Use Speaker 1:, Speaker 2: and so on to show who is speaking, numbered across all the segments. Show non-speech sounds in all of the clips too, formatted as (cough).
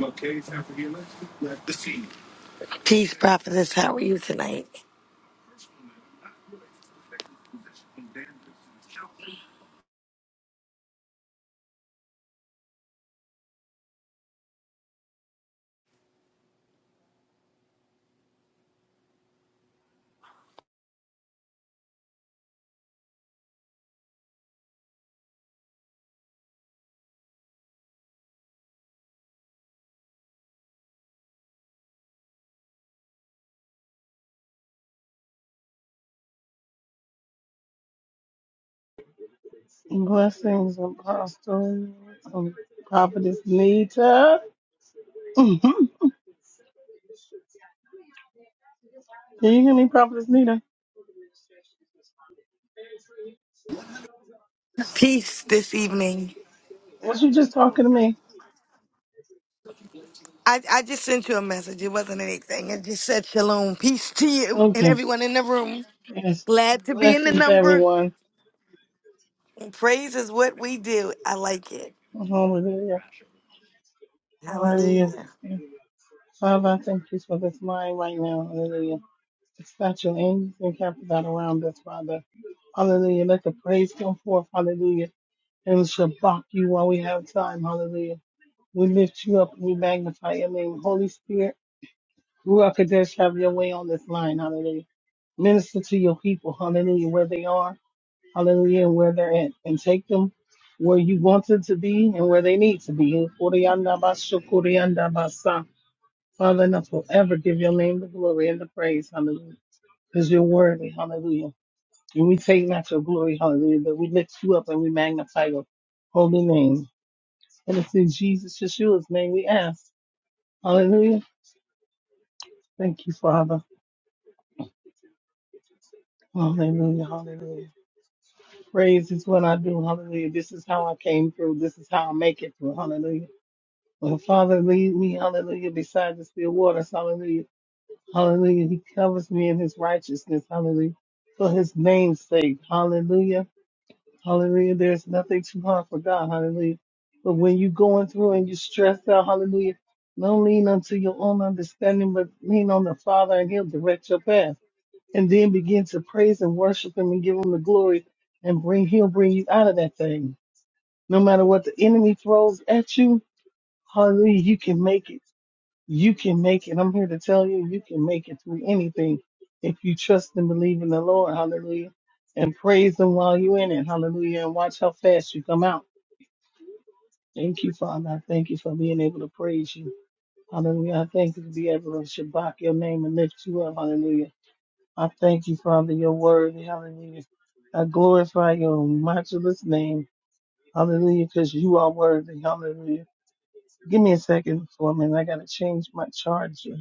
Speaker 1: Okay, it's after the election. Let the see. Peace, prophetess. How are you tonight?
Speaker 2: Blessings, Apostle, and Prophetess Nita. (laughs) Can you hear me, Prophetess Nita?
Speaker 1: Peace this evening.
Speaker 2: Was you just talking to me?
Speaker 1: I, I just sent you a message. It wasn't anything. It just said shalom. Peace to you and
Speaker 2: Okay.
Speaker 1: everyone in the room.
Speaker 2: Yes.
Speaker 1: Glad to be in the
Speaker 2: Blessings,
Speaker 1: number.
Speaker 2: everyone.
Speaker 1: And praise is what we do. I like it.
Speaker 2: Hallelujah. Hallelujah.
Speaker 1: Hallelujah.
Speaker 2: Father, I thank you for this mind right now. Hallelujah. Dispatch your angels and camp that around us, Father. Hallelujah. Let the praise come forth. Hallelujah. And we shall block you while we have time. Hallelujah. We lift you up and we magnify your name. Holy Spirit, Ruach Kadesh, have your way on this line. Hallelujah. Minister to your people. Hallelujah. Where they are. Hallelujah. And where they're at. And take them where you want them to be and where they need to be. Father, enough will ever give your name the glory and the praise, hallelujah, because you're worthy, hallelujah. And we take not your glory, hallelujah, but we lift you up and we magnify your holy name. And it's in Jesus Yeshua's name we ask, hallelujah. Thank you, Father. Hallelujah, hallelujah. Praise is what I do, hallelujah. This is how I came through. This is how I make it through, hallelujah. When Father lead me, hallelujah, beside the still waters, hallelujah. Hallelujah. He covers me in his righteousness. Hallelujah. For his name's sake. Hallelujah. Hallelujah. There's nothing too hard for God. Hallelujah. But when you're going through and you're stressed out, hallelujah, don't lean unto your own understanding, but lean on the Father and he'll direct your path. And then begin to praise and worship him and give him the glory and bring, he'll bring you out of that thing. No matter what the enemy throws at you, hallelujah, you can make it. You can make it. I'm here to tell you, you can make it through anything if you trust and believe in the Lord. Hallelujah. And praise Him while you're in it. Hallelujah. And watch how fast you come out. Thank you, Father. I thank you for being able to praise you. Hallelujah. I thank you to be able to Shabbat your name and lift you up. Hallelujah. I thank you, Father, your word. Hallelujah. I glorify your matchless name. Hallelujah. Because you are worthy. Hallelujah. Give me a second for a minute. I got to change my charger.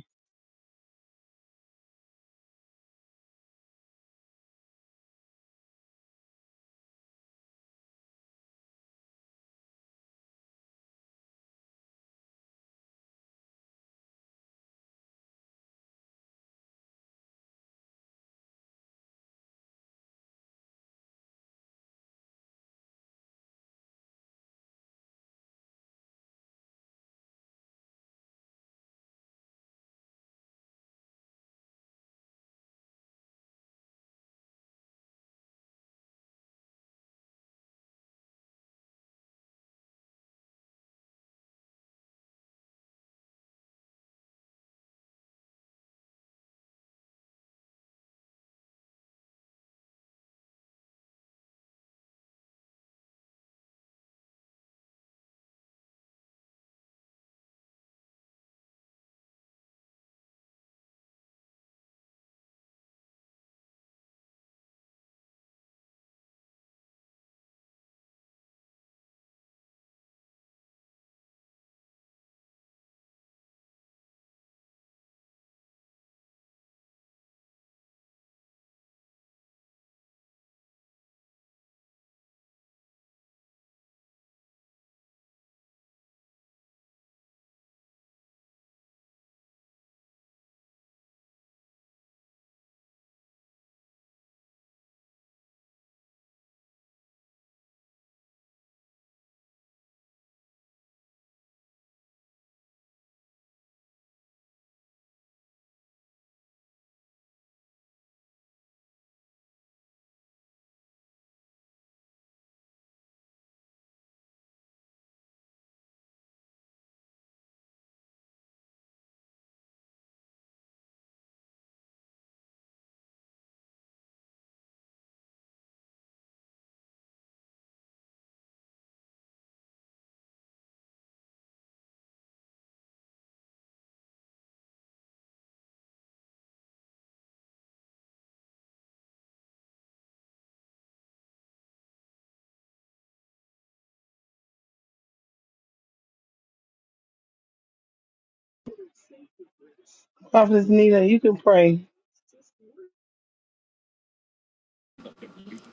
Speaker 2: Prophetess Nina, you can pray.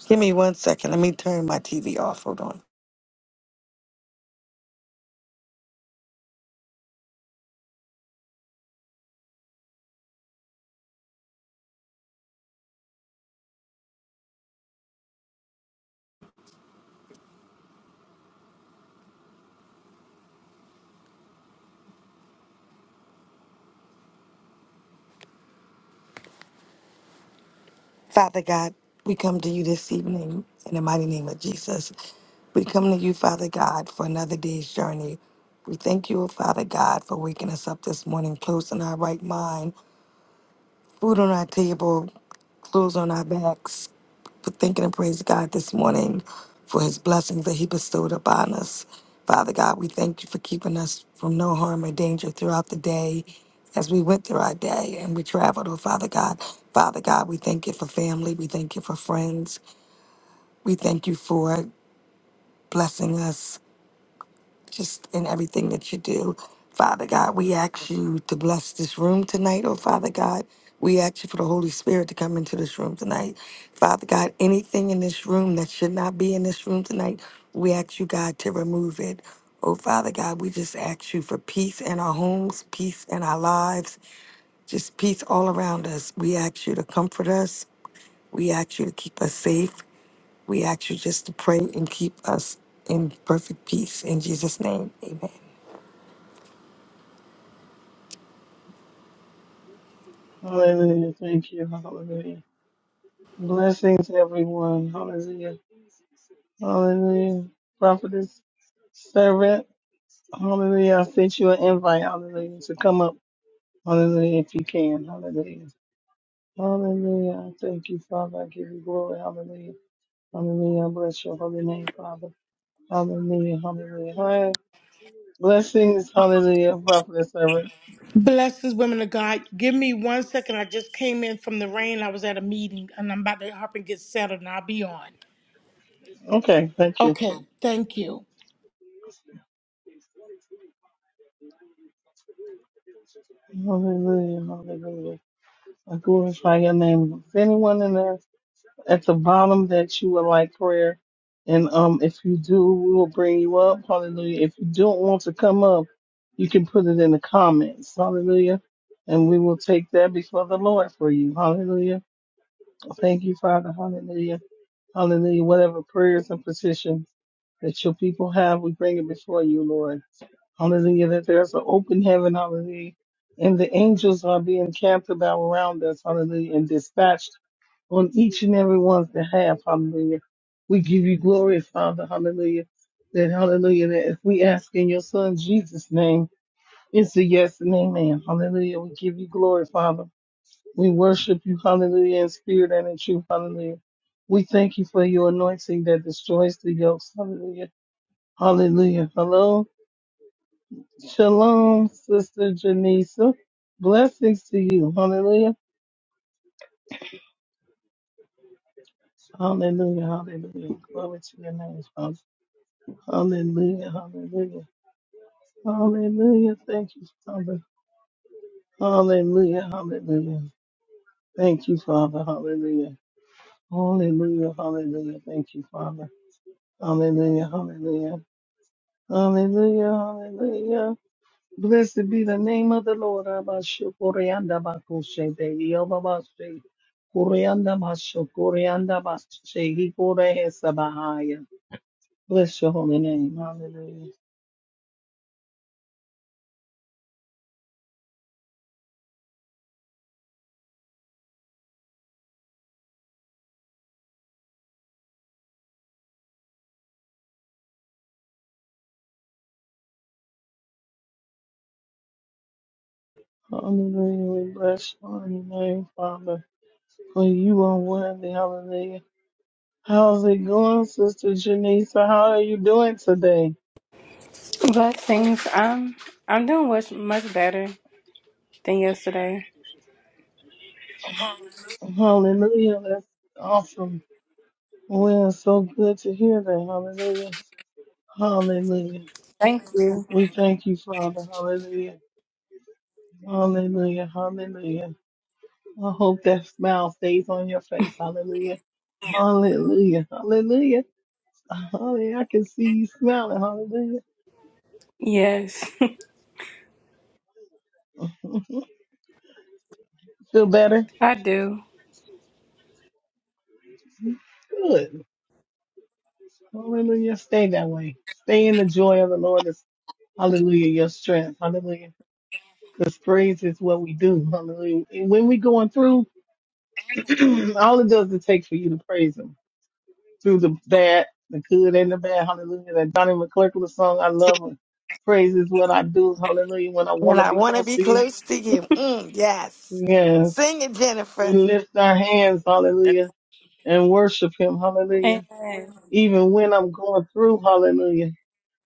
Speaker 1: Give me one second. Let me turn my TV off. Hold on. Father God, we come to you this evening in the mighty name of Jesus. We come to you, Father God, for another day's journey. We thank you, Father God, for waking us up this morning, closing our right mind, food on our table, clothes on our backs, but thanking and praise God this morning for his blessings that he bestowed upon us. Father God, we thank you for keeping us from no harm or danger throughout the day as we went through our day and we traveled, oh Father God. Father God, we thank you for family. We thank you for friends. We thank you for blessing us just in everything that you do. Father God, we ask you to bless this room tonight, oh Father God. We ask you for the Holy Spirit to come into this room tonight. Father God, anything in this room that should not be in this room tonight, we ask you, God, to remove it. Oh Father God, we just ask you for peace in our homes, peace in our lives, just peace all around us. We ask you to comfort us. We ask you to keep us safe. We ask you just to pray and keep us in perfect peace. In Jesus' name, amen.
Speaker 2: Hallelujah. Thank you. Hallelujah. Blessings, everyone. Hallelujah. Hallelujah. Prophetess Sarah, hallelujah. I sent you an invite. Hallelujah. To come up. Hallelujah. If you can. Hallelujah. Hallelujah. I thank you, Father. I give you glory. Hallelujah. Hallelujah. I bless your holy name, Father. Hallelujah. Hallelujah. Hi. Blessings. Hallelujah. Prophetess Sarah.
Speaker 3: Blessings, women of God. Give me one second. I just came in from the rain. I was at a meeting and I'm about to hop and get settled and I'll be on.
Speaker 2: Okay. Thank you.
Speaker 3: Okay, thank you.
Speaker 2: Hallelujah, hallelujah. I glorify your name. If anyone in there at the bottom that you would like prayer, and um, if you do, we will bring you up. Hallelujah. If you don't want to come up, you can put it in the comments. Hallelujah. And we will take that before the Lord for you. Hallelujah. Thank you, Father. Hallelujah. Hallelujah. Whatever prayers and petitions that your people have, we bring it before you, Lord. Hallelujah. That there's an open heaven. Hallelujah. And the angels are being camped about around us. Hallelujah. And dispatched on each and every one's behalf. Hallelujah. We give you glory, Father. Hallelujah. That hallelujah. That if we ask in your son Jesus' name, it's a yes and amen. Hallelujah. We give you glory, Father. We worship you. Hallelujah. In spirit and in truth. Hallelujah. We thank you for your anointing that destroys the yokes. Hallelujah. Hallelujah. Hello. Shalom, Sister Janisa. Blessings to you. Hallelujah. Hallelujah. Hallelujah. Glory to your name, Father. Hallelujah. Hallelujah. Hallelujah. Thank you, Father. Hallelujah. Hallelujah. Thank you, Father. Hallelujah. Hallelujah. Hallelujah. Thank you, Father. Hallelujah. Hallelujah. Hallelujah. Hallelujah. Blessed be the name of the Lord. Abasho Koreanda Bakoshe de Yobabashe. Koreanda Basho Koreanda Bashe. He Kore Hesabahaya. Bless your holy name. Hallelujah. Hallelujah. We bless your holy name, Father. For you are worthy. Hallelujah. How's it going, Sister Janisa? How are you doing today?
Speaker 4: Blessings. I'm I'm doing much much better than yesterday.
Speaker 2: Hallelujah. That's awesome. Well, it's so good to hear that. Hallelujah. Hallelujah.
Speaker 4: Thank you.
Speaker 2: We thank you, Father. Hallelujah. Hallelujah. Hallelujah. I hope that smile stays on your face. Hallelujah. Hallelujah. Hallelujah. Hallelujah. I can see you smiling. Hallelujah.
Speaker 4: Yes, (laughs)
Speaker 2: (laughs) Feel better?
Speaker 4: I do.
Speaker 2: Good. Hallelujah. Stay that way. Stay in the joy of the Lord. is- Hallelujah. Your strength. Hallelujah. Because praise is what we do. Hallelujah. And when we're going through, (clears throat) all it does is take for you to praise Him. through the bad, the good and the bad. Hallelujah. That Donnie McClurkin song, I love it. Praise is what I do. Hallelujah. When I want
Speaker 1: And
Speaker 2: to
Speaker 1: I
Speaker 2: be
Speaker 1: want to
Speaker 2: close
Speaker 1: be
Speaker 2: to you.
Speaker 1: close to you. Mm, yes.
Speaker 2: Yes.
Speaker 1: Sing it, Jennifer.
Speaker 2: We lift our hands. Hallelujah. And worship him. Hallelujah.
Speaker 4: Amen.
Speaker 2: Even when I'm going through. Hallelujah.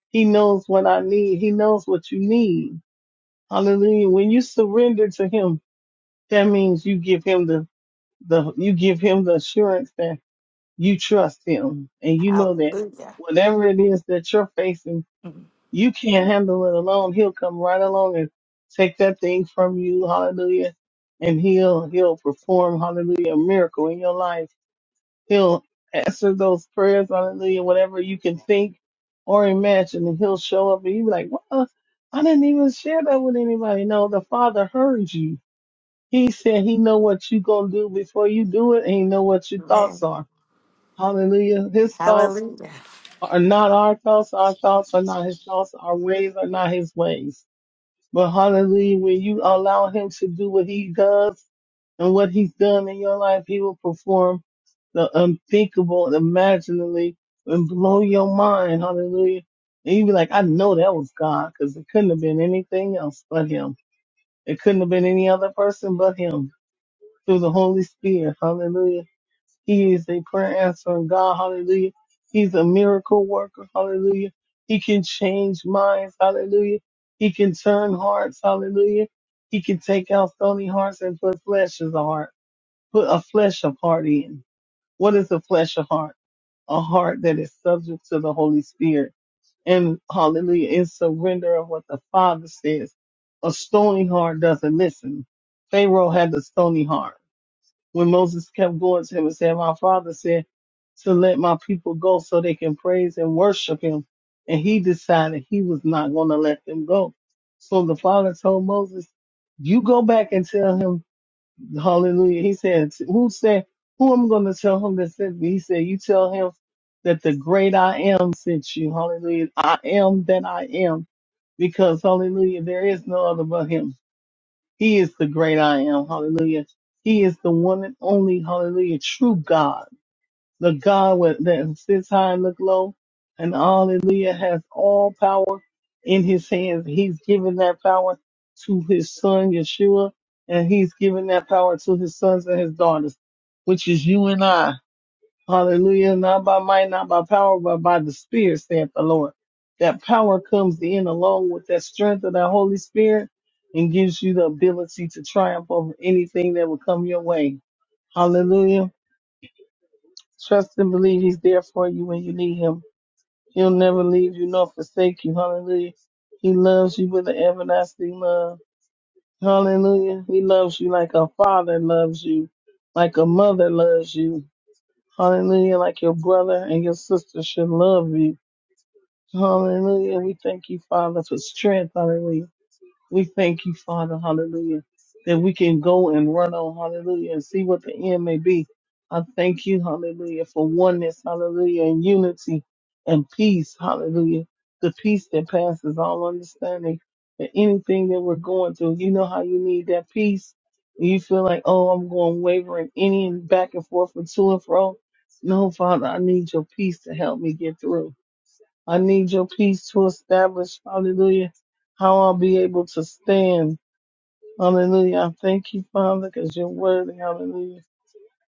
Speaker 2: He knows what I need. He knows what you need. Hallelujah. When you surrender to him, that means you give him the, the, you give him the assurance that you trust him and you know that
Speaker 1: Hallelujah.
Speaker 2: whatever it is that you're facing, You can't handle it alone. He'll come right along and take that thing from you. Hallelujah. And he'll, he'll perform, hallelujah, a miracle in your life. He'll answer those prayers, hallelujah, whatever you can think or imagine. And he'll show up and you'll be like, well, I didn't even share that with anybody. No, the father heard you. He said he know what you gonna do before you do it and he know what your thoughts
Speaker 1: Amen.
Speaker 2: are. Hallelujah. His thoughts
Speaker 1: Hallelujah.
Speaker 2: are not our thoughts. Our thoughts are not his thoughts. Our ways are not his ways. But hallelujah, when you allow him to do what he does and what he's done in your life, he will perform the unthinkable and imaginably and blow your mind. Hallelujah. And you be like, I know that was God because it couldn't have been anything else but him. It couldn't have been any other person but him through the Holy Spirit. Hallelujah. He is a prayer answering God. Hallelujah. He's a miracle worker. Hallelujah. He can change minds. Hallelujah. He can turn hearts. Hallelujah. He can take out stony hearts and put flesh as a heart. Put a flesh of heart in. What is a flesh of heart? A heart that is subject to the Holy Spirit. And hallelujah, in surrender of what the Father says. A stony heart doesn't listen. Pharaoh had the stony heart when Moses kept going to him and said, My father said to let my people go so they can praise and worship him. And he decided he was not going to let them go. So the father told Moses, You go back and tell him, Hallelujah. He said, Who said, Who am I going to tell him that sent me? He said, You tell him that the great I am sent you. Hallelujah. I am that I am because, Hallelujah, there is no other but him. He is the great I am. Hallelujah. He is the one and only, hallelujah, true God. The God with- that sits high and look low. And hallelujah has all power in his hands. He's given that power to his son, Yeshua. And he's given that power to his sons and his daughters, which is you and I. Hallelujah. Not by might, not by power, but by the Spirit, saith the Lord. That power comes in along with that strength of that Holy Spirit and gives you the ability to triumph over anything that will come your way. Hallelujah. Trust and believe He's there for you when you need Him. He'll never leave you nor forsake you. Hallelujah. He loves you with an everlasting love. Hallelujah. He loves you like a father loves you, like a mother loves you. Hallelujah. Like your brother and your sister should love you. Hallelujah. We thank you, Father, for strength. Hallelujah. We thank you, Father, hallelujah, that we can go and run on, hallelujah, and see what the end may be. I thank you, hallelujah, for oneness, hallelujah, and unity and peace, hallelujah. The peace that passes all understanding and anything that we're going through. You know how you need that peace. You feel like, oh, I'm going wavering any and back and forth and to and fro. No, Father, I need your peace to help me get through. I need your peace to establish, hallelujah, how I'll be able to stand. Hallelujah. I thank you, Father, because you're worthy. Hallelujah.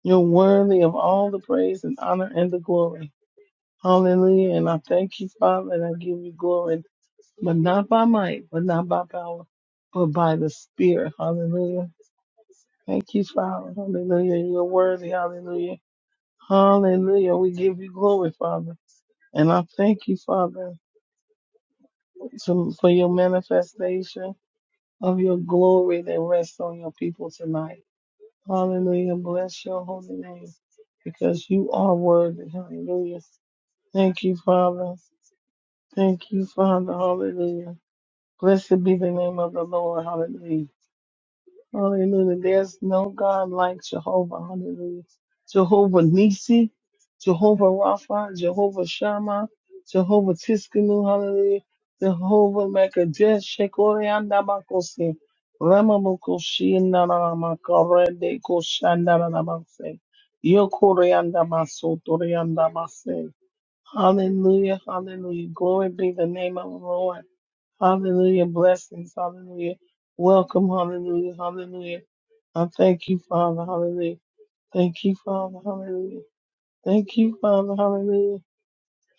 Speaker 2: You're worthy of all the praise and honor and the glory. Hallelujah. And I thank you, Father, and I give you glory, but not by might, but not by power, but by the Spirit. Hallelujah. Thank you, Father. Hallelujah. You're worthy. Hallelujah. Hallelujah. We give you glory, Father. And I thank you, Father, to, for your manifestation. of your glory that rests on your people tonight. Hallelujah. Bless your holy name because you are worthy. Hallelujah. Thank you, Father. Thank you, Father. Hallelujah. Blessed be the name of the Lord. Hallelujah. Hallelujah. There's no God like Jehovah. Hallelujah. Jehovah Nisi, Jehovah Rapha, Jehovah Shammah, Jehovah Tiskanu. Hallelujah. Jehovah Mekadesh, Shekorianda Bakosi, Ramamukoshi, Naramakare, Koshandaramase, Yokorianda Basotorianda Base. Hallelujah. Hallelujah. Glory be the name of the Lord. Hallelujah. Blessings. Hallelujah. Welcome. Hallelujah. Hallelujah. I thank you, Father. Hallelujah. Thank you, Father. Hallelujah. Thank you, Father. Hallelujah.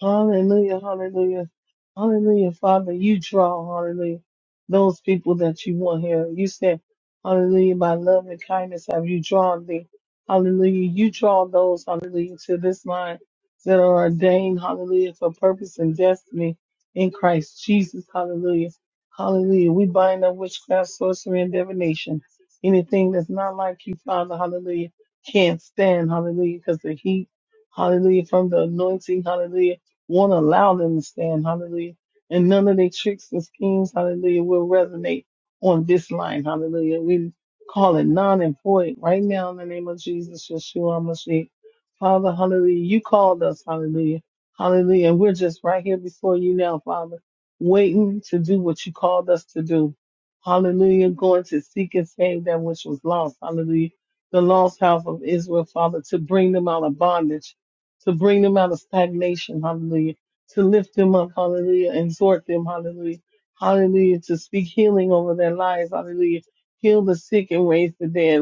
Speaker 2: Hallelujah, hallelujah, hallelujah. Father, you draw, hallelujah, those people that you want here. You said, hallelujah, by love and kindness have you drawn thee. Hallelujah. You draw those, hallelujah, to this line that are ordained, hallelujah, for purpose and destiny in Christ Jesus. Hallelujah. Hallelujah. We bind up witchcraft, sorcery, and divination. Anything that's not like you, Father, hallelujah, can't stand, hallelujah, because the heat, hallelujah, from the anointing, hallelujah won't allow them to stand, hallelujah. And none of their tricks and schemes, hallelujah, will resonate on this line, hallelujah. We call it non and void right now in the name of Jesus, Yeshua Mashiach. Father, hallelujah, you called us, hallelujah, hallelujah. And we're just right here before you now, Father, waiting to do what you called us to do. Hallelujah, going to seek and save that which was lost, hallelujah. The lost house of Israel, Father, to bring them out of bondage to bring them out of stagnation, hallelujah, to lift them up, hallelujah, and exhort them, hallelujah, hallelujah, to speak healing over their lives, hallelujah, heal the sick and raise the dead,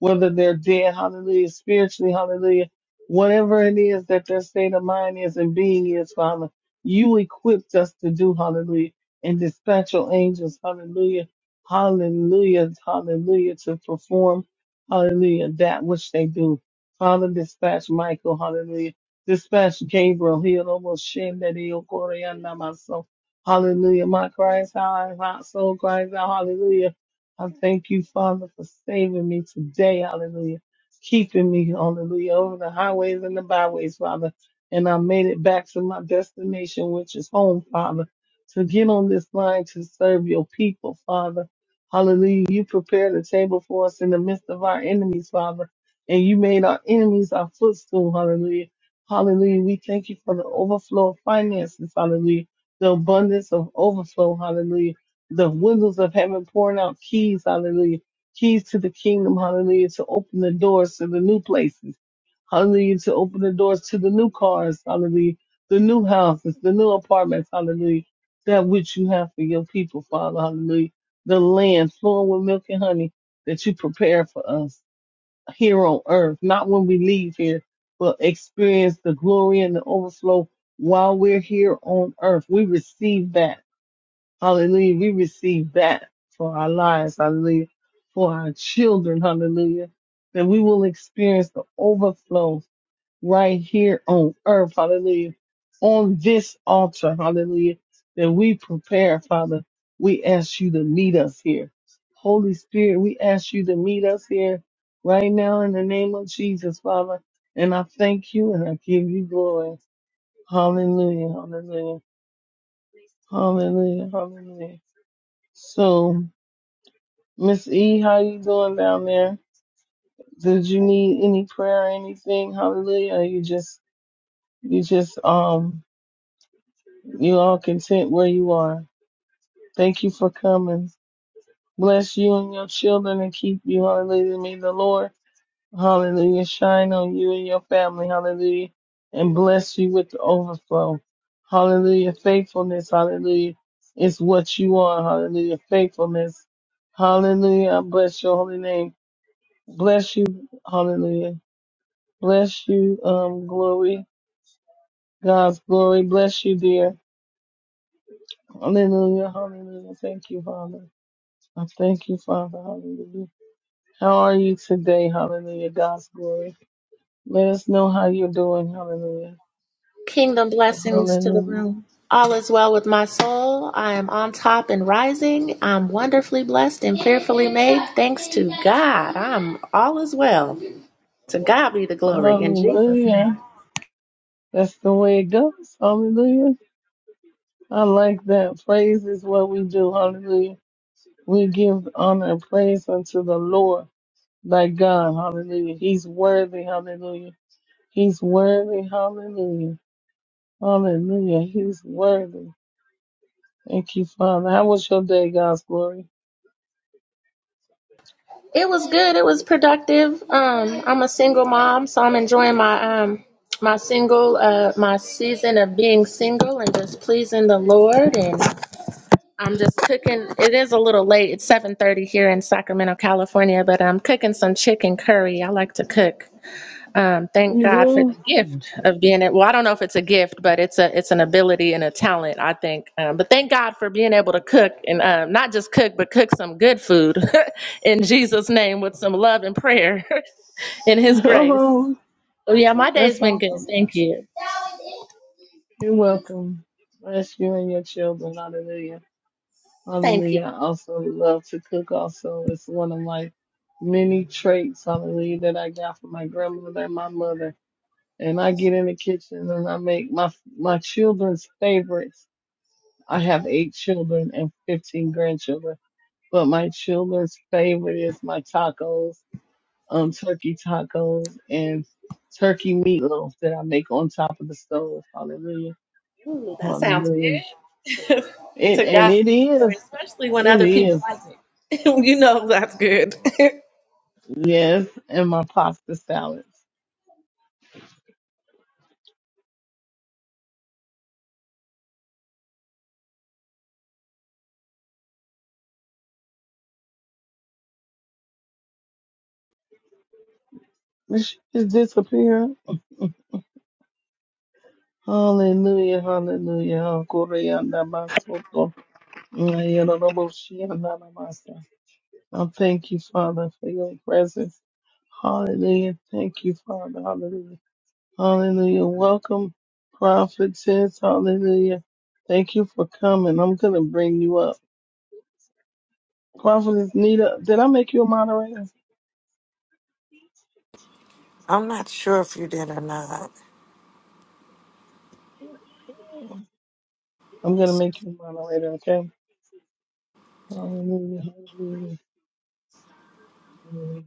Speaker 2: whether they're dead, hallelujah, spiritually, hallelujah, whatever it is that their state of mind is and being is, Father, you equipped us to do, hallelujah, and dispatch your angels, hallelujah, hallelujah, hallelujah, to perform, hallelujah, that which they do. Father, dispatch Michael, hallelujah Dispatch Gabriel, heal almost shame that he okoriana my soul. Hallelujah. My cries out, my soul cries out, hallelujah. I thank you, Father, for saving me today, hallelujah. Keeping me, hallelujah, over the highways and the byways, Father. And I made it back to my destination, which is home, Father, to get on this line to serve your people, Father. Hallelujah. You prepared a table for us in the midst of our enemies, Father. And you made our enemies our footstool, hallelujah. Hallelujah. We thank you for the overflow of finances. Hallelujah. The abundance of overflow. Hallelujah. The windows of heaven pouring out keys. Hallelujah. Keys to the kingdom. Hallelujah. To open the doors to the new places. Hallelujah. To open the doors to the new cars. Hallelujah. The new houses, the new apartments. Hallelujah. That which you have for your people, Father. Hallelujah. The land flowing with milk and honey that you prepare for us here on earth, not when we leave here, but experience the glory and the overflow while we're here on earth. We receive that. Hallelujah. We receive that for our lives. Hallelujah. For our children. Hallelujah. That we will experience the overflow right here on earth, hallelujah, on this altar, hallelujah, that we prepare, Father. We ask you to meet us here. Holy Spirit, we ask you to meet us here right now in the name of Jesus, Father. And I thank you and I give you glory. Hallelujah, hallelujah, hallelujah, hallelujah. So, Miss E, how you doing down there? Did you need any prayer or anything? Hallelujah. Or you just, you just, um, You all content where you are. Thank you for coming. Bless you and your children and keep you. Hallelujah. May the Lord, hallelujah, shine on you and your family. Hallelujah. And bless you with the overflow. Hallelujah. Faithfulness. Hallelujah. It's what you are. Hallelujah. Faithfulness. Hallelujah. I bless your holy name. Bless you. Hallelujah. Bless you. Um, glory. God's glory. Bless you, dear. Hallelujah. Hallelujah. Thank you, Father. I thank you, Father. Hallelujah. How are you today? Hallelujah. God's glory. Let us know how you're doing. Hallelujah.
Speaker 5: Kingdom blessings to the
Speaker 2: Hallelujah.
Speaker 5: room. All is well with my soul. I am on top and rising. I'm wonderfully blessed and fearfully made. Thanks to God. I'm all is well. To God be the glory in Jesus' name.
Speaker 2: Hallelujah. That's the way it goes. Hallelujah. I like that. Praise is what we do. Hallelujah. We give honor and praise unto the Lord, thy God. Hallelujah. He's worthy. Hallelujah. He's worthy. Hallelujah. Hallelujah. He's worthy. Thank you, Father. How was your day, God's glory?
Speaker 5: It was good. It was productive. Um, I'm a single mom, so I'm enjoying my um my single uh my season of being single and just pleasing the Lord and. I'm just cooking. It is a little late. It's 7:30 here in Sacramento, California, but I'm cooking some chicken curry. I like to cook. Um, thank
Speaker 2: You
Speaker 5: God for the
Speaker 2: do?
Speaker 5: gift of being it. Well, I don't know if it's a gift, but it's a it's an ability and a talent, I think. Um, but thank God for being able to cook and um, not just cook, but cook some good food (laughs) in Jesus' name with some love and prayer (laughs) in
Speaker 2: (laughs)
Speaker 5: His grace.
Speaker 2: Oh,
Speaker 5: So yeah, my day's
Speaker 2: that's
Speaker 5: been good.
Speaker 2: awesome.
Speaker 5: Thank you.
Speaker 2: You're welcome. Bless you and your children. Hallelujah.
Speaker 5: Thank you.
Speaker 2: Hallelujah. I also love to cook also. It's one of my many traits, hallelujah, that I got from my grandmother and my mother. And I get in the kitchen and I make my my children's favorites. I have eight children and fifteen grandchildren, but my children's favorite is my tacos um, turkey tacos and turkey meatloaf that I make on top of the stove. Hallelujah.
Speaker 5: Ooh, that sounds
Speaker 2: Hallelujah.
Speaker 5: good. (laughs)
Speaker 2: It,
Speaker 5: to
Speaker 2: and
Speaker 5: God
Speaker 2: it
Speaker 5: be the glory,
Speaker 2: is,
Speaker 5: especially when
Speaker 2: it
Speaker 5: other people
Speaker 2: is,
Speaker 5: like it. (laughs) you know that's good. (laughs)
Speaker 2: yes, and my pasta salads. It should just disappear. Hallelujah, hallelujah. Koreanda masoko. Ayanoboshianda namasa. I thank you, Father, for your presence. Hallelujah. Thank you, Father. Hallelujah. Hallelujah. Welcome, prophetess. Hallelujah. Thank you for coming. I'm going to bring you up. Prophetess Nita, did I make you a moderator?
Speaker 1: I'm not sure if you did or not.
Speaker 2: I'm going to make you a moderator, okay? Hallelujah. Hallelujah. hallelujah.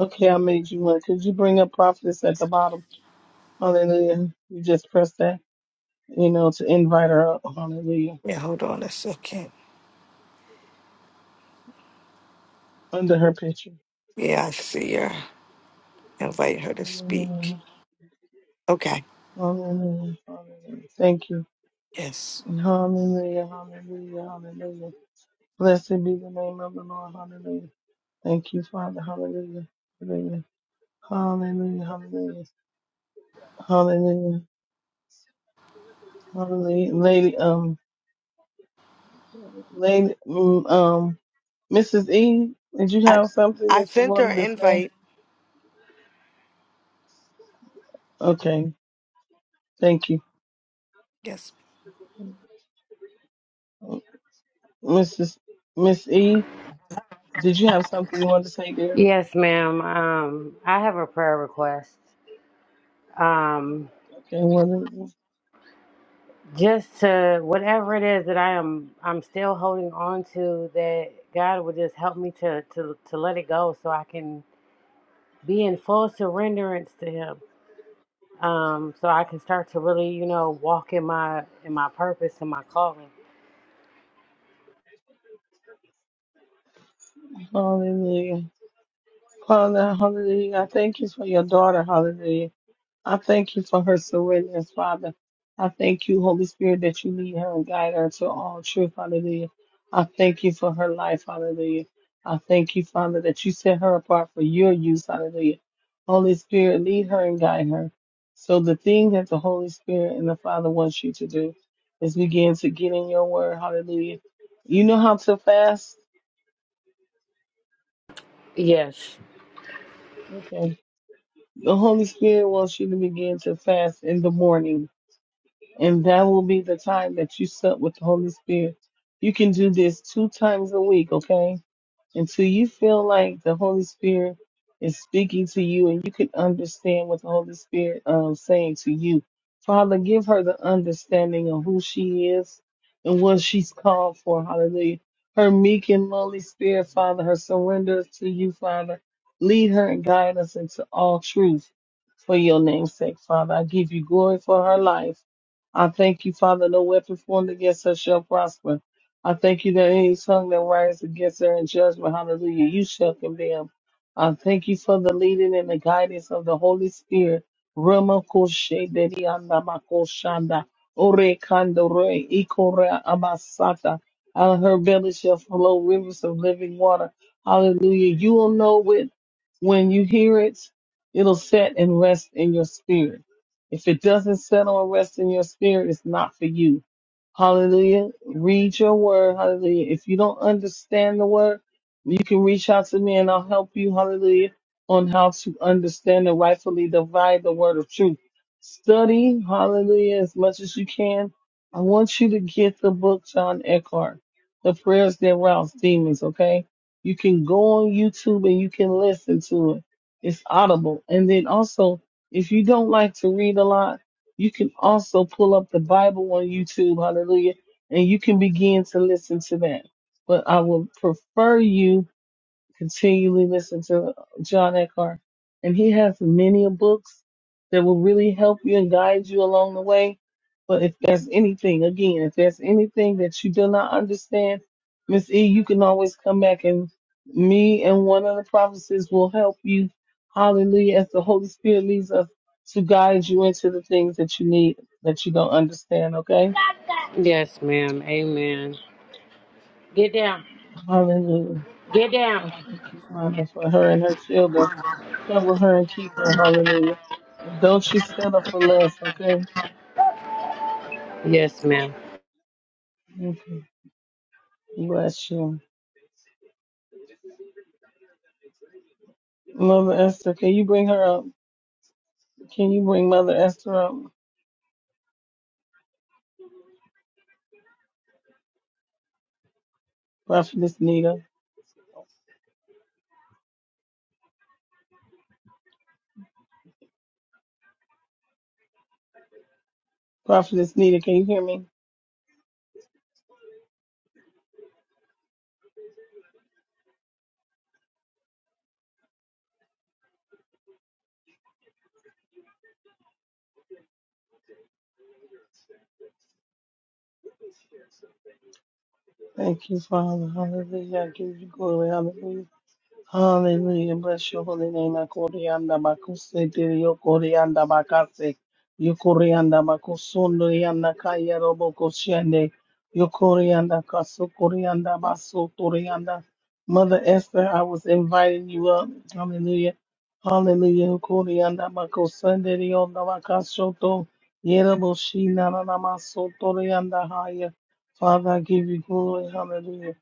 Speaker 2: Okay, I made you one. Could you bring up prophetess at the bottom? Hallelujah. You just press that, you know, to invite her up. Hallelujah.
Speaker 1: Yeah, hold on a second.
Speaker 2: Under her picture.
Speaker 1: Yeah, I see her. Invite her to speak.
Speaker 2: Hallelujah.
Speaker 1: Okay.
Speaker 2: Hallelujah. Hallelujah. Thank you.
Speaker 1: Yes.
Speaker 2: Hallelujah, hallelujah, hallelujah. Blessed be the name of the Lord, hallelujah. Thank you, Father, hallelujah, hallelujah, hallelujah, hallelujah, hallelujah, hallelujah. Lady, um, lady, mm, um, Mrs. E, did you
Speaker 1: I
Speaker 2: have something
Speaker 1: I
Speaker 2: that you
Speaker 1: sent her
Speaker 2: wanted to say?
Speaker 1: invite.
Speaker 2: Okay, thank you.
Speaker 1: Yes.
Speaker 2: Mrs. Miss E, did you have something you wanted to say there?
Speaker 6: Yes, ma'am. Um, I have a prayer request. Um,
Speaker 2: Okay, what is
Speaker 6: just to whatever it is that I am, I'm still holding on to. That God would just help me to to to let it go, so I can be in full surrenderance to Him. Um, so I can start to really, you know, walk in my in my purpose and my calling.
Speaker 2: it? Hallelujah. Father, hallelujah. I thank you for your daughter, hallelujah. I thank you for her surrender, Father. I thank you, Holy Spirit, that you lead her and guide her to all truth, hallelujah. I thank you for her life, hallelujah. I thank you, Father, that you set her apart for your use, hallelujah. Holy Spirit, lead her and guide her. So the thing that the Holy Spirit and the Father wants you to do is begin to get in your word, hallelujah. You know how to fast?
Speaker 6: Yes,
Speaker 2: Okay. The Holy Spirit wants you to begin to fast in the morning and that will be the time that you sup with the Holy Spirit. You can do this two times a week, okay? until you feel like the Holy Spirit is speaking to you and you can understand what the Holy Spirit um saying to you. Father, give her the understanding of who she is and what she's called for. Hallelujah. Her meek and lowly spirit, Father, her surrender to you, Father. Lead her and guide us into all truth for your name's sake, Father. I give you glory for her life. I thank you, Father. No weapon formed against her shall prosper. I thank you that any tongue that rises against her in judgment, hallelujah, you shall condemn. I thank you for the leading and the guidance of the Holy Spirit. Rama koshe dedi anda makoshanda. Ore kandore ikore amasata. Out of her belly shall flow rivers of living water. Hallelujah. You will know it when you hear it. It'll set and rest in your spirit. If it doesn't settle and rest in your spirit, it's not for you. Hallelujah. Read your word. Hallelujah. If you don't understand the word, you can reach out to me and I'll help you. Hallelujah. On how to understand and rightfully divide the word of truth. Study. Hallelujah. As much as you can. I want you to get the book, John Eckhart, The Prayers That Rouse Demons. Okay. You can go on YouTube and you can listen to it. It's audible. And then also, if you don't like to read a lot, you can also pull up the Bible on YouTube, hallelujah, and you can begin to listen to that. But I would prefer you continually listen to John Eckhart. And he has many books that will really help you and guide you along the way. But if there's anything, again, if there's anything that you do not understand, Miss E, you can always come back and me and one of the prophecies will help you. Hallelujah. As the Holy Spirit leads us to guide you into the things that you need that you don't understand. Okay.
Speaker 6: yes, ma'am. Amen. Get down.
Speaker 2: Hallelujah.
Speaker 6: Get down.
Speaker 2: I thank you, Father, for her and her children. Cover her and keep her. Hallelujah. And don't you settle for less, okay?
Speaker 6: Yes, ma'am.
Speaker 2: Mm, Bless you. Mother Esther, can you bring her up? Can you bring Mother Esther up? Prophetess Nita. Prophetess Nita, can you hear me? Thank you, Father. Hallelujah. I give you glory. Hallelujah. Hallelujah. Bless your holy name. Akorianda bakuse diri yokorianda bakase. Yokorianda bakusundo yanda kaya robo koshende. Yokorianda kaso, korianda baso, torianda. Mother Esther, I was inviting you up. Hallelujah. Hallelujah. Yokorianda bakusende yonda bakashoto. Yerebo shina na namaso torianda haya. Father, I give you glory. Hallelujah.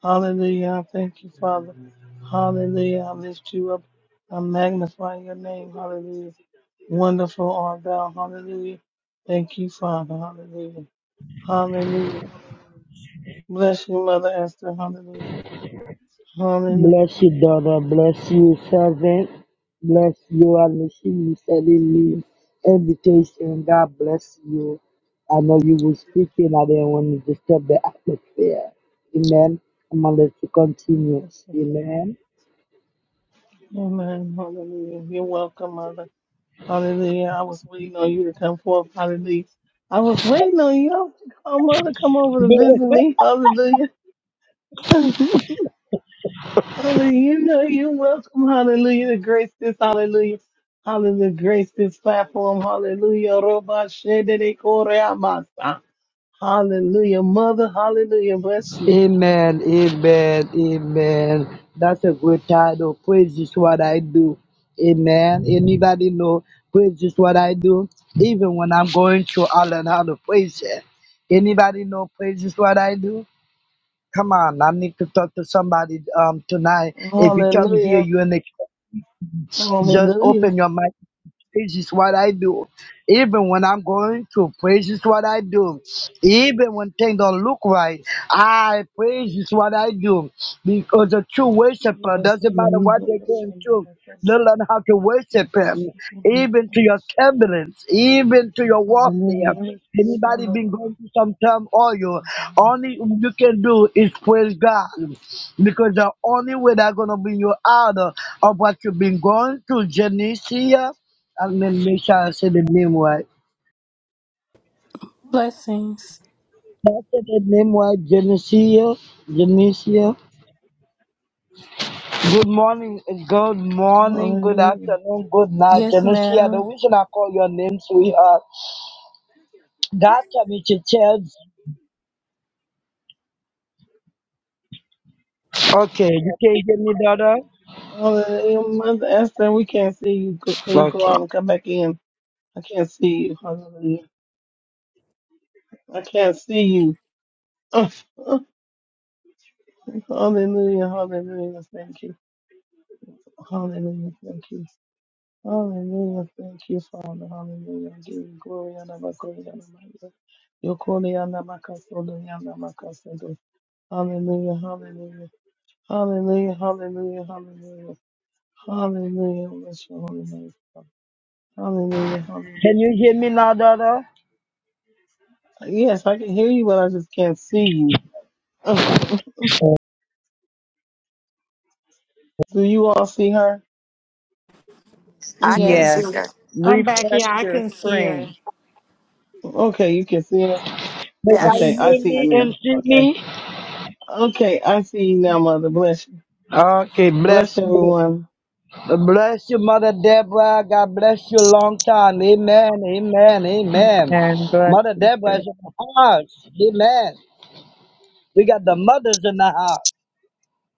Speaker 2: Hallelujah. I Thank you, Father. Hallelujah. I lift you up. I magnify your name. Hallelujah. Wonderful art thou. Hallelujah. Thank you, Father. Hallelujah. Hallelujah. Hallelujah. Bless you, Mother Esther. Hallelujah. Hallelujah.
Speaker 7: Bless you, daughter.
Speaker 2: Hallelujah.
Speaker 7: Bless you, servant. Bless you, Alicia, sending me invitation. God bless you. I know you will speak and I didn't want to disturb the atmosphere. Amen. I'm going to let you continue.
Speaker 2: Yes, Lord.
Speaker 7: Amen.
Speaker 2: Amen. Hallelujah. You're welcome, Mother. Hallelujah. I was waiting on you to come forth. Hallelujah. I was waiting on you. I was like, Oh, Mother, come over to visit me. Hallelujah. (laughs) Father, you know you welcome. Hallelujah. To grace this, hallelujah. Hallelujah. Grace this platform. Hallelujah. Roba shedere kore amasa. Hallelujah. Mother, hallelujah. Bless you.
Speaker 7: Amen, amen, amen. That's a good title. Praise is what I do. Amen. Anybody know praise is what I do? Even when I'm going through, I learn how to praise it. Anybody know praise is what I do? Come on, I need to talk to somebody um tonight. If you come here,
Speaker 2: Hallelujah.
Speaker 7: you're in the just
Speaker 2: Hallelujah.
Speaker 7: open your mic Praise is what I do. Even when I'm going to praise is what I do. Even when things don't look right, I praise is what I do. Because a true worshiper
Speaker 2: Yes,
Speaker 7: doesn't matter what
Speaker 2: hallelujah.
Speaker 7: they're
Speaker 2: Bless you,
Speaker 7: going through.
Speaker 2: hallelujah.
Speaker 7: They
Speaker 2: Bless you.
Speaker 7: learn how to
Speaker 2: Yes,
Speaker 7: worship
Speaker 2: bless
Speaker 7: him,
Speaker 2: you, hallelujah.
Speaker 7: even to your
Speaker 2: Bless you.
Speaker 7: turbulence, even
Speaker 2: Thank
Speaker 7: to
Speaker 2: you.
Speaker 7: your
Speaker 2: Hallelujah.
Speaker 7: warfare.
Speaker 2: Bless you,
Speaker 7: Anybody been
Speaker 2: hallelujah.
Speaker 7: going
Speaker 2: Hallelujah.
Speaker 7: through some time or you only you can do is praise God because the only way that's gonna bring you out of of what you've been going through, Genesis. I'm make sure I say the name right.
Speaker 4: Blessings.
Speaker 7: I said the name right, Genesia. Genesia. Good morning, good morning, good
Speaker 2: Hallelujah.
Speaker 7: afternoon, good night,
Speaker 4: Yes,
Speaker 7: Genesia. The
Speaker 4: ma'am.
Speaker 7: reason I call your name, sweetheart, God tell me to Okay, you can hear me, daughter.
Speaker 2: Mother Esther, we can't see you. Go- Can you go
Speaker 7: Okay.
Speaker 2: out and come back in? I can't see you. Hallelujah. I can't see you. (laughs) Oh, oh, hallelujah. Hallelujah. Thank you. Hallelujah. Thank you. Hallelujah. Thank you, Father. Hallelujah. I give you glory and honor, glory and honor. Yokole and Amakasodo and Amakasodo. Hallelujah. Hallelujah. Hallelujah. Hallelujah. Hallelujah. Hallelujah. Bless your holy name. Father. Hallelujah. Hallelujah.
Speaker 7: Can you hear me now, daughter?
Speaker 2: Yes, I can hear you, but I just can't see you.
Speaker 7: Can
Speaker 2: (laughs) Do you all see her?
Speaker 1: I can
Speaker 8: Yes.
Speaker 1: see
Speaker 4: Yes.
Speaker 1: her.
Speaker 3: I'm back.
Speaker 8: Refresh
Speaker 3: Yeah, I
Speaker 8: your
Speaker 3: can hear.
Speaker 8: screen
Speaker 2: Okay, you can see her.
Speaker 7: I
Speaker 3: Yeah.
Speaker 2: Okay, I
Speaker 7: hear
Speaker 2: see her
Speaker 7: me
Speaker 1: Yes.
Speaker 7: and
Speaker 2: now.
Speaker 7: see
Speaker 2: Okay.
Speaker 7: me?
Speaker 2: Okay, I see you now, Mother. Bless you.
Speaker 7: Okay,
Speaker 2: Bless
Speaker 7: bless you.
Speaker 2: everyone.
Speaker 7: Bless you, Mother Deborah. God bless you long time. Amen. Amen. Amen.
Speaker 8: and bless
Speaker 7: Mother
Speaker 8: you.
Speaker 7: Deborah is in the house. Amen. We got the mothers in the house.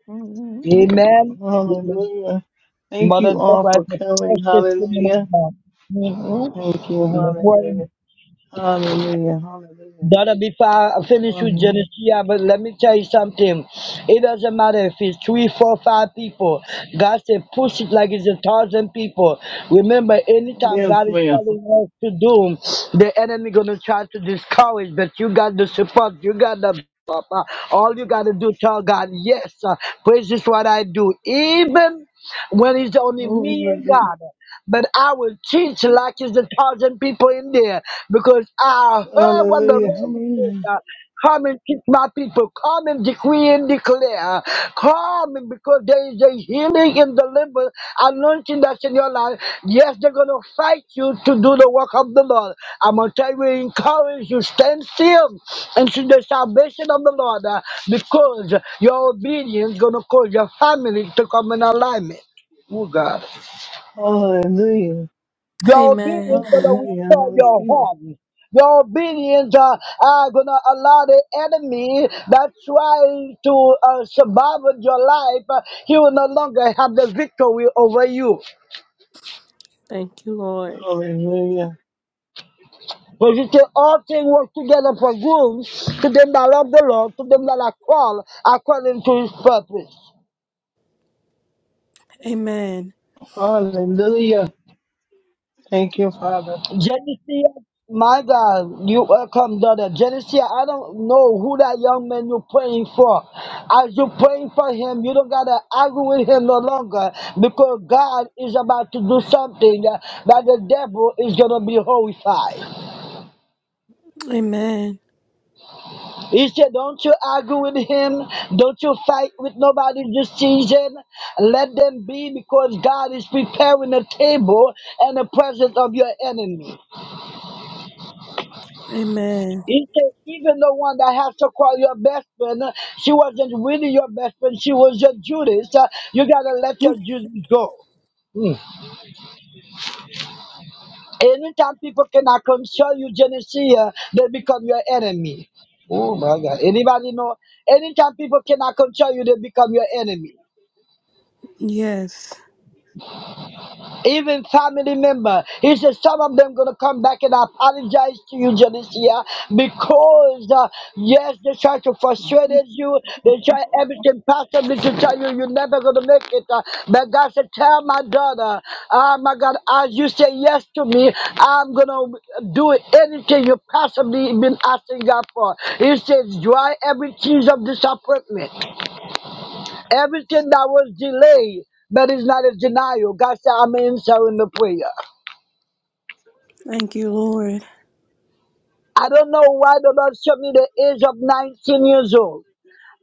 Speaker 8: too.
Speaker 7: Amen. Amen.
Speaker 2: Hallelujah. Thank
Speaker 7: Mother
Speaker 2: you all
Speaker 7: Deborah
Speaker 2: for
Speaker 7: is a
Speaker 2: coming.
Speaker 7: precious
Speaker 2: Hallelujah.
Speaker 7: woman of God.
Speaker 2: Thank you.
Speaker 7: Mhm.
Speaker 2: Hallelujah. Hallelujah. Hallelujah.
Speaker 7: Brother, before I finish with
Speaker 2: Hallelujah.
Speaker 7: Genesis, but let me tell you something. It doesn't matter if it's three, four, five people. God said, push it like it's a thousand people. Remember, anytime
Speaker 2: Yes,
Speaker 7: God is
Speaker 2: ma'am.
Speaker 7: telling us to do, the enemy gonna try to discourage, but you got the support. You got the up. Uh, all you got to do, tell God, yes, uh, praise is what I do, even when it's only me and
Speaker 2: Hallelujah.
Speaker 7: God. But I will teach like it's a thousand people in there because I heard what the
Speaker 2: Hallelujah.
Speaker 7: Lord said. uh, Come and keep my people. Come and decree and declare. Come because there is a healing in and deliverance anointing that's in your life. Yes, they're going to fight you to do the work of the Lord. I'm going to tell you, encourage you, stand still and see the salvation of the Lord uh, because your obedience going to cause your family to come in alignment. Oh, God.
Speaker 2: Hallelujah.
Speaker 7: Your
Speaker 4: Amen.
Speaker 7: obedience going to
Speaker 2: Hallelujah.
Speaker 7: restore
Speaker 2: Holy
Speaker 7: your
Speaker 2: Spirit.
Speaker 7: home. Your obedience uh, are going to allow the enemy that tries to uh, survive your life, uh, he will no longer have the victory over you.
Speaker 4: Thank you, Lord.
Speaker 2: Hallelujah.
Speaker 7: But you say all things work together for good to them that love the Lord, to them that are called according to his purpose.
Speaker 4: Amen.
Speaker 2: Hallelujah. Thank you, Father.
Speaker 7: Genesia, my God, you welcome, daughter. Genesia, I don't know who that young man you're praying for. As you're praying for him, you don't gotta argue with him no longer because God is about to do something that that the devil is gonna be horrified.
Speaker 4: Amen.
Speaker 7: He said, Don't you argue with him, don't you fight with nobody this season. Let them be because God is preparing a table in the presence of your enemy.
Speaker 4: Amen.
Speaker 7: He said, even the one that has to call your best friend, uh, she wasn't really your best friend, she was your Judas. Uh, you gotta let your Judas go. Mm. Anytime people cannot console you, Genesee, uh, they become your enemy. Oh my God. Anybody know? Anytime people cannot console you, they become your enemy.
Speaker 4: Yes.
Speaker 7: even family member. He said, some of them gonna come back and apologize to you, Janicia, because uh, yes, they try to frustrate you. They try
Speaker 2: (laughs)
Speaker 7: everything possibly to tell you you're never gonna make it. Uh, but God said, tell my daughter, Ah, my God, as you say yes to me, I'm gonna do anything you possibly been asking God for. He says, dry every tears of disappointment, everything that was delayed but it's not a denial. God said, I'm answering the prayer.
Speaker 4: Thank you, Lord.
Speaker 7: I don't know why the Lord showed me the age of 19 years old.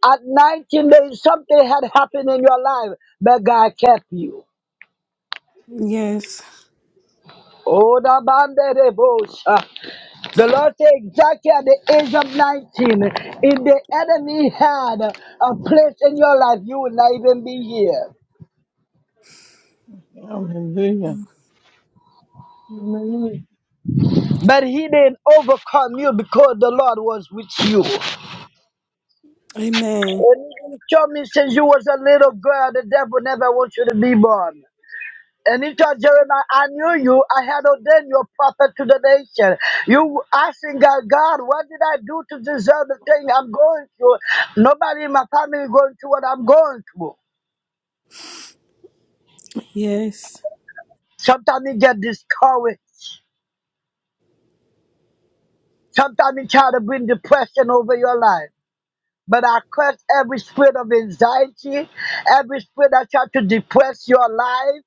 Speaker 7: At 19 days, something had happened in your life, but God kept you.
Speaker 4: Yes.
Speaker 7: Oh, the band of the bush. uh, The Lord said exactly at the age of 19, if the enemy had a place in your life, you would not even be here.
Speaker 2: Hallelujah.
Speaker 7: But he didn't overcome you because the Lord was with you.
Speaker 4: Amen.
Speaker 7: And he showed me since you was a little girl, the devil never wants you to be born. And he told Jeremiah, I knew you. I had ordained you a prophet to the nation. You asking God, God, what did I do to deserve the thing I'm going through? Nobody in my family going through what I'm going through.
Speaker 4: Yes.
Speaker 7: Sometimes you get discouraged. Sometimes you try to bring depression over your life. But I curse every spirit of anxiety, every spirit that try to depress your life.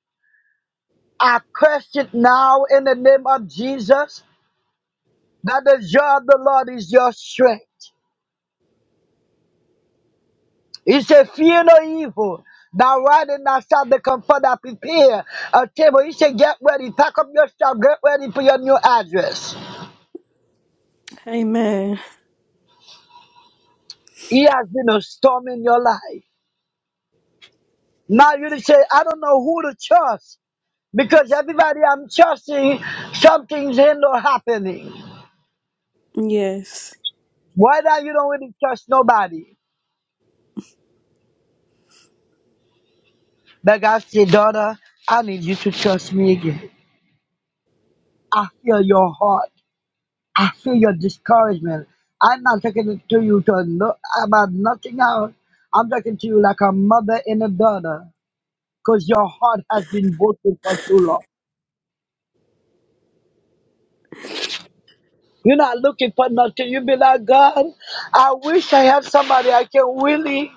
Speaker 7: I curse it now in the name of Jesus. That the joy of the Lord is your strength. He said, Fear no evil. Now, Thou ridest not shalt become further prepare a table. He said, Get ready, pack up your stuff, get ready for your new address.
Speaker 4: Amen.
Speaker 7: He has been a storm in your life. Now you just say, I don't know who to trust because everybody I'm trusting, something's end or happening.
Speaker 4: Yes.
Speaker 7: Why now you don't really trust nobody? But God said, Daughter, I need you to trust me again. I feel your heart. I feel your discouragement. I'm not talking to you to look about nothing else. I'm talking to you like a mother and a daughter because your heart has been broken for too long. You're not looking for nothing. You be like, God, I wish I had somebody I can really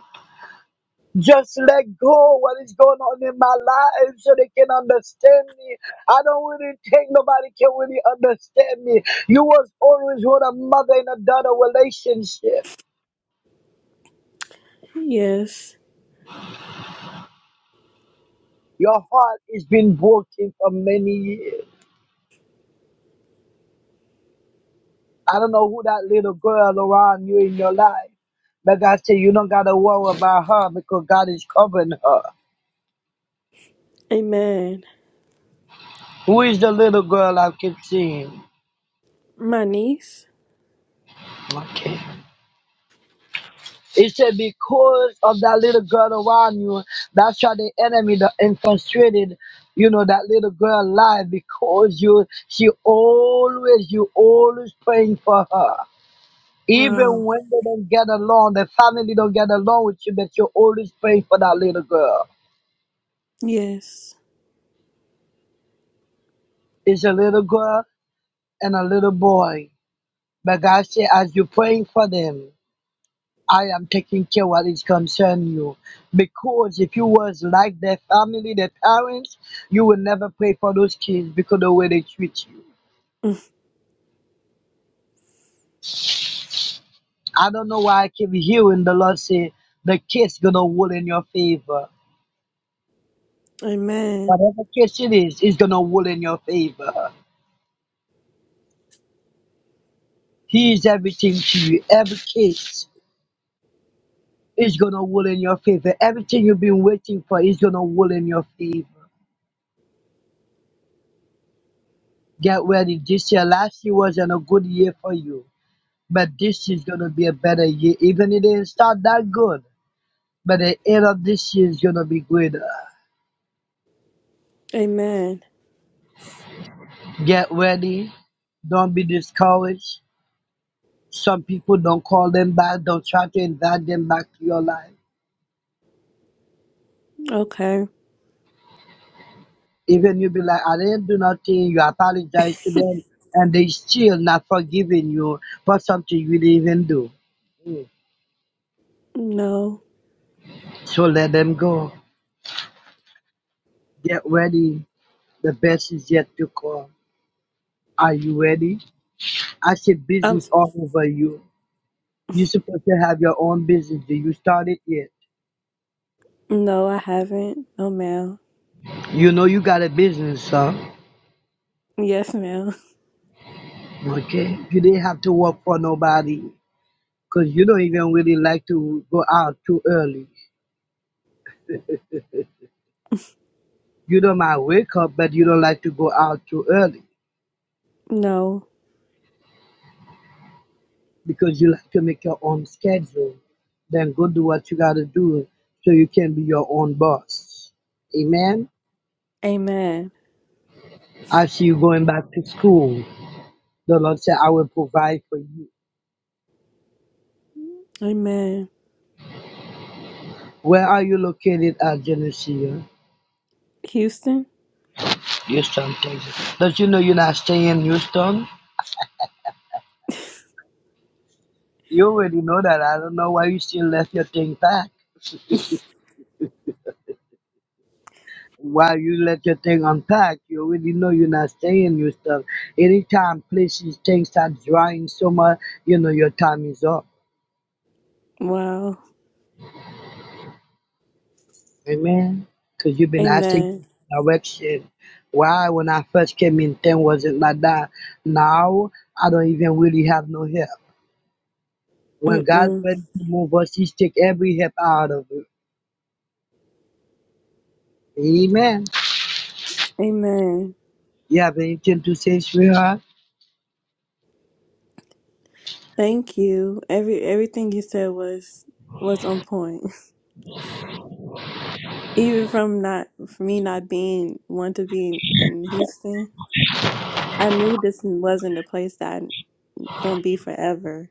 Speaker 7: just let go what is going on in my life so they can understand me. I don't really think nobody can really understand me. You was always with a mother and a daughter relationship.
Speaker 4: Yes.
Speaker 7: Your heart has been broken for many years. I don't know who that little girl around you in your life. But God said you don't gotta worry about her because God is covering her.
Speaker 4: Amen.
Speaker 7: Who is the little girl I keep seeing?
Speaker 4: My niece.
Speaker 7: Okay. It said because of that little girl around you, that's why the enemy that infiltrated, you know, that little girl life because you she always you always praying for her. Even
Speaker 4: Wow.
Speaker 7: when they don't get along, they finally don't get along with you, but you always pray for that little girl.
Speaker 4: Yes.
Speaker 7: It's a little girl and a little boy. But God said, as you're praying for them, I am taking care of what is concern you. Because if you was like their family, their parents, you will never pray for those kids because of the way they treat you. I don't know why I keep hearing the Lord say, the case gonna rule in your favor.
Speaker 4: Amen.
Speaker 7: Whatever case it is, it's gonna rule in your favor. He is everything to you. Every case is gonna roll in your favor. Everything you've been waiting for is gonna roll in your favor. Get ready. This year, last year wasn't a good year for you, but this is gonna be a better year. Even if it didn't start that good, but the end of this year is gonna be greater.
Speaker 4: Amen.
Speaker 7: Get ready. Don't be discouraged. Some people don't call them back. Don't try to invite them back to your life.
Speaker 4: Okay.
Speaker 7: Even you be like, I didn't do nothing, you apologize to them, and they still not forgiving you for something you didn't even do. Mm.
Speaker 4: No.
Speaker 7: So let them go. Get ready. The best is yet to come. Are you ready? I see
Speaker 4: Um
Speaker 7: business all over you. you supposed to have your own business. Do you start it yet?
Speaker 4: no, I haven't. No ma'am.
Speaker 7: You know you got a business, huh?
Speaker 4: Yes, ma'am. (laughs)
Speaker 7: Okay. You didn't have to work for nobody because you don't even really like to go out too early. You don't mind wake up, but you don't like to go out too early
Speaker 4: No.
Speaker 7: because you like to make your own schedule. Then go do what you gotta do so you can be your own boss. Amen.
Speaker 4: Amen.
Speaker 7: I see you going back to school. The Lord said, I will provide for you.
Speaker 4: Amen.
Speaker 7: Where are you located at Geneseo?
Speaker 4: Houston?
Speaker 7: Houston, Texas. Don't you know you're not staying in Houston? You already know that. I don't know why you still left your thing back. while you let your thing unpack, you already know you're not saying your stuff. Anytime places things start drying so much, you know your time is up.
Speaker 4: Wow.
Speaker 7: Amen. Because you've been asking
Speaker 4: Amen.
Speaker 7: for direction. Why when I first came in, thing wasn't like that. Now I don't even really have no help. When God's
Speaker 4: Mm-mm.
Speaker 7: ready to move us, He's take every help out of it. Amen.
Speaker 4: Amen.
Speaker 7: You have anything to say, sweetheart?
Speaker 4: Thank you. Every everything you said was was on point. (laughs) Even from not for me not being want to be in, in Houston. I knew this wasn't the place that I'm gonna be forever.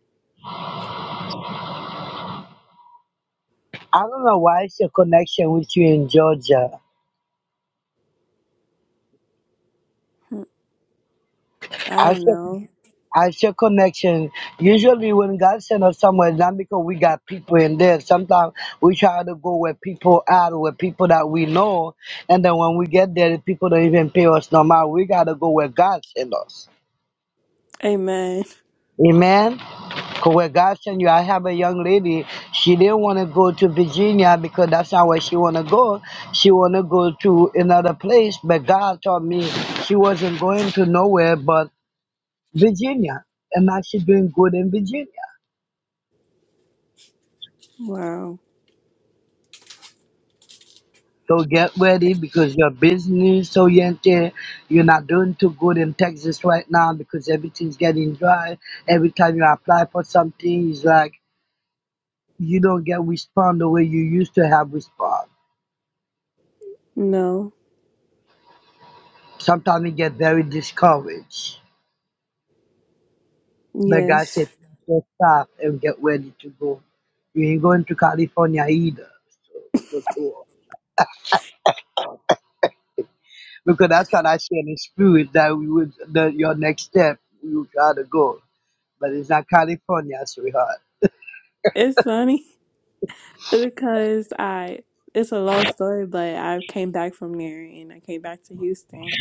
Speaker 7: I don't know why it's a connection with you in Georgia.
Speaker 4: Hmm, I
Speaker 7: I said.
Speaker 4: don't know.
Speaker 7: As your connection. Usually, when God send us somewhere, it's not because we got people in there. Sometimes we try to go where people are, where people that we know, and then when we get there, the people don't even pay us no matter. We gotta go where God send us.
Speaker 4: Amen.
Speaker 7: Amen. 'Cause where God sent you, I have a young lady. She didn't want to go to Virginia because that's not where she want to go. She want to go to another place, but God told me she wasn't going to nowhere but Virginia, and now she's doing good in Virginia.
Speaker 4: Wow.
Speaker 7: So get ready because you're business oriented. You're not doing too good in Texas right now because everything's getting dry. Every time you apply for something, it's like you don't get respond the way you used to have respond.
Speaker 4: No.
Speaker 7: Sometimes you get very discouraged. But God
Speaker 4: Yes.
Speaker 7: said, just stop and get ready to go. You ain't going to California either. So that's all. Because that's what I see in the spirit that we would, that your next step, you gotta go. But it's not California, sweetheart.
Speaker 4: It's funny (laughs) because I it's a long story, but I came back from there and I came back to Houston.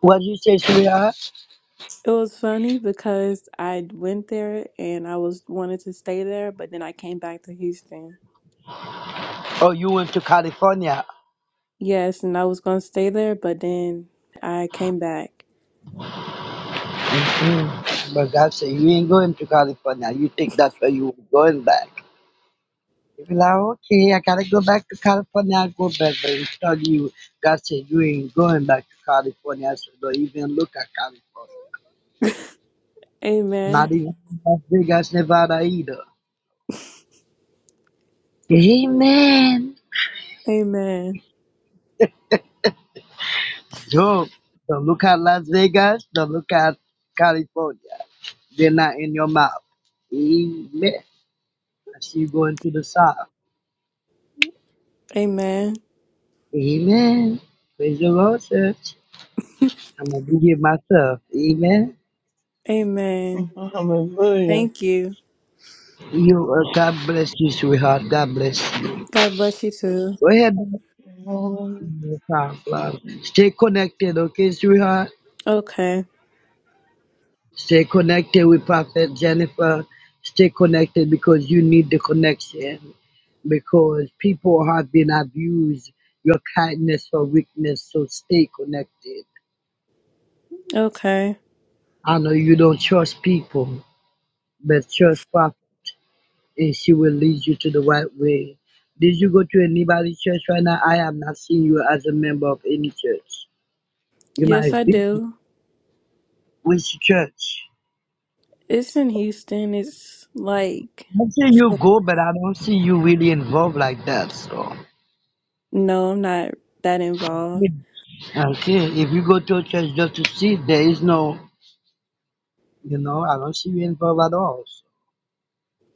Speaker 7: What you say, sweetheart?
Speaker 4: It was funny because I went there and I was wanted to stay there, but then I came back to Houston.
Speaker 7: Oh, you went to California.
Speaker 4: Yes, and I was going to stay there, but then I came back.
Speaker 7: Mm. But God said, you ain't going to California. You think that's where you were going back. You be like, okay, I gotta go back to California. i go back. But instead, you, God said, you ain't going back to California. So don't even look at California.
Speaker 4: Amen.
Speaker 7: Not even Las Vegas, Nevada either. Amen.
Speaker 4: Amen.
Speaker 7: So don't look at Las Vegas. Don't look at California. They're not in your mouth. Amen. I see you going to the south.
Speaker 4: Amen.
Speaker 7: Amen. Praise the Lord, church. I'm obedient myself. Amen.
Speaker 4: Amen.
Speaker 2: Hallelujah.
Speaker 4: Thank you.
Speaker 7: You, uh, God bless you, sweetheart. God bless you.
Speaker 4: God bless you too.
Speaker 7: Go ahead.
Speaker 2: Lord.
Speaker 7: No problem. Stay connected, okay, sweetheart?
Speaker 4: Okay.
Speaker 7: Stay connected with Prophet Jennifer. Stay connected because you need the connection. Because people have been abused your kindness or weakness, so stay connected.
Speaker 4: Okay.
Speaker 7: I know you don't trust people, but trust Prophet. and she will lead you to the right way. Did you go to anybody's church right now? I am not seeing you as a member of any church. You
Speaker 4: Yes,
Speaker 7: might
Speaker 4: I
Speaker 7: visit
Speaker 4: do.
Speaker 7: which church.
Speaker 4: It's in Houston. It's like,
Speaker 7: I see you go, but I don't see you really involved like that. So,
Speaker 4: no, I'm not that involved.
Speaker 7: okay, if you go to a church just to see, there is no, you know, I don't see you involved at all.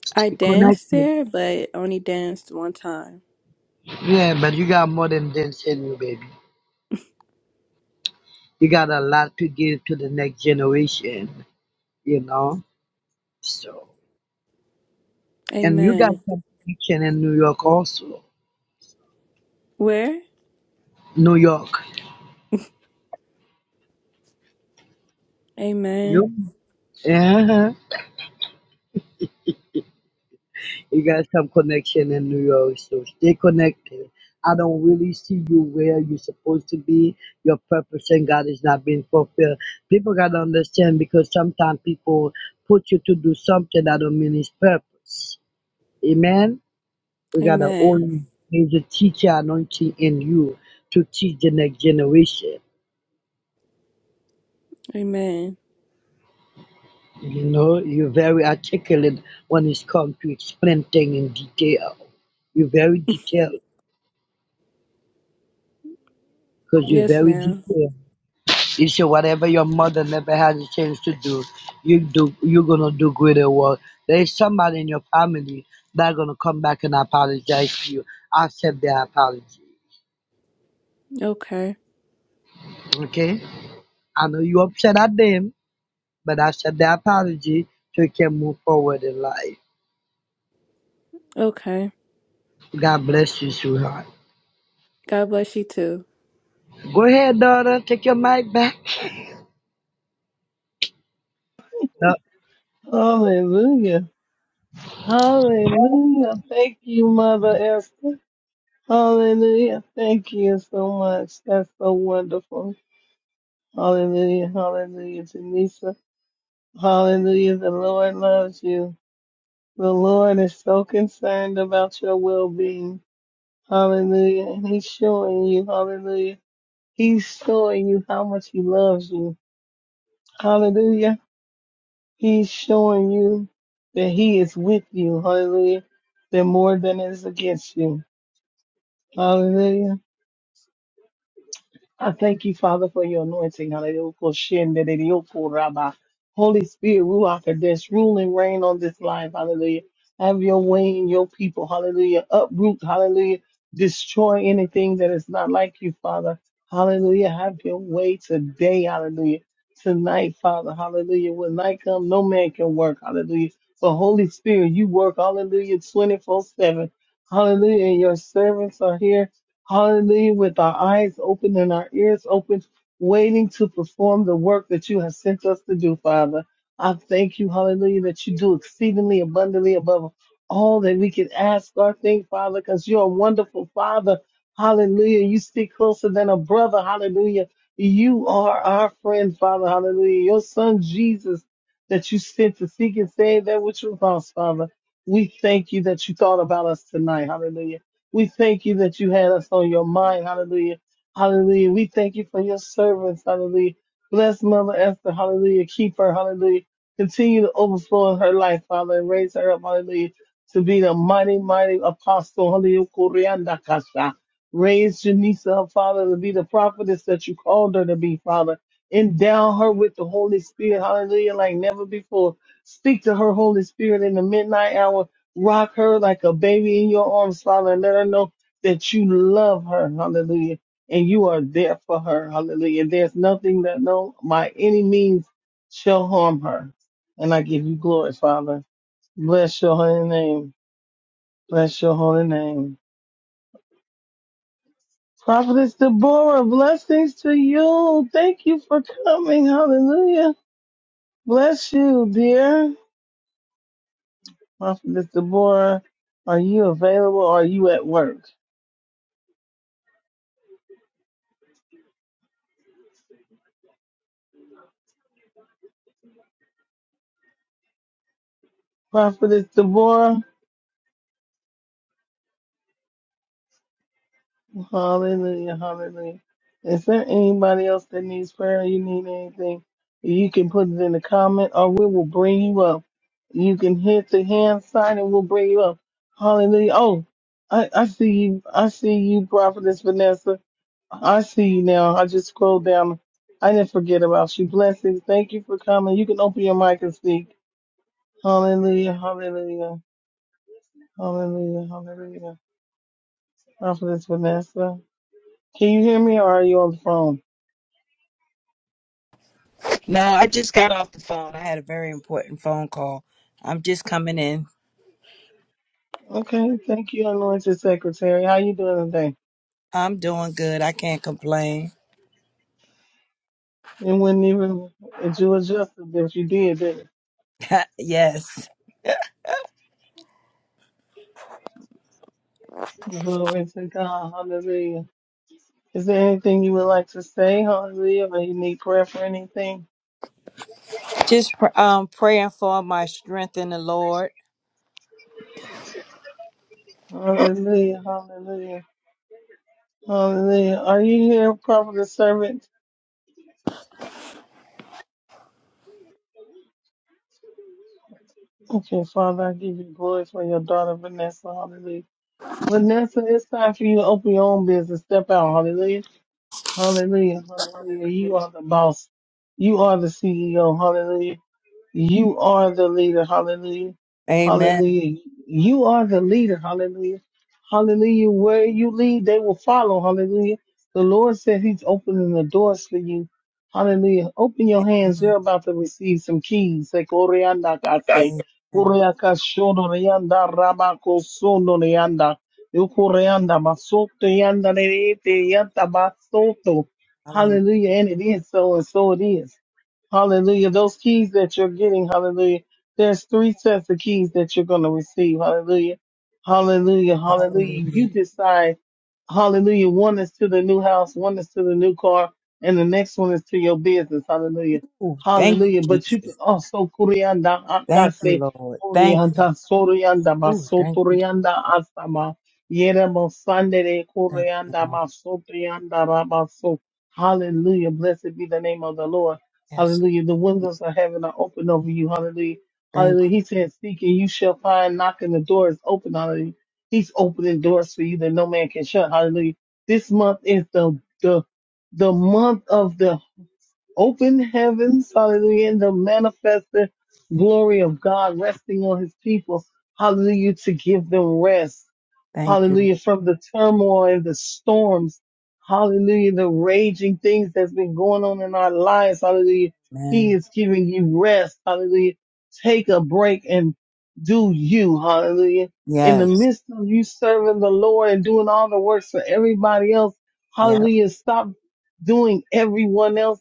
Speaker 7: So
Speaker 4: I
Speaker 7: stay
Speaker 4: danced
Speaker 7: connected.
Speaker 4: there, but only danced one time.
Speaker 7: Yeah, but you got more than this in you, baby. You got a lot to give to the next generation, you know. So. And you got
Speaker 4: Amen.
Speaker 7: some connection in New York also.
Speaker 4: Where?
Speaker 7: New York. You
Speaker 4: Amen.
Speaker 7: uh-huh. You got some connection in New York, so stay connected. I don't really see you where you're supposed to be. Your purpose and God is not being fulfilled. People gotta understand because sometimes people put you to do something that don't mean his purpose. Amen. We gotta
Speaker 4: Amen.
Speaker 7: own there's a teacher anointing in you to teach the next generation.
Speaker 4: Amen.
Speaker 7: You know, you're very articulate when it's come to explain things in detail. You're very detailed because you're
Speaker 4: Yes,
Speaker 7: very
Speaker 4: ma'am.
Speaker 7: detailed. You say whatever your mother never had a chance to do, you do. You're gonna do greater work. There is somebody in your family that gonna come back and apologize to you. Accept their apology.
Speaker 4: Okay.
Speaker 7: Okay? I know you upset at them, but accept their apology so you can move forward in life.
Speaker 4: Okay.
Speaker 7: God bless you, sweetheart.
Speaker 4: God bless you too.
Speaker 7: Go ahead, daughter. Take your mic back. No.
Speaker 2: Hallelujah. Hallelujah. Thank you, Mother Esther. Hallelujah. Thank you so much. That's so wonderful. Hallelujah. Hallelujah, Janisa. Hallelujah. The Lord loves you. The Lord is so concerned about your well being. Hallelujah. And He's showing you, hallelujah. He's showing you how much He loves you. Hallelujah. He's showing you that he is with you. Hallelujah. That more than is against you. Hallelujah. I thank you, Father, for your anointing. Hallelujah. Shendereyoko Holy Spirit, Ruach Kadesh, rule and reign on this life. Hallelujah. Have your way in your people. Hallelujah. Uproot. Hallelujah. Destroy anything that is not like you, Father. Hallelujah. Have your way today. Hallelujah. Tonight, Father. Hallelujah. When night comes, no man can work. Hallelujah. But Holy Spirit, you work. Hallelujah. 24 7. Hallelujah. And your servants are here. Hallelujah. With our eyes open and our ears open, waiting to perform the work that you have sent us to do, Father. I thank you, hallelujah, that you do exceedingly abundantly above all that we can ask or think, Father, because you're a wonderful Father. Hallelujah. You stick closer than a brother. Hallelujah. You are our friend, Father. Hallelujah. Your son, Jesus, that you sent to seek and save that which was lost, Father. We thank you that you thought about us tonight. Hallelujah we thank you that you had us on your mind. Hallelujah. Hallelujah. We thank you for your servants. Hallelujah. Bless Mother Esther. Hallelujah. Keep her. Hallelujah. Continue to overflow in her life, Father, and raise her up. Hallelujah. To be the mighty, mighty apostle. Hallelujah. Koryanda kasha. Raise Janisa up, Father, to be the prophetess that you called her to be, Father. Endow her with the Holy Spirit. Hallelujah. Like never before. Speak to her, Holy Spirit, in the midnight hour rock her like a baby in your arms, Father, and let her know that you love her, hallelujah, and you are there for her, hallelujah. There's nothing that no by any means shall harm her. And I give you glory, Father. Bless your holy name. Bless your holy name. Prophetess Deborah, blessings to you. Thank you for coming. Hallelujah. Bless you, dear. Prophetess Deborah, are you available? Or are you at work? Prophetess Deborah. Hallelujah, hallelujah. Is there anybody else that needs prayer? You need anything? You can put it in the comment or we will bring you up. You can hit the hand sign and we'll bring you up. Hallelujah. Oh, I, I see you. I see you, Prophetess Vanessa. I see you now. I just scrolled down. I didn't forget about you. Blessings. Thank you for coming. You can open your mic and speak. Hallelujah, hallelujah, hallelujah, hallelujah. Prophetess Vanessa. Can you hear me or are you on the phone?
Speaker 9: No, I just got off the phone. I had a very important phone call. I'm just coming in.
Speaker 2: Okay, thank you, Anointed Secretary. How you doing today?
Speaker 9: I'm doing good. I can't complain.
Speaker 2: It wasn't even, and you adjusted, but you did, didn't it?
Speaker 9: (laughs) yes.
Speaker 2: Glory to God. Hallelujah. Is there anything you would like to say? Hallelujah. Or you need prayer for anything?
Speaker 9: Just pr- um praying for my strength in the Lord.
Speaker 2: Hallelujah. Hallelujah. Hallelujah. Are you here, prophet servant? Okay, Father, I give you glory for your daughter, Vanessa. Hallelujah. Vanessa, it's time for you to open your own business. Step out. Hallelujah. Hallelujah. Hallelujah. You are the boss. You are the CEO. Hallelujah. You are the leader. Hallelujah.
Speaker 9: Amen.
Speaker 2: Hallelujah. You are the leader. Hallelujah. Hallelujah. Where you lead, they will follow. Hallelujah. The Lord said He's opening the doors for you. Hallelujah. Open your hands. They're about to receive some keys. Say, Koreanda, God say.
Speaker 9: Amen.
Speaker 2: Koreaka shono reanda rabako sono reanda. Yo koreanda masoto yanda nerete yanta basoto.
Speaker 9: Hallelujah.
Speaker 2: Hallelujah. And it is so and so it is. Hallelujah. Those keys that you're getting, hallelujah. There's three sets of keys that you're going to receive. Hallelujah. Hallelujah. Hallelujah.
Speaker 9: Hallelujah.
Speaker 2: You decide. Hallelujah. One is to the new house, one is to the new car, and the next one is to your business. Hallelujah.
Speaker 9: Ooh, thank
Speaker 2: Hallelujah.
Speaker 9: you,
Speaker 2: But you can
Speaker 9: Jesus.
Speaker 2: also kurianda
Speaker 9: Thank you,
Speaker 2: akase
Speaker 9: Lord. Thank you.
Speaker 2: orianda sorianda
Speaker 9: Ooh, thank you.
Speaker 2: masotorianda asama yeremo sandere
Speaker 9: Thank you,
Speaker 2: kurianda
Speaker 9: Lord.
Speaker 2: masotorianda rabaso. Hallelujah. Blessed be the name of the Lord.
Speaker 9: Yes.
Speaker 2: Hallelujah. The windows of heaven are open over you. Hallelujah.
Speaker 9: Thank
Speaker 2: Hallelujah.
Speaker 9: you.
Speaker 2: He said, Seek and you shall find. Knocking the door is open. Hallelujah. He's opening doors for you that no man can shut. Hallelujah. This month is the the the month of the open heavens. Hallelujah. And the manifested glory of God resting on his people. Hallelujah. To give them rest.
Speaker 9: Thank you,
Speaker 2: Hallelujah.
Speaker 9: Lord.
Speaker 2: From the turmoil and the storms. Hallelujah. The raging things that's been going on in our lives. Hallelujah. He
Speaker 9: Man.
Speaker 2: is giving you rest. Hallelujah. Take a break and do you. Hallelujah. In the
Speaker 9: Yes.
Speaker 2: midst of you serving the Lord and doing all the works for everybody else.
Speaker 9: Yep.
Speaker 2: Hallelujah. Stop doing everyone else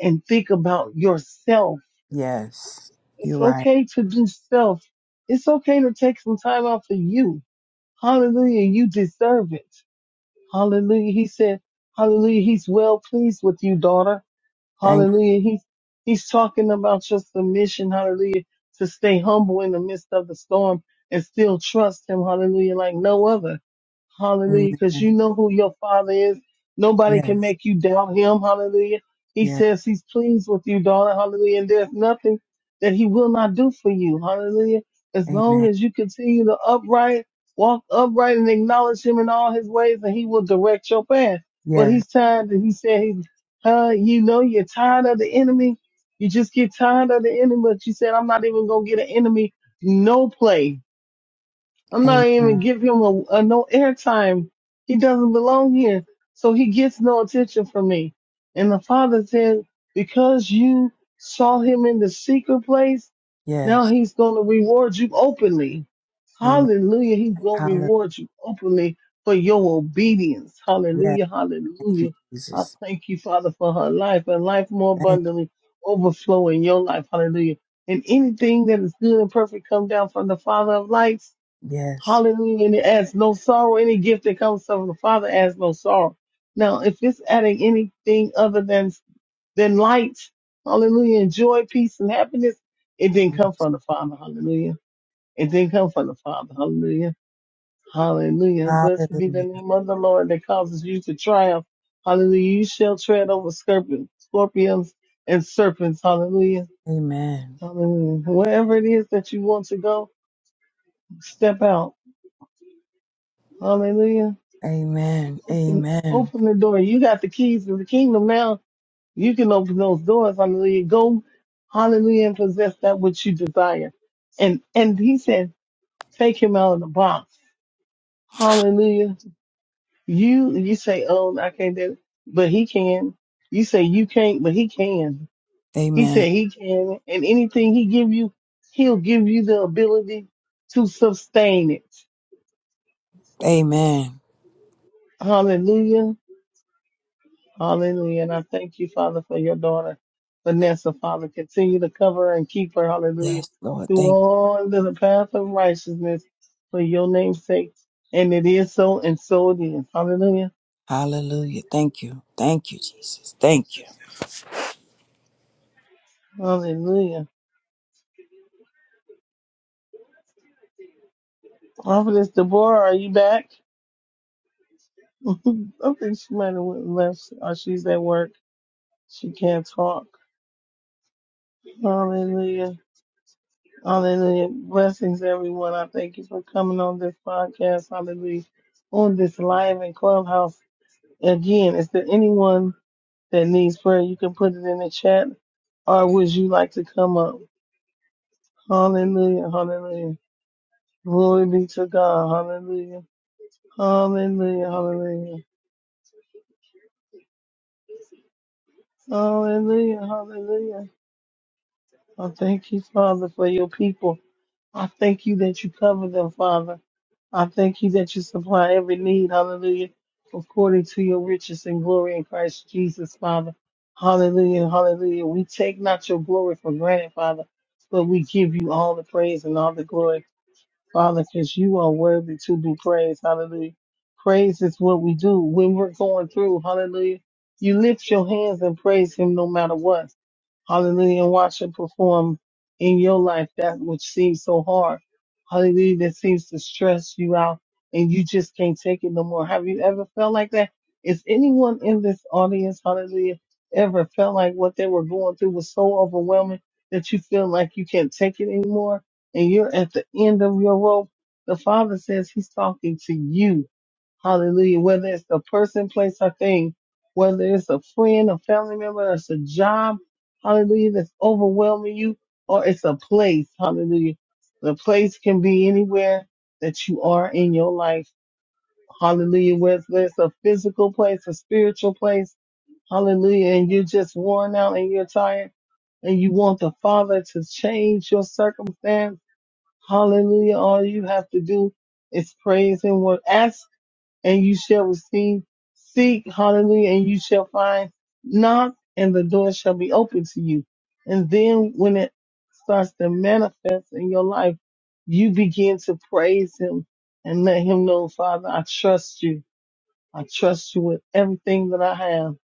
Speaker 2: and think about yourself.
Speaker 9: Yes. You're
Speaker 2: It's
Speaker 9: right.
Speaker 2: okay to do self. It's okay to take some time out for you. Hallelujah. You deserve it. Hallelujah. He said, Hallelujah. He's well pleased with you, daughter.
Speaker 9: Thank
Speaker 2: Hallelujah. He's, he's talking about your submission. Hallelujah. To stay humble in the midst of the storm and still trust him. Hallelujah. Like no other.
Speaker 9: you.
Speaker 2: Hallelujah. Because
Speaker 9: Amen.
Speaker 2: you know who your father is. Nobody can
Speaker 9: Yes.
Speaker 2: make you doubt him. Hallelujah. He
Speaker 9: Yes.
Speaker 2: says he's pleased with you, daughter. Hallelujah. And there's nothing that he will not do for you. Hallelujah. As long
Speaker 9: Amen.
Speaker 2: as you continue to upright, walk upright and acknowledge him in all his ways and he will direct your path. But
Speaker 9: Yes.
Speaker 2: he's tired and he said, he, uh, you know, you're tired of the enemy. You just get tired of the enemy. But you said, I'm not even going to get an enemy. No play. I'm not even
Speaker 9: Amen.
Speaker 2: give him a, a no airtime. He doesn't belong here. So he gets no attention from me. And the father said, because you saw him in the secret place, now
Speaker 9: Yes.
Speaker 2: he's going to reward you openly.
Speaker 9: Amen.
Speaker 2: Hallelujah. He's going to
Speaker 9: Hallelujah.
Speaker 2: reward you openly for your obedience. Hallelujah.
Speaker 9: Thank you,
Speaker 2: Hallelujah. I
Speaker 9: Jesus.
Speaker 2: thank you, Father, for her life and life more
Speaker 9: Thank
Speaker 2: abundantly overflow in your life. Hallelujah. And anything that is good and perfect come down from the Father of lights
Speaker 9: you. Yes.
Speaker 2: Hallelujah. And it adds no sorrow. Any gift that comes from the Father adds no sorrow. Now, if it's adding anything other than, than light, hallelujah, and joy, peace, and happiness, it didn't come
Speaker 9: Yes.
Speaker 2: from the Father. Hallelujah. It didn't come from the Father. Hallelujah. Hallelujah. Blessed be the
Speaker 9: Hallelujah.
Speaker 2: name of the Lord that causes you to triumph. Hallelujah. You shall tread over scorpions, scorpions and serpents. Hallelujah.
Speaker 9: Amen.
Speaker 2: Hallelujah. Wherever it is that you want to go, step out. Hallelujah.
Speaker 9: Amen.
Speaker 2: Open,
Speaker 9: Amen.
Speaker 2: open the door. You got the keys to the kingdom now. You can open those doors. Hallelujah. Go, hallelujah, and possess that which you desire. And and he said, take him out of the box. Hallelujah. You you say, oh, I can't do it, but he can. You say you can't, but he can. He
Speaker 9: Amen.
Speaker 2: said he can, and anything he give you, he'll give you the ability to sustain it.
Speaker 9: Amen.
Speaker 2: Hallelujah. Hallelujah. And I thank you, Father, for your daughter, Vanessa, Father. Continue to cover her and keep her, hallelujah,
Speaker 9: Yes, Lord.
Speaker 2: through
Speaker 9: Thank you.
Speaker 2: all into the path of righteousness for your name's sake. And it is so, and so it is. Hallelujah.
Speaker 9: Hallelujah. Thank you. Thank you, Jesus. Thank you.
Speaker 2: Hallelujah. Prophetess Deborah, are you back? (laughs) I think she might have went and left, or she's at work. She can't talk. Hallelujah. Hallelujah. Blessings, everyone. I thank you for coming on this podcast. Hallelujah. On this live and clubhouse. Again, is there anyone that needs prayer? You can put it in the chat, or would you like to come up? Hallelujah, hallelujah. Glory be to God. Hallelujah, hallelujah, hallelujah. Hallelujah, hallelujah. I thank you, Father, for your people. I thank you that you cover them, Father. I thank you that you supply every need, hallelujah, according to your riches and glory in Christ Jesus, Father. Hallelujah, hallelujah. We take not your glory for granted, Father, but we give you all the praise and all the glory, Father, because you are worthy to be praised, hallelujah. Praise is what we do when we're going through, hallelujah. You lift your hands and praise him no matter what. Hallelujah. And watch him perform in your life that which seems so hard. Hallelujah. That seems to stress you out and you just can't take it no more. Have you ever felt like that? Is anyone in this audience, hallelujah, ever felt like what they were going through was so overwhelming that you feel like you can't take it anymore and you're at the end of your rope? The Father says He's talking to you. Hallelujah. Whether it's a person, place, or thing, whether it's a friend, a family member, it's a job Hallelujah. That's overwhelming you or it's a place. Hallelujah. The place can be anywhere that you are in your life. Hallelujah. Whether it's a physical place, a spiritual place. Hallelujah. And you're just worn out and you're tired and you want the Father to change your circumstance. Hallelujah. All you have to do is praise and work. Ask and you shall receive. Seek, hallelujah, and you shall find. Knock, and the door shall be open to you. And then when it starts to manifest in your life, you begin to praise Him and let Him know, Father, I trust you. I trust you with everything that I have.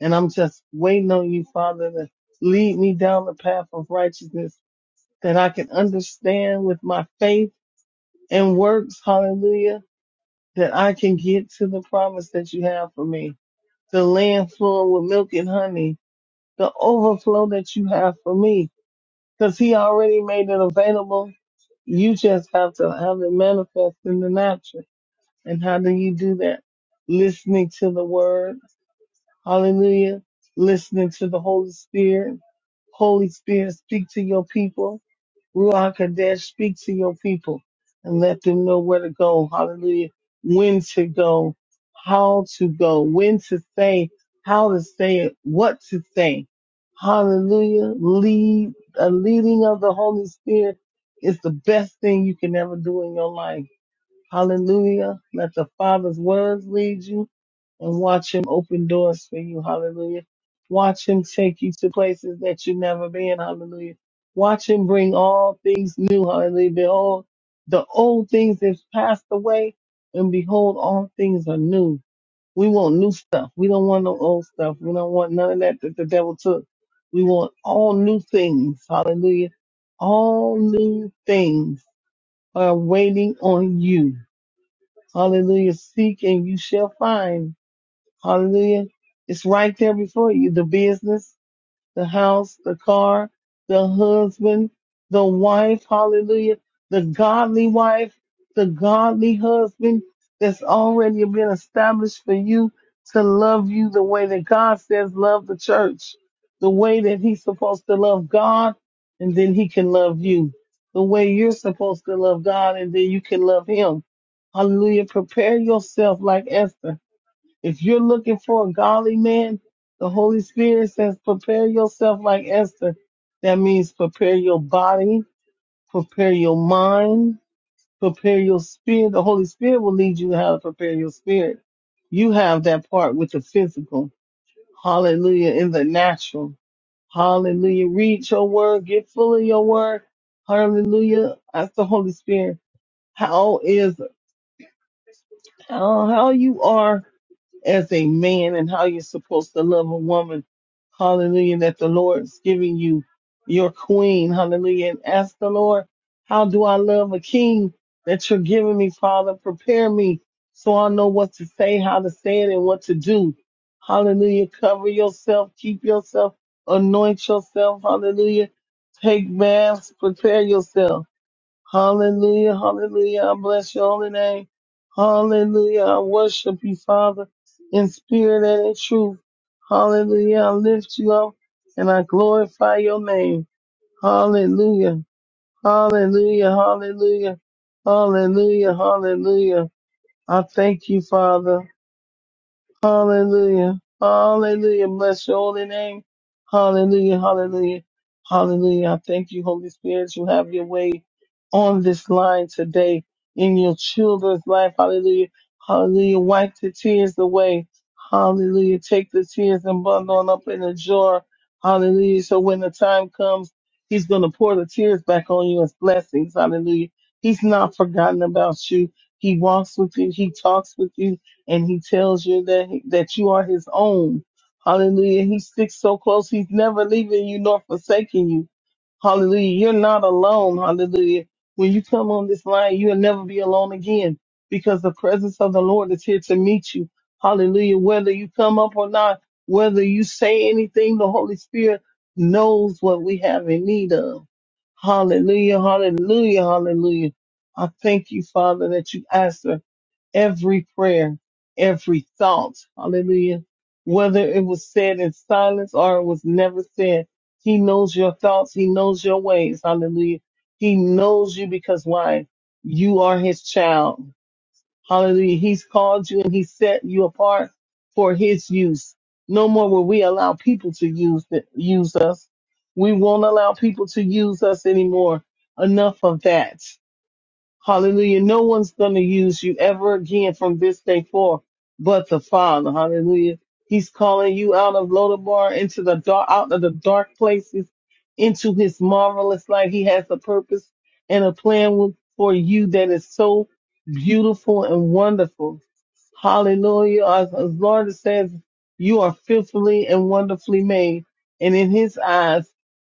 Speaker 2: And I'm just waiting on you, Father, to lead me down the path of righteousness that I can understand with my faith and works, hallelujah that I can get to the promise that you have for me, the land flowing with milk and honey, the overflow that you have for me, because He already made it available. You just have to have it manifest in the natural. And how do you do that? Listening to the Word, Hallelujah. Listening to the Holy Spirit. Holy Spirit, speak to your people. Ruach Kadesh, speak to your people and let them know where to go. Hallelujah. When to go, how to go, when to say, how to say it, what to say. Hallelujah. Lead, a leading of the Holy Spirit is the best thing you can ever do in your life. Hallelujah. Let the Father's words lead you and watch him open doors for you. Hallelujah. Watch him take you to places that you've never been. Hallelujah. Watch him bring all things new. Hallelujah. Behold, the old things have passed away and behold, all things are new. We want new stuff. We don't want no old stuff. We don't want none of that that the devil took. We want all new things. Hallelujah. All new things are waiting on you. Hallelujah. Seek and you shall find Hallelujah. It's right there before you. The business, the house, the car, the husband, the wife. Hallelujah. The godly wife, the godly husband that's already been established for you to love you the way that God says love the church, the way that he's supposed to love God and then he can love you, the way you're supposed to love God and then you can love him. Hallelujah. Prepare yourself like Esther. If you're looking for a godly man, the Holy Spirit says, prepare yourself like Esther. That means prepare your body, prepare your mind, prepare your spirit. The Holy Spirit will lead you how to prepare your spirit. You have that part with the physical. Hallelujah. In the natural. Hallelujah. Read your word. Get full of your word. Hallelujah. That's the Holy Spirit. How is, how, how you are as a man and how you're supposed to love a woman. Hallelujah. That the Lord's giving you your queen. Hallelujah. And ask the Lord, how do I love a king that you're giving me, Father? Prepare me so I know what to say, how to say it, and what to do. Hallelujah. Cover yourself, keep yourself, anoint yourself. Hallelujah. Take baths, prepare yourself. Hallelujah, hallelujah. I bless your holy name. Hallelujah. I worship you, Father, in spirit and in truth. Hallelujah. I lift you up and I glorify your name. Hallelujah. Hallelujah. Hallelujah. Hallelujah. Hallelujah. I thank you, Father. Hallelujah. Hallelujah. Bless your holy name. Hallelujah. Hallelujah. Hallelujah. I thank you, Holy Spirit. You have your way on this line today in your children's life. Hallelujah. Hallelujah. Wipe the tears away. Hallelujah. Take the tears and bundle them up in a jar. Hallelujah. So when the time comes, He's going to pour the tears back on you as blessings. Hallelujah. He's not forgotten about you. He walks with you. He talks with you and he tells you that he, that you are his own. Hallelujah. He sticks so close. He's never leaving you nor forsaking you. Hallelujah. You're not alone. Hallelujah. When you come on this line, you'll never be alone again because the presence of the Lord is here to meet you. Hallelujah. Whether you come up or not, whether you say anything, the Holy Spirit knows what we have in need of. Hallelujah. Hallelujah. Hallelujah. I thank you, Father, that you answer every prayer, every thought. Hallelujah. Whether it was said in silence or it was never said, He knows your thoughts. He knows your ways. Hallelujah. He knows you because why? You are His child. Hallelujah. He's called you and He set you apart for His use. No more will we allow people to use use us. We won't allow people to use us anymore. Enough of that. Hallelujah. No one's going to use you ever again from this day forth but the Father. Hallelujah. He's calling you out of Lodabar into the dark, out of the dark places into his marvelous light. He has a purpose and a plan with, for you that is so beautiful and wonderful. Hallelujah. As, as Lord says, you are fearfully and wonderfully made. And in his eyes,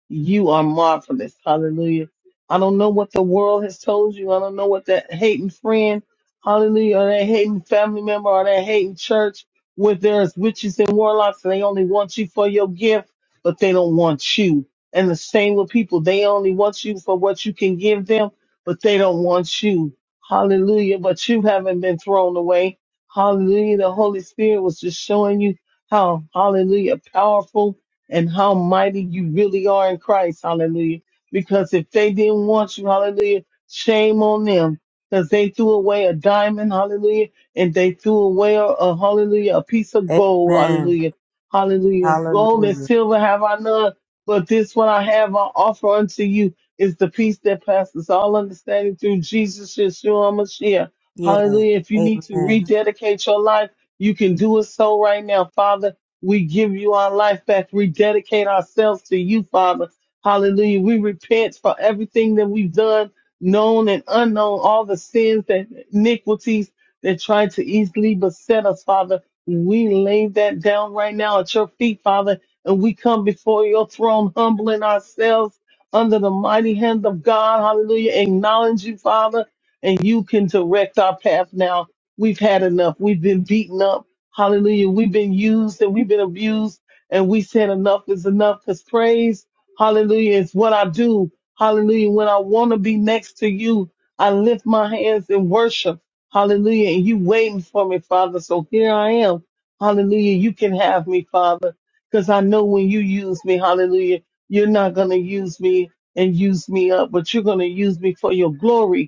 Speaker 2: you are marvelous. Hallelujah. I don't know what the world has told you. I don't know what that hating friend, hallelujah, or that hating family member or that hating church where there's witches and warlocks and they only want you for your gift, but they don't want you. And the same with people. They only want you for what you can give them, but they don't want you. Hallelujah. But you haven't been thrown away. Hallelujah. The Holy Spirit was just showing you how, hallelujah, powerful and how mighty you really are in Christ. Hallelujah. Because if they didn't want you, hallelujah, shame on them. Because they threw away a diamond, hallelujah, and they threw away a, a hallelujah, a piece of gold,
Speaker 9: Amen.
Speaker 2: hallelujah, hallelujah. Gold and
Speaker 9: Hallelujah.
Speaker 2: silver have I none, but this one I have, I offer unto you is the peace that passes all understanding through Jesus, Yeshua, Mashiach.
Speaker 9: Yes.
Speaker 2: Hallelujah. If you need to
Speaker 9: Amen.
Speaker 2: rededicate your life, you can do it so right now. Father, we give you our life back. Rededicate ourselves to you, Father. Hallelujah. We repent for everything that we've done, known and unknown, all the sins and iniquities that tried to easily beset us, Father. We lay that down right now at your feet, Father, and we come before your throne, humbling ourselves under the mighty hand of God. Hallelujah. Acknowledge you, Father and you can direct our path now. We've had enough. We've been beaten up. Hallelujah. We've been used and we've been abused and we said enough is enough because praise, hallelujah, is what I do. Hallelujah. When I want to be next to you, I lift my hands in worship. Hallelujah. And you waiting for me, Father. So here I am. Hallelujah. You can have me, Father, because I know when you use me, hallelujah, you're not going to use me and use me up, but you're going to use me for your glory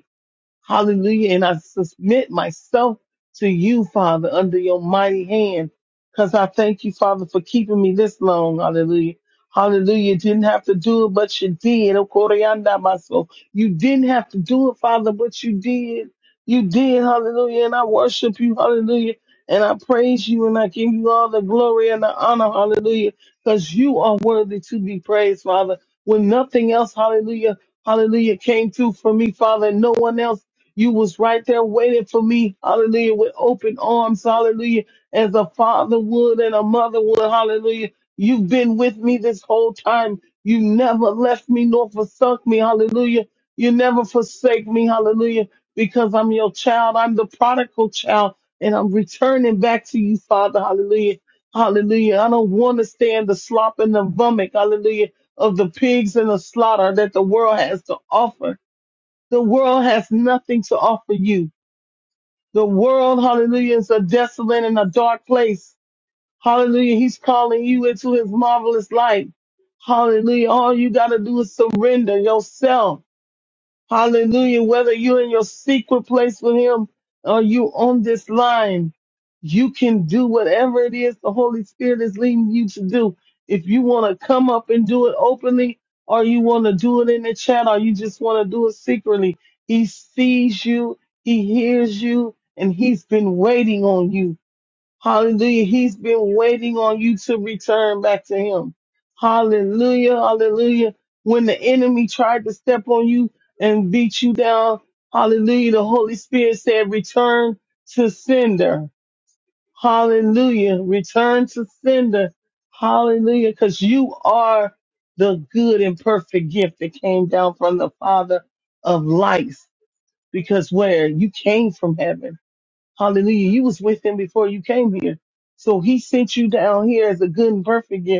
Speaker 2: Hallelujah. And I submit myself to you, Father, under your mighty hand. Cause I thank you, Father, for keeping me this long. Hallelujah. Hallelujah. You didn't have to do it, but you did. Okoriandamaso. You didn't have to do it, Father, but you did. You did. Hallelujah. And I worship you. Hallelujah. And I praise you and I give you all the glory and the honor. Hallelujah. Cause you are worthy to be praised, Father. When nothing else, hallelujah, hallelujah, came through for me, Father, and no one else you was right there waiting for me, hallelujah, with open arms, hallelujah, as a father would and a mother would, hallelujah. You've been with me this whole time. You never left me nor forsook me, hallelujah. You never forsake me, hallelujah, because I'm your child. I'm the prodigal child, and I'm returning back to you, Father, hallelujah. Hallelujah. I don't want to stay in the slop and the vomit, hallelujah, of the pigs and the slaughter that the world has to offer. The world has nothing to offer you. The world, hallelujah, is a desolate and a dark place. Hallelujah. He's calling you into his marvelous light. Hallelujah. All you got to do is surrender yourself. Hallelujah. Whether you're in your secret place with him or you on this line, you can do whatever it is the Holy Spirit is leading you to do. If you want to come up and do it openly, or you want to do it in the chat, or you just want to do it secretly, he sees you, he hears you, and he's been waiting on you. Hallelujah. He's been waiting on you to return back to him. Hallelujah. Hallelujah. When the enemy tried to step on you and beat you down, hallelujah. The Holy Spirit said, return to sender. Hallelujah. Return to sender. Hallelujah. Cause you are the good and perfect gift that came down from the father of lights. Because where you came from heaven. Hallelujah. You was with him before you came here. So he sent you down here as a good and perfect gift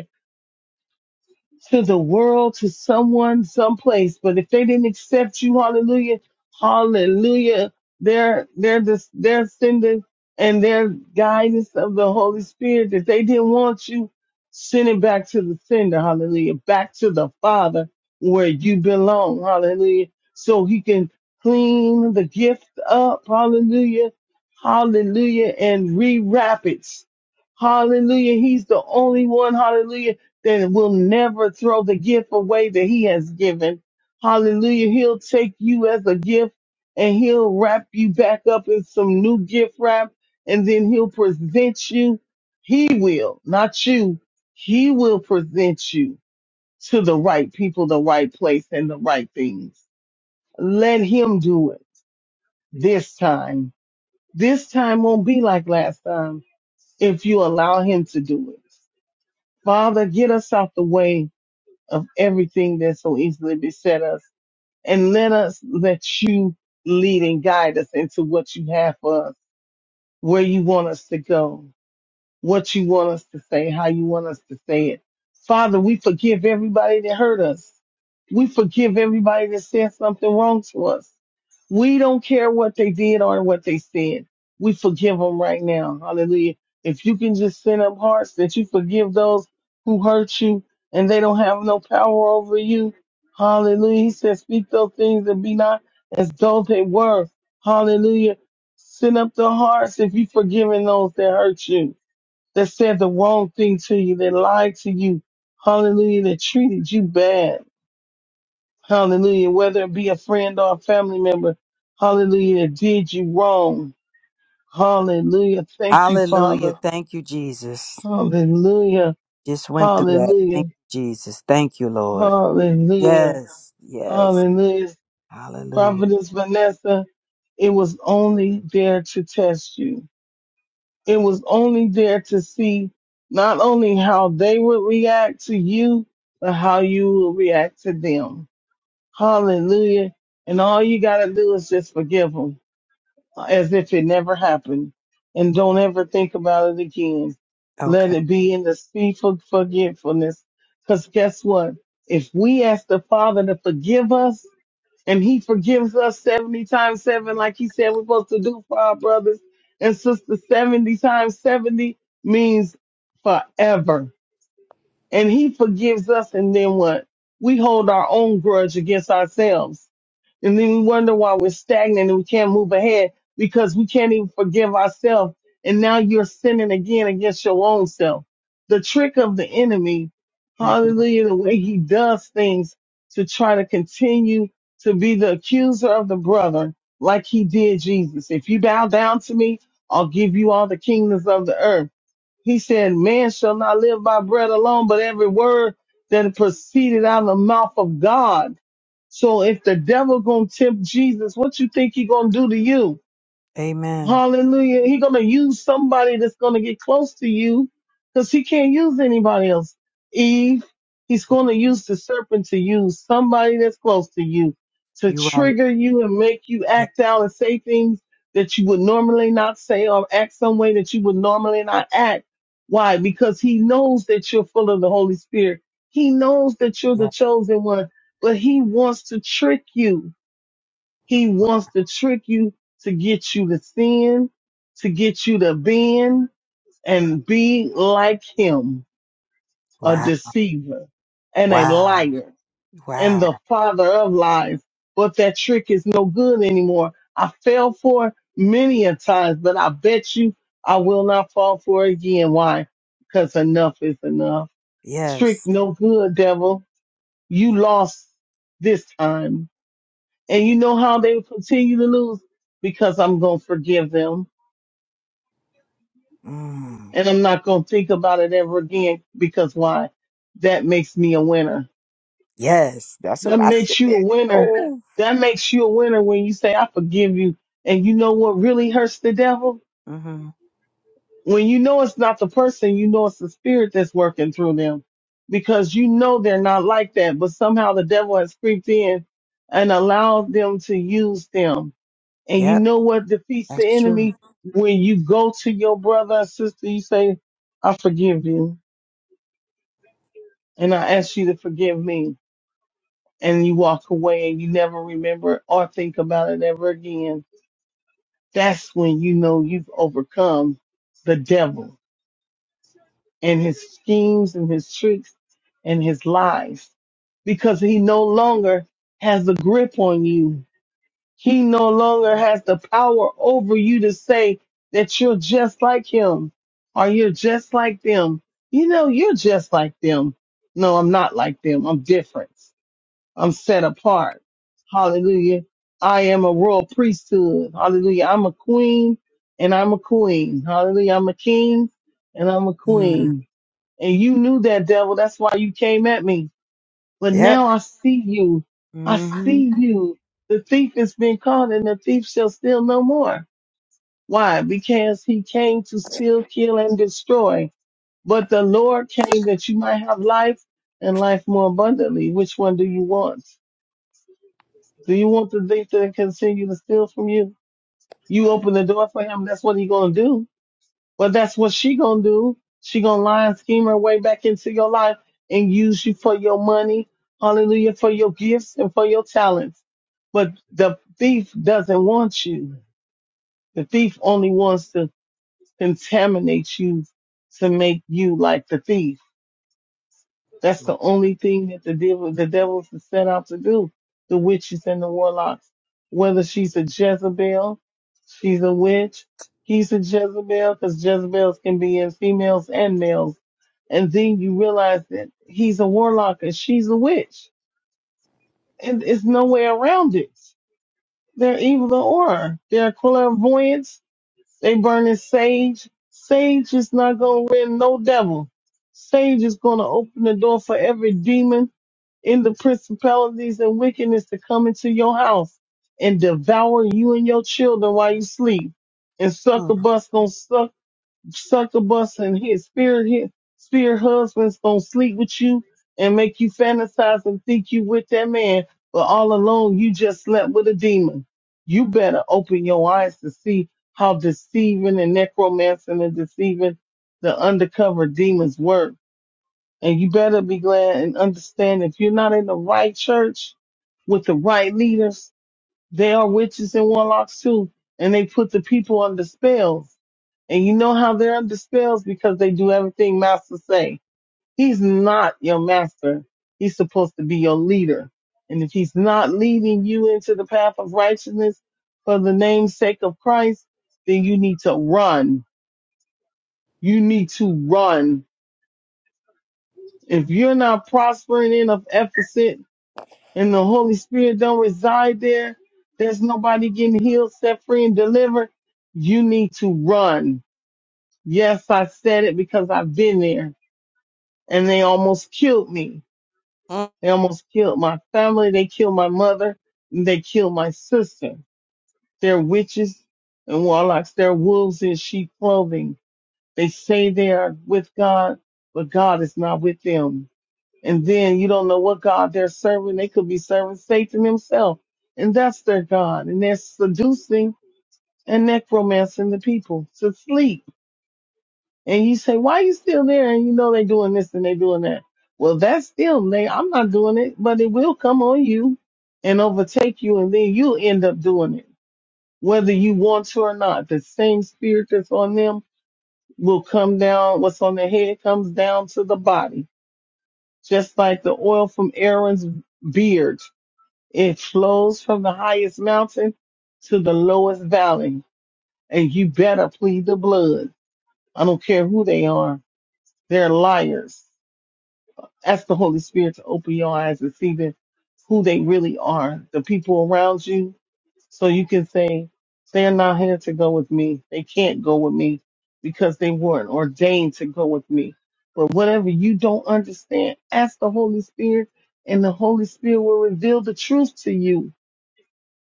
Speaker 2: to the world, to someone, someplace. But if they didn't accept you, hallelujah, hallelujah, their their dis- their sending and their guidance of the Holy Spirit, if they didn't want you, send it back to the sender, hallelujah, back to the Father where you belong, hallelujah, so he can clean the gift up, hallelujah, hallelujah, and rewrap it. Hallelujah. He's the only one. Hallelujah that will never throw the gift away that he has given. Hallelujah. He'll take you as a gift and he'll wrap you back up in some new gift wrap and then he'll present you. He will, not you. He will present you to the right people, the right place and the right things. Let him do it this time. This time won't be like last time if you allow him to do it. Father, get us out the way of everything that so easily beset us and let us let you lead and guide us into what you have for us, where you want us to go what you want us to say, how you want us to say it. Father, we forgive everybody that hurt us. We forgive everybody that said something wrong to us. We don't care what they did or what they said. We forgive them right now. Hallelujah. If you can just send up hearts that you forgive those who hurt you and they don't have no power over you. Hallelujah. He says, speak those things that be not as though they were. Hallelujah. Send up the hearts if you forgiving those that hurt you that said the wrong thing to you, that lied to you, hallelujah, that treated you bad, hallelujah, whether it be a friend or a family member, hallelujah, that did you wrong, hallelujah, thank you,
Speaker 9: Hallelujah.
Speaker 2: Father,
Speaker 9: Thank you, Jesus.
Speaker 2: hallelujah,
Speaker 9: Just went through that. Thank
Speaker 2: hallelujah,
Speaker 9: you, Jesus. Thank you, Lord.
Speaker 2: hallelujah,
Speaker 9: Yes. Yes.
Speaker 2: hallelujah.
Speaker 9: Hallelujah.
Speaker 2: Prophetess Vanessa, it was only there to test you. It was only there to see not only how they would react to you, but how you will react to them. Hallelujah. And all you got to do is just forgive them as if it never happened. And don't ever think about it again. Let
Speaker 9: Okay.
Speaker 2: it be in the sea for forgetfulness. Because guess what? If we ask the Father to forgive us, and he forgives us 70 times 7 like he said we're supposed to do for our brothers and sisters 70 times 70 means forever and he forgives us and then what we hold our own grudge against ourselves and then we wonder why we're stagnant and we can't move ahead because we can't even forgive ourselves. And now you're sinning again against your own self. The trick of the enemy,
Speaker 9: hmm
Speaker 2: hallelujah, the way he does things to try to continue to be the accuser of the brother, like he did Jesus. If you bow down to me, I'll give you all the kingdoms of the earth. He said, man shall not live by bread alone, but every word that proceeded out of the mouth of God. So if the devil gonna tempt Jesus, what you think he gonna do to you?
Speaker 9: Amen.
Speaker 2: Hallelujah. He gonna use somebody that's gonna get close to you because he can't use anybody else. Eve, he's
Speaker 9: Yeah,
Speaker 2: gonna use the serpent to use somebody that's close to you to
Speaker 9: you're right.
Speaker 2: trigger you and make you
Speaker 9: Yeah,
Speaker 2: act out and say things that you would normally not say or act some way that you would normally not act. Why? Because he knows that you're full of the Holy Spirit. He knows that you're the
Speaker 9: yeah.
Speaker 2: chosen one, but he wants to trick you. He wants to trick you to get you to sin, to get you to bend and be like him, a
Speaker 9: Wow.
Speaker 2: deceiver and a
Speaker 9: Wow.
Speaker 2: liar and
Speaker 9: Wow.
Speaker 2: the father of lies. But that trick is no good anymore. I fell for it many a times, but I bet you I will not fall for it again. Why? Because enough is enough. Trick
Speaker 9: Yes.
Speaker 2: no good, devil.
Speaker 9: Yeah.
Speaker 2: You lost this time and
Speaker 9: Yeah.
Speaker 2: you know how they will continue to lose? Because I'm going to forgive them.
Speaker 9: Mm.
Speaker 2: And I'm not going to think about it ever again. Because why? That makes me a winner.
Speaker 9: Yes. That's
Speaker 2: That
Speaker 9: what I said.
Speaker 2: makes you a winner.
Speaker 9: Oh.
Speaker 2: That makes you a winner when you say, I forgive you. And you know what really hurts the devil?
Speaker 9: Mm-hmm.
Speaker 2: When you know it's not the person, you know it's the spirit that's working through them. Because you know they're not like that, but somehow the devil has creeped in and allowed them to use them And you
Speaker 9: Yep.
Speaker 2: know what defeats the
Speaker 9: That's true.
Speaker 2: enemy? When you go to your brother or sister, you say, I forgive you and I ask you to forgive me. And you walk away and you never remember or think about it ever again. That's when you know you've overcome the devil and his schemes and his tricks and his lies because he no longer has a grip on you He no longer has the power over you to say that you're just like him or you're just like them. You know, you're just like them. No, I'm not like them. I'm different. I'm set apart. Hallelujah. I am a royal priesthood. Hallelujah. I'm a queen and I'm a queen. Hallelujah. I'm a king and I'm a
Speaker 9: Mm.
Speaker 2: queen. And you knew that devil. That's why you came at me. But
Speaker 9: Yep.
Speaker 2: now I see you. I
Speaker 9: Mm-hmm.
Speaker 2: see you. The thief has been caught and the thief shall steal no more. Why? Because he came to steal, kill, and destroy. But the Lord came that you might have life and life more abundantly. Which one do you want? Do you want the thief to continue to steal from you? You open the door for him. That's what he's going to do. Well, that's what she gonna do. She gonna lie and scheme her way back into your life and use you for your money, hallelujah, for your gifts and for your talents. But the thief doesn't want you. The thief only wants to contaminate you to make you like the thief. That's the only thing that the devil, the devils is set out to do. The witches and the warlocks. Whether she's a Jezebel, she's a witch. He's a Jezebel because Jezebels can be in females and males. And then you realize that he's a warlock and she's a witch. And it's no way around it. They're evil or they're clairvoyants. They burn in sage. Sage is not going to win no devil. Sage is going to open the door for every demon in the principalities and wickedness to come into your house and devour you and your children while you sleep. And succubus gonna suck succubus and his spirit his spirit husband's gonna sleep with you and make you fantasize and think you with that man, but all along you just slept with a demon. You better open your eyes to see how deceiving and necromancing and deceiving the undercover demons work and you better be glad and understand if you're not in the right church with the right leaders, they are witches and warlocks too. And they put the people under spells. And you know how they're under spells because they do everything master say. He's not your master. He's supposed to be your leader. And if he's not leading you into the path of righteousness for the name's sake of Christ, then you need to run. You need to run. If you're not prospering in of Ephesus, and the Holy Spirit don't reside there, there's nobody getting healed, set free, and delivered. You need to run. Yes, I said it because I've been there and they almost killed me.
Speaker 9: Mm.
Speaker 2: They almost killed my family. They killed my mother. And they killed my sister. They're witches and warlocks. They're wolves in sheep clothing. They say they are with God, but God is not with them And then you don't know what God they're serving. They could be serving Satan himself. And that's their God. And they're seducing and necromancing the people to sleep. And you say, why you still there? And you know they're doing this and they're doing that. Well, that's still, they, I'm not doing it, but it will come on you and overtake you. And then you'll end up doing it, whether you want to or not. The same spirit that's on them will come down. What's on their head comes down to the body, just like the oil from Aaron's beard It flows from the highest mountain to the lowest valley. And you better plead the blood. I don't care who they are. They're liars. Ask the Holy Spirit to open your eyes and see the, who they really are, the people around you, so you can say, they're not here to go with me. They can't go with me because they weren't ordained to go with me. But whatever you don't understand, ask the Holy Spirit and the Holy Spirit will reveal the truth to you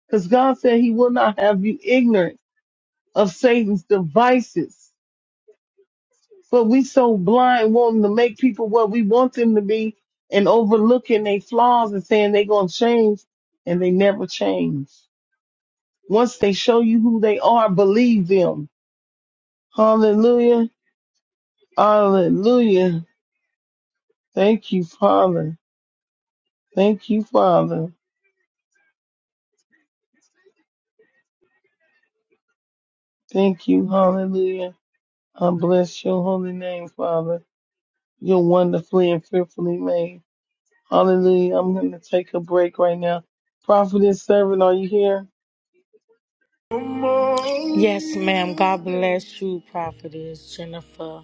Speaker 2: Because God said he will not have you ignorant of Satan's devices. But we so blind wanting to make people what we want them to be and overlooking their flaws and saying they're going to change and they never change. Once they show you who they are, believe them. Hallelujah. Hallelujah. Thank you, Father. Thank you, Father. Thank you. Hallelujah. I bless your holy name, Father. You're wonderfully and fearfully made. Hallelujah. I'm going to take a break right now. Prophetess servant, are you here?
Speaker 3: Yes, ma'am. God bless you, prophetess Jennifer.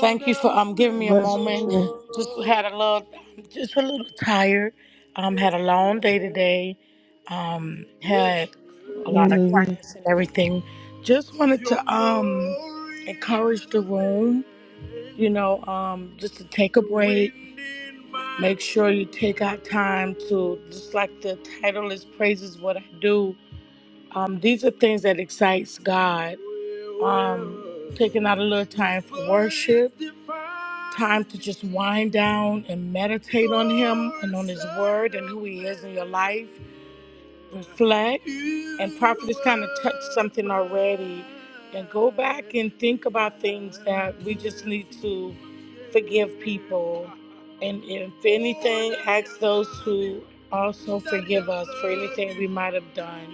Speaker 3: Thank you for um giving me a
Speaker 2: Bless you
Speaker 3: moment.
Speaker 2: too.
Speaker 3: Just had a little, just a little tired. Um, had a long day today. Um, had a lot of
Speaker 2: Hallelujah.
Speaker 3: clients and everything. Just wanted um encourage the room. you know, um, just to take a break. Make sure you take out time to, just like the title is Praises What I Do. Um, these are things that excites God. Um, taking out a little time for worship, time to just wind down and meditate on Him, His Word, and who He is in your life. Reflect Prophet has kind of touched something already. And go back and think about things that we just need to forgive people. And if anything, ask those who also might have done.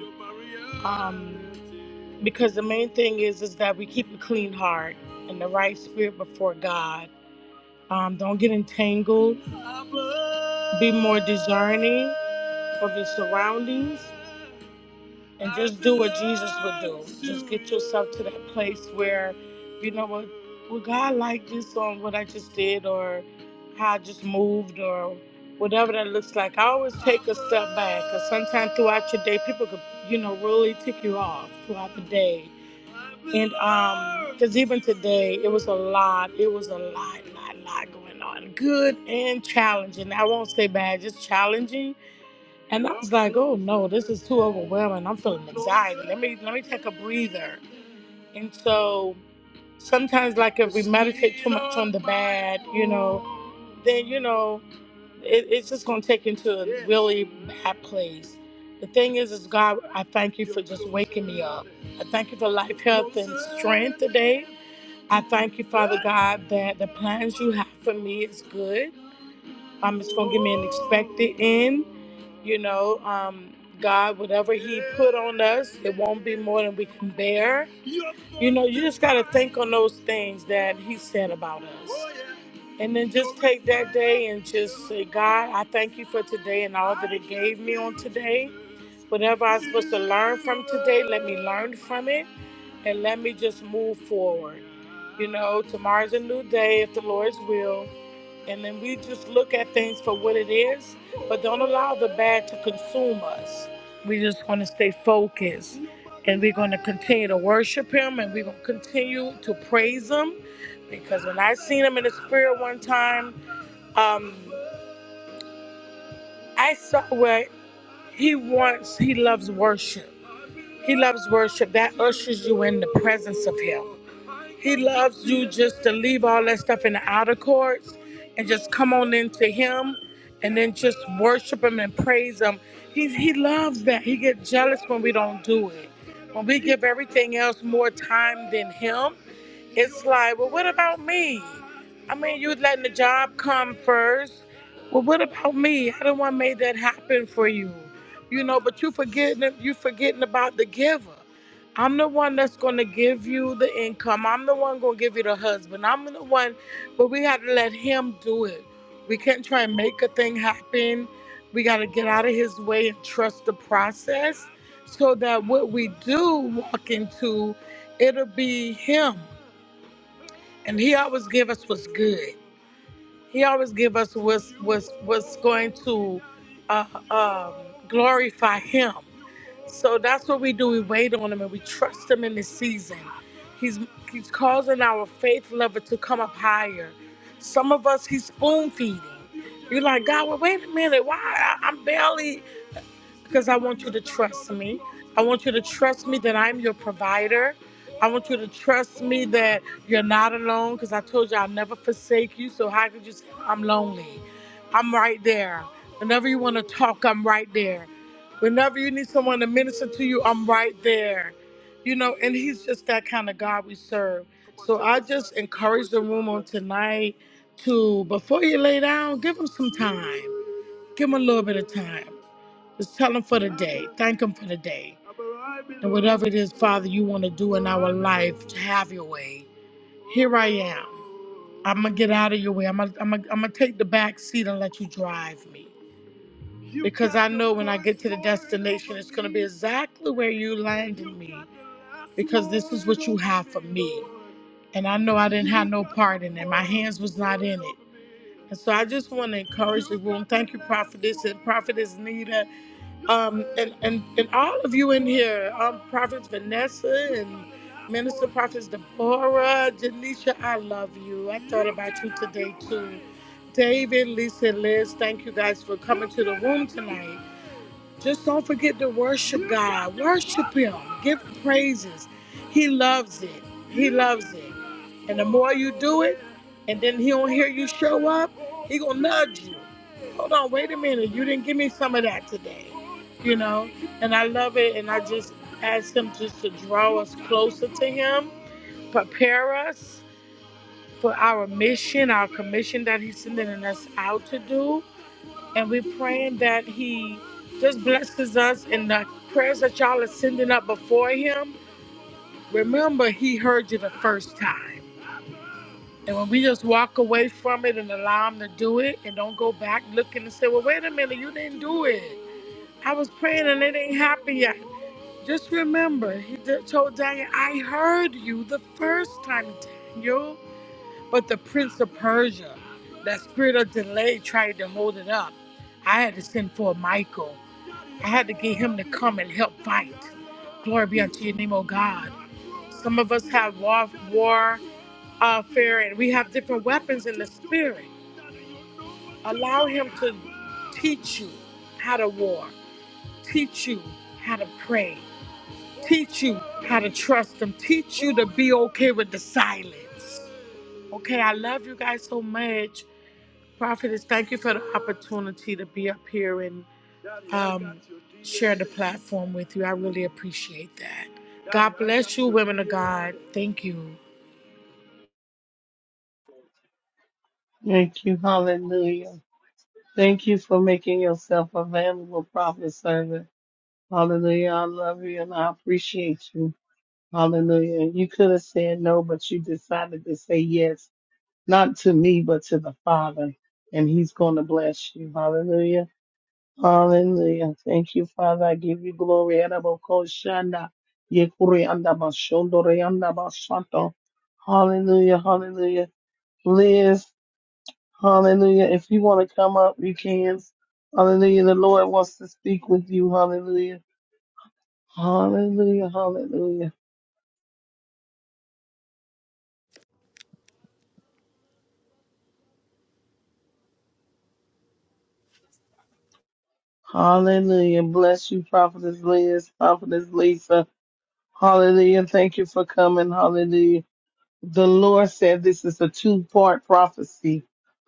Speaker 3: Because the main thing is is that we keep a clean heart and the right spirit before God. Um, don't get entangled. Be more discerning of your surroundings myself to that place where, you know, what would God like this on what I just did or how I just moved or whatever that looks like. I always step back because sometimes throughout your day, people could, you know, really tick you off throughout the day. Because even today, it was a lot, it was a lot, lot, lot going on. Good and challenging. I won't say bad, just challenging. And I'm feeling it. Let me take a breather. And so sometimes, like, you know, it, it's just going to take into really bad place. The thing is, is God, thank you. Thank you for life today. I thank you God that the plans you have for me is good. I'm in, you know, um, God, whatever won't be more than we can bear. Think on those things that He said about us. And then for today, and from today, let me learn from it and let me just move forward. You know, tomorrow's a new day if the Lord's will. and then we just look at things for what it is, but don't allow the bad to consume us. We just want to stay focused and we're going to continue to worship him and we're going to continue to praise him because when I seen him in the spirit one time, um, I saw where he wants, he loves worship. He loves worship. That ushers you in the presence of him. He loves you just to leave all that stuff in the outer courts and just come on into Him and then just worship Him and praise Him. He, he loves that. He gets jealous when we don't do it. When we give everything else more time than Him, it's like, well, what about me? I mean, you letting the job come first. Well, what about me? I don't want to make that happen for you. You know, but you forgetting you forgetting about the giver. I'm the one that's gonna give you the income. I'm the one gonna give you the husband. I'm the one, but we have to let him do it. We can't try and make a thing happen. We gotta get out of his way and trust the process so that what we do walk into, it'll be him and he always give us what's good. He always give us what's what's what's going to uh, um, glorify him. So that's what we do. We wait on him and we trust him in this season. He's he's causing our faith level to come up higher. Some of us he's spoon feeding. You're like God. Well, wait a minute. Why I, I'm barely because I want you to trust me. I want you to trust me that I'm your provider. I want you to trust me that you're not alone because I told you I'll never forsake you. So, how could you say I'm lonely? I'm right there. Whenever you want to talk, I'm right there. Whenever you need someone to minister to you, I'm right there. You know, and he's just that kind of God we serve. Tonight, to before you lay down, give him some time. Give him a little bit of time. Just tell him for the thank him for the day whatever it is, Father, you want to do in life, to have your way. Here I am. I'm gonna get out of your way. I'm gonna, I'm gonna, I'm gonna take the back seat and let you drive me exactly where you land. And I know I And so I just want to encourage and Prophetess Nita, um, and, and and all of you in here, um, Prophet Vanessa and Minister Prophets Deborah, Janisha, I love you. I thought about you today too. David, Lisa, Liz, thank you guys for coming to the room tonight. Just don't forget to worship God. Worship Him. Give Him praises. He loves it. He loves it. And the more you do it, and then He don't hear you show up, He gonna nudge you. Hold on, wait a minute. You didn't give me some of that today. You know, and I love it. And I just ask Him just to draw us closer to Him, prepare us for our mission, our commission that He's sending us out to do and we're praying that he just blesses us in the prayers that y'all are sending up before him. Remember, he heard you the first time. And when we just walk away from it and allow him to do it and don't go back looking and say, well, wait a minute, you didn't do it. I was praying and it ain't happened yet. Just remember, he did- told Daniel, I heard you the first time, Daniel. But the prince of Persia, that spirit of delay tried to hold it up. I had to send for Michael. I had to get him to come and help fight. Glory be unto your name, O God. Some of us have war, war, uh, fair, and we have different weapons in the spirit. Allow him to teach you how to war, teach you how to pray, teach you how to trust him, teach you to be okay with the silence. Okay, I love you guys so much. Prophetess, thank you for the opportunity to be up here in the platform with you. I really appreciate that. Women of God, thank you.
Speaker 2: Thank you. Hallelujah. Thank you for making yourself available, prophet servant. Hallelujah. I love you and I appreciate you. Hallelujah. You could have said no, but you decided to say yes, not to me, but to the Father. And he's going to bless you. Hallelujah. Hallelujah. Thank you, Father. I give you glory. Arabokoshanda, Yekurianda, Bashondorianda, Bashanto. Hallelujah. Hallelujah. Liz, hallelujah. If you want to come up, you can. Hallelujah. The Lord wants to speak with you. Hallelujah. Hallelujah. Hallelujah. Hallelujah. Bless you, Prophetess Liz, Prophetess Lisa. Hallelujah. Thank you for coming. Hallelujah. The Lord said this is a two part prophecy.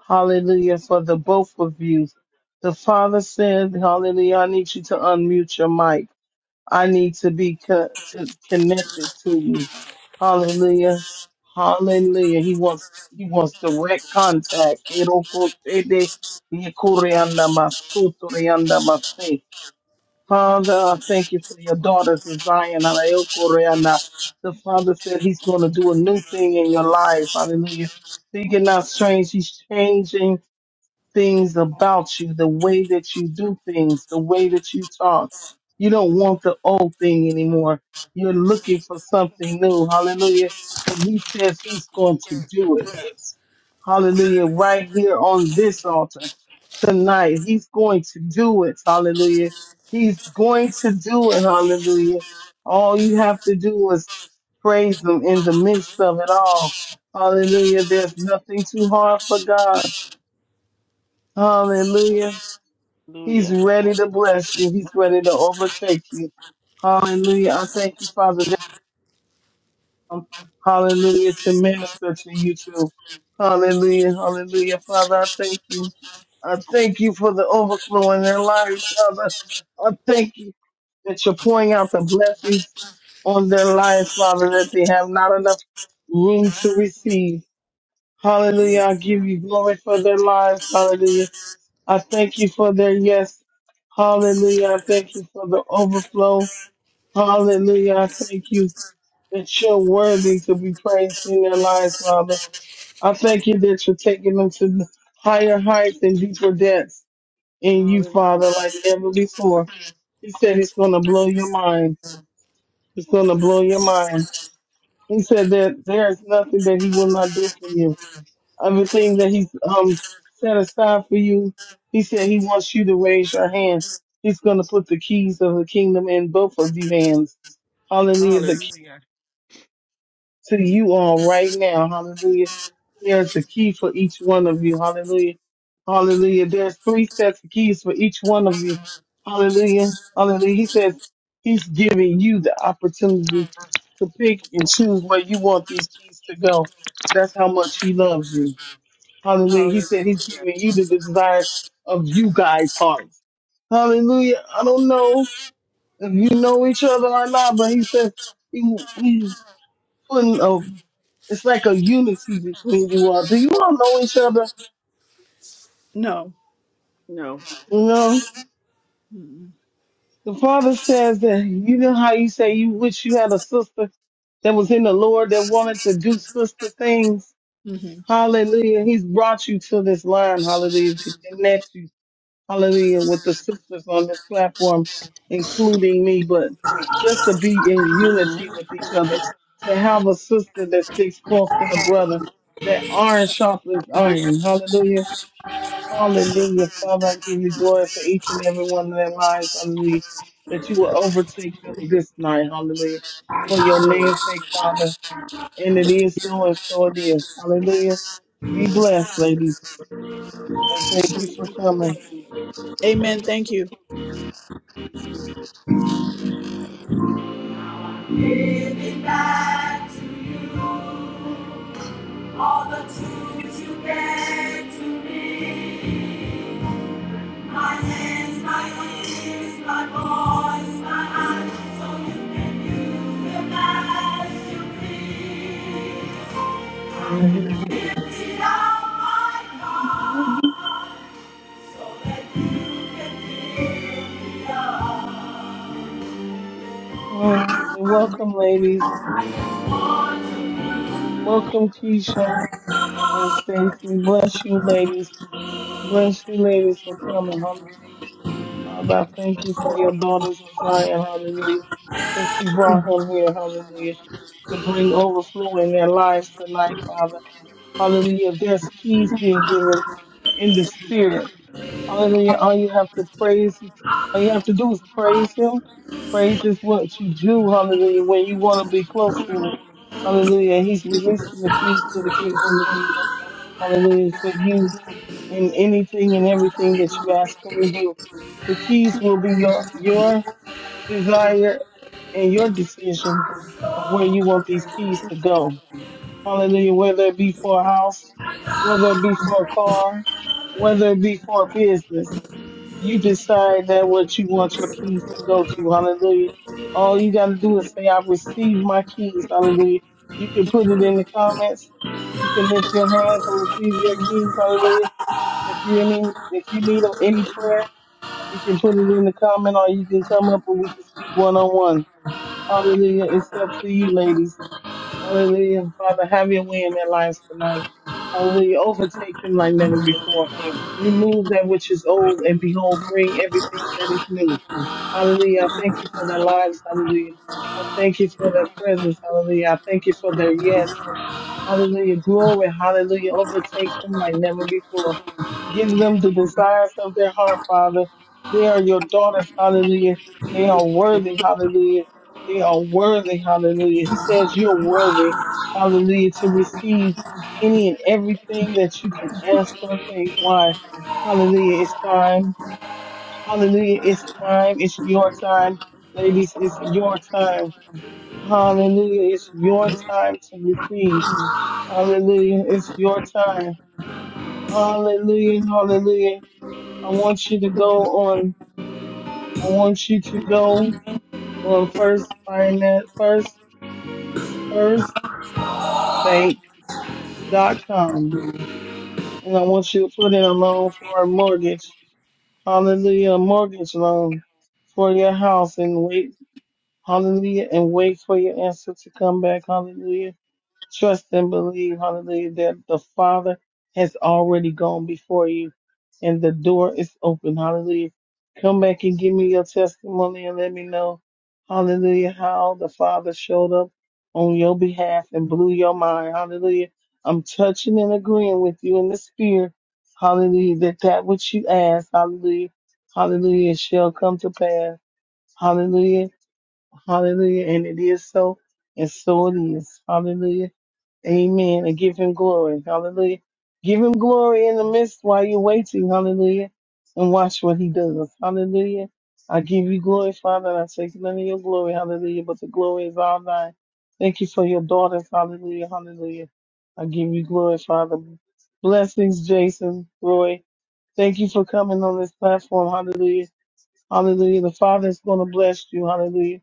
Speaker 2: Hallelujah for the both of you. The Father said, Hallelujah, I need you to unmute your mic. I need to be co- to connected to you. Hallelujah. Hallelujah. He wants he wants direct contact. Eroko shede, yekore anda masuto re anda mase. Father, I thank you for your daughters in Zion. Anael Koreana. The Father said He's going to do a new thing in your lives. Hallelujah. Think it not strange. He's changing things about you, the way that you do things, the way that you talk. You don't want the old thing anymore. You're looking for something new. Hallelujah. And He says He's going to do it. Hallelujah. Right here on this altar tonight. He's going to do it. Hallelujah. He's going to do it. Hallelujah. All you have to do is praise Him in the midst of it all. Hallelujah. There's nothing too hard for God. Hallelujah. He's
Speaker 10: Hallelujah.
Speaker 2: ready to bless you. He's ready to overtake you. Hallelujah. I thank you, Father. um, hallelujah, to minister to you too. Hallelujah, hallelujah. Father, I thank you. I thank you for the overflow in their lives, Father. I thank you that you're pouring out the blessings on their lives, Father, that they have not enough room to receive.
Speaker 10: Yes,
Speaker 2: Hallelujah. I give
Speaker 10: God.
Speaker 2: you glory for their lives. Hallelujah. I thank you for their yes. Hallelujah. I thank you for the overflow. Hallelujah. I thank you that you're worthy to be praised in their lives, Father. I thank you that you're taking them to higher heights and deeper depths in you, Father,
Speaker 10: Hallelujah.
Speaker 2: like never before. He said it's going to blow your mind. It's going to blow your mind. He said that there is nothing that he will not do for you. Everything that he's um, set aside for you, he said he wants you to raise your hand. He's going to put the keys of the kingdom in both of you hands. Hallelujah. The
Speaker 10: Hallelujah.
Speaker 2: to you all right now. Hallelujah. There's a key for each one of you. Hallelujah. Hallelujah. There's three sets of keys for each one of you. Hallelujah. Hallelujah. He says he's giving you the opportunity to pick and choose where you want these keys to go. That's how much he loves you. Hallelujah. He said he's
Speaker 10: Hallelujah.
Speaker 2: giving you the desires of you guys' hearts. Hallelujah. I don't know if you know each other or not, but he says he, he putting a it's like a unity between you all. Do you all know each other?
Speaker 11: No.
Speaker 10: No.
Speaker 2: You know, the father says that you know how you say you wish you had a sister that was in the Lord that wanted to do sister things.
Speaker 11: Mm-hmm.
Speaker 2: Hallelujah. He's brought you to this line, hallelujah, to connect you, hallelujah, with the sisters on this platform, including me, but just to be in unity with each other, to have a sister that sticks close to the brother, that iron sharpens iron, hallelujah
Speaker 10: Thank you,
Speaker 2: Hallelujah. Father,
Speaker 10: Jesus.
Speaker 2: I give you glory for each and every one of their lives. Hallelujah. That you will overtake them this night. Hallelujah.
Speaker 10: Thank
Speaker 2: For your
Speaker 10: you, Lord.
Speaker 2: name's sake, Father. And it is so and so it is. Hallelujah. Be blessed, ladies. And
Speaker 10: Amen.
Speaker 2: thank you for
Speaker 10: Uh,
Speaker 2: coming.
Speaker 11: Amen. Thank you.
Speaker 3: Now I'm Giving back to you all the tools you gave to me. My hands, my ears, my voice, my eyes, so you can use them as you please.
Speaker 2: Hallelujah.
Speaker 3: Emptied out my cup so that you can fill me up.
Speaker 2: All right. Welcome, ladies.
Speaker 3: Want to be
Speaker 2: Welcome, Keisha and Stacy. Bless you, ladies. Bless you, ladies, for coming. Hallelujah. Father, I thank you for your daughters in Zion, hallelujah, that you brought her here, hallelujah, to bring overflow in their lives tonight, Father. Hallelujah. There's keys being given in the spirit. Hallelujah. All you have to praise, all you have to do is praise him. Praise is what you do, hallelujah, when you want to be close to him. Hallelujah. He's releasing the keys to the king from the kingdom. Hallelujah. For you in anything and everything that you ask him to do. The keys will be your your desire and your decision of where you want these keys to go. Hallelujah. Whether it be for a house, whether it be for a car, whether it be for a business, you decide that what you want your keys to go to. Hallelujah. All you got to do is say, I receive my keys. Hallelujah. You can put it in the comments. You can lift your hands and receive your keys. Hallelujah if you any if you need any prayer, you can put it in the comment or you can come up and we can speak one on one. Hallelujah. It's up to you, ladies. Hallelujah. Father, have your way in their lives tonight. Hallelujah. Overtake them like never before. Remove that which is old and behold, bring everything that is new. Hallelujah. I thank you for their lives. Hallelujah. I thank you for their presence. Hallelujah. I thank you for their yes. Hallelujah. Glory. Hallelujah. Overtake them like never before. Give them the desires of their heart, Father. They are your daughters. Hallelujah. They are worthy. Hallelujah. They are worthy. Hallelujah. He says you're worthy. Hallelujah. To receive any and everything that you can ask or think. Why? Hallelujah. It's time. Hallelujah. It's time. It's your time. Ladies, it's your time. Hallelujah. It's your time to receive. Hallelujah. It's your time. Hallelujah. Hallelujah. I want you to go on. I want you to go on first finance, first, firstbank.com. And I want you to put in a loan for a mortgage. Hallelujah. A mortgage loan for your house and wait. Hallelujah. And wait for your answer to come back. Hallelujah. Trust and believe, hallelujah, that the Father has already gone before you and the door is open, hallelujah. Come back and give me your testimony and let me know, hallelujah, how the Father showed up on your behalf and blew your mind, hallelujah. I'm touching and agreeing with you in the spirit, hallelujah, that that which you ask, hallelujah, hallelujah, shall come to pass, hallelujah, hallelujah, and it is so, and so it is, hallelujah. Amen. And give him glory. Hallelujah. Give him glory in the midst while you're waiting. Hallelujah. And watch what he does. Hallelujah. I give you glory, Father, and I take none of your glory. Hallelujah. But the glory is all thine. Thank you for your daughters. Hallelujah. Hallelujah. I give you glory, Father. Blessings, Jason, Roy. Thank you for coming on this platform. Hallelujah Hallelujah. The Father is going to bless you. Hallelujah.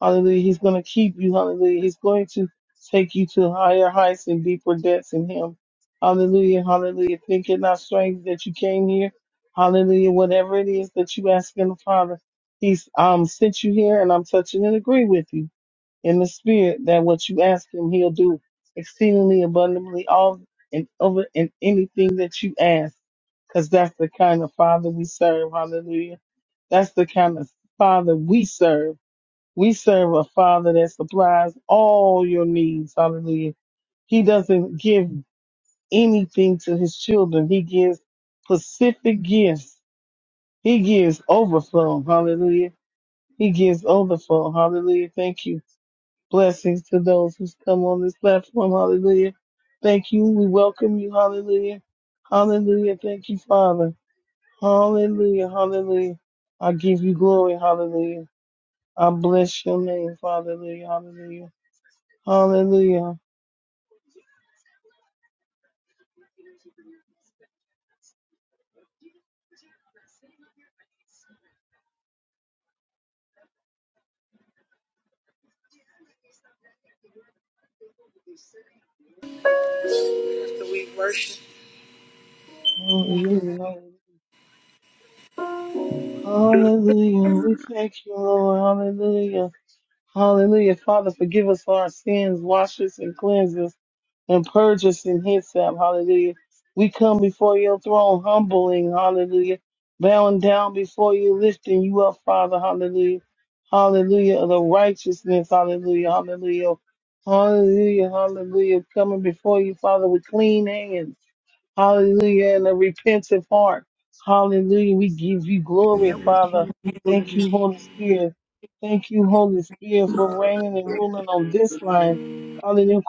Speaker 2: Hallelujah. He's going to keep you. Hallelujah. He's going to take you to higher heights and deeper depths in Him. Hallelujah. Hallelujah. Think it not strange that you came here. Hallelujah. Whatever it is that you ask in the Father, He's um sent you here and I'm touching and agree with you in the spirit that what you ask him, he'll do exceedingly abundantly all and over and anything that you ask. Cause that's the kind of father we serve. Hallelujah. That's the kind of father we serve. We serve a father that supplies all your needs. Hallelujah. He doesn't give anything to his children. He gives specific gifts. He gives overflow. Hallelujah. He gives overflow. Hallelujah. Thank you. Blessings to those who's come on this platform. Hallelujah. Thank you. We welcome you. Hallelujah. Hallelujah. Thank you, Father. Hallelujah. Hallelujah. I give you glory. Hallelujah. I bless your name, Father. Hallelujah. Hallelujah. Hallelujah. Hallelujah. Hallelujah. We thank you, Lord. Hallelujah. Hallelujah. Father, forgive us for our sins. Wash us and cleanse us. and purge us in hyssop. Hallelujah. We come before your throne, humbling. Hallelujah. Bowing down before you, lifting you up, Father. Hallelujah. Hallelujah. Of the righteousness. Hallelujah. Hallelujah. Hallelujah. Hallelujah. Coming before you, Father, with clean hands Hallelujah. And a repentant heart. Hallelujah. We give you glory, Father. Thank you, Holy Spirit. Thank you, Holy Spirit, for reigning and ruling on this line. Hallelujah.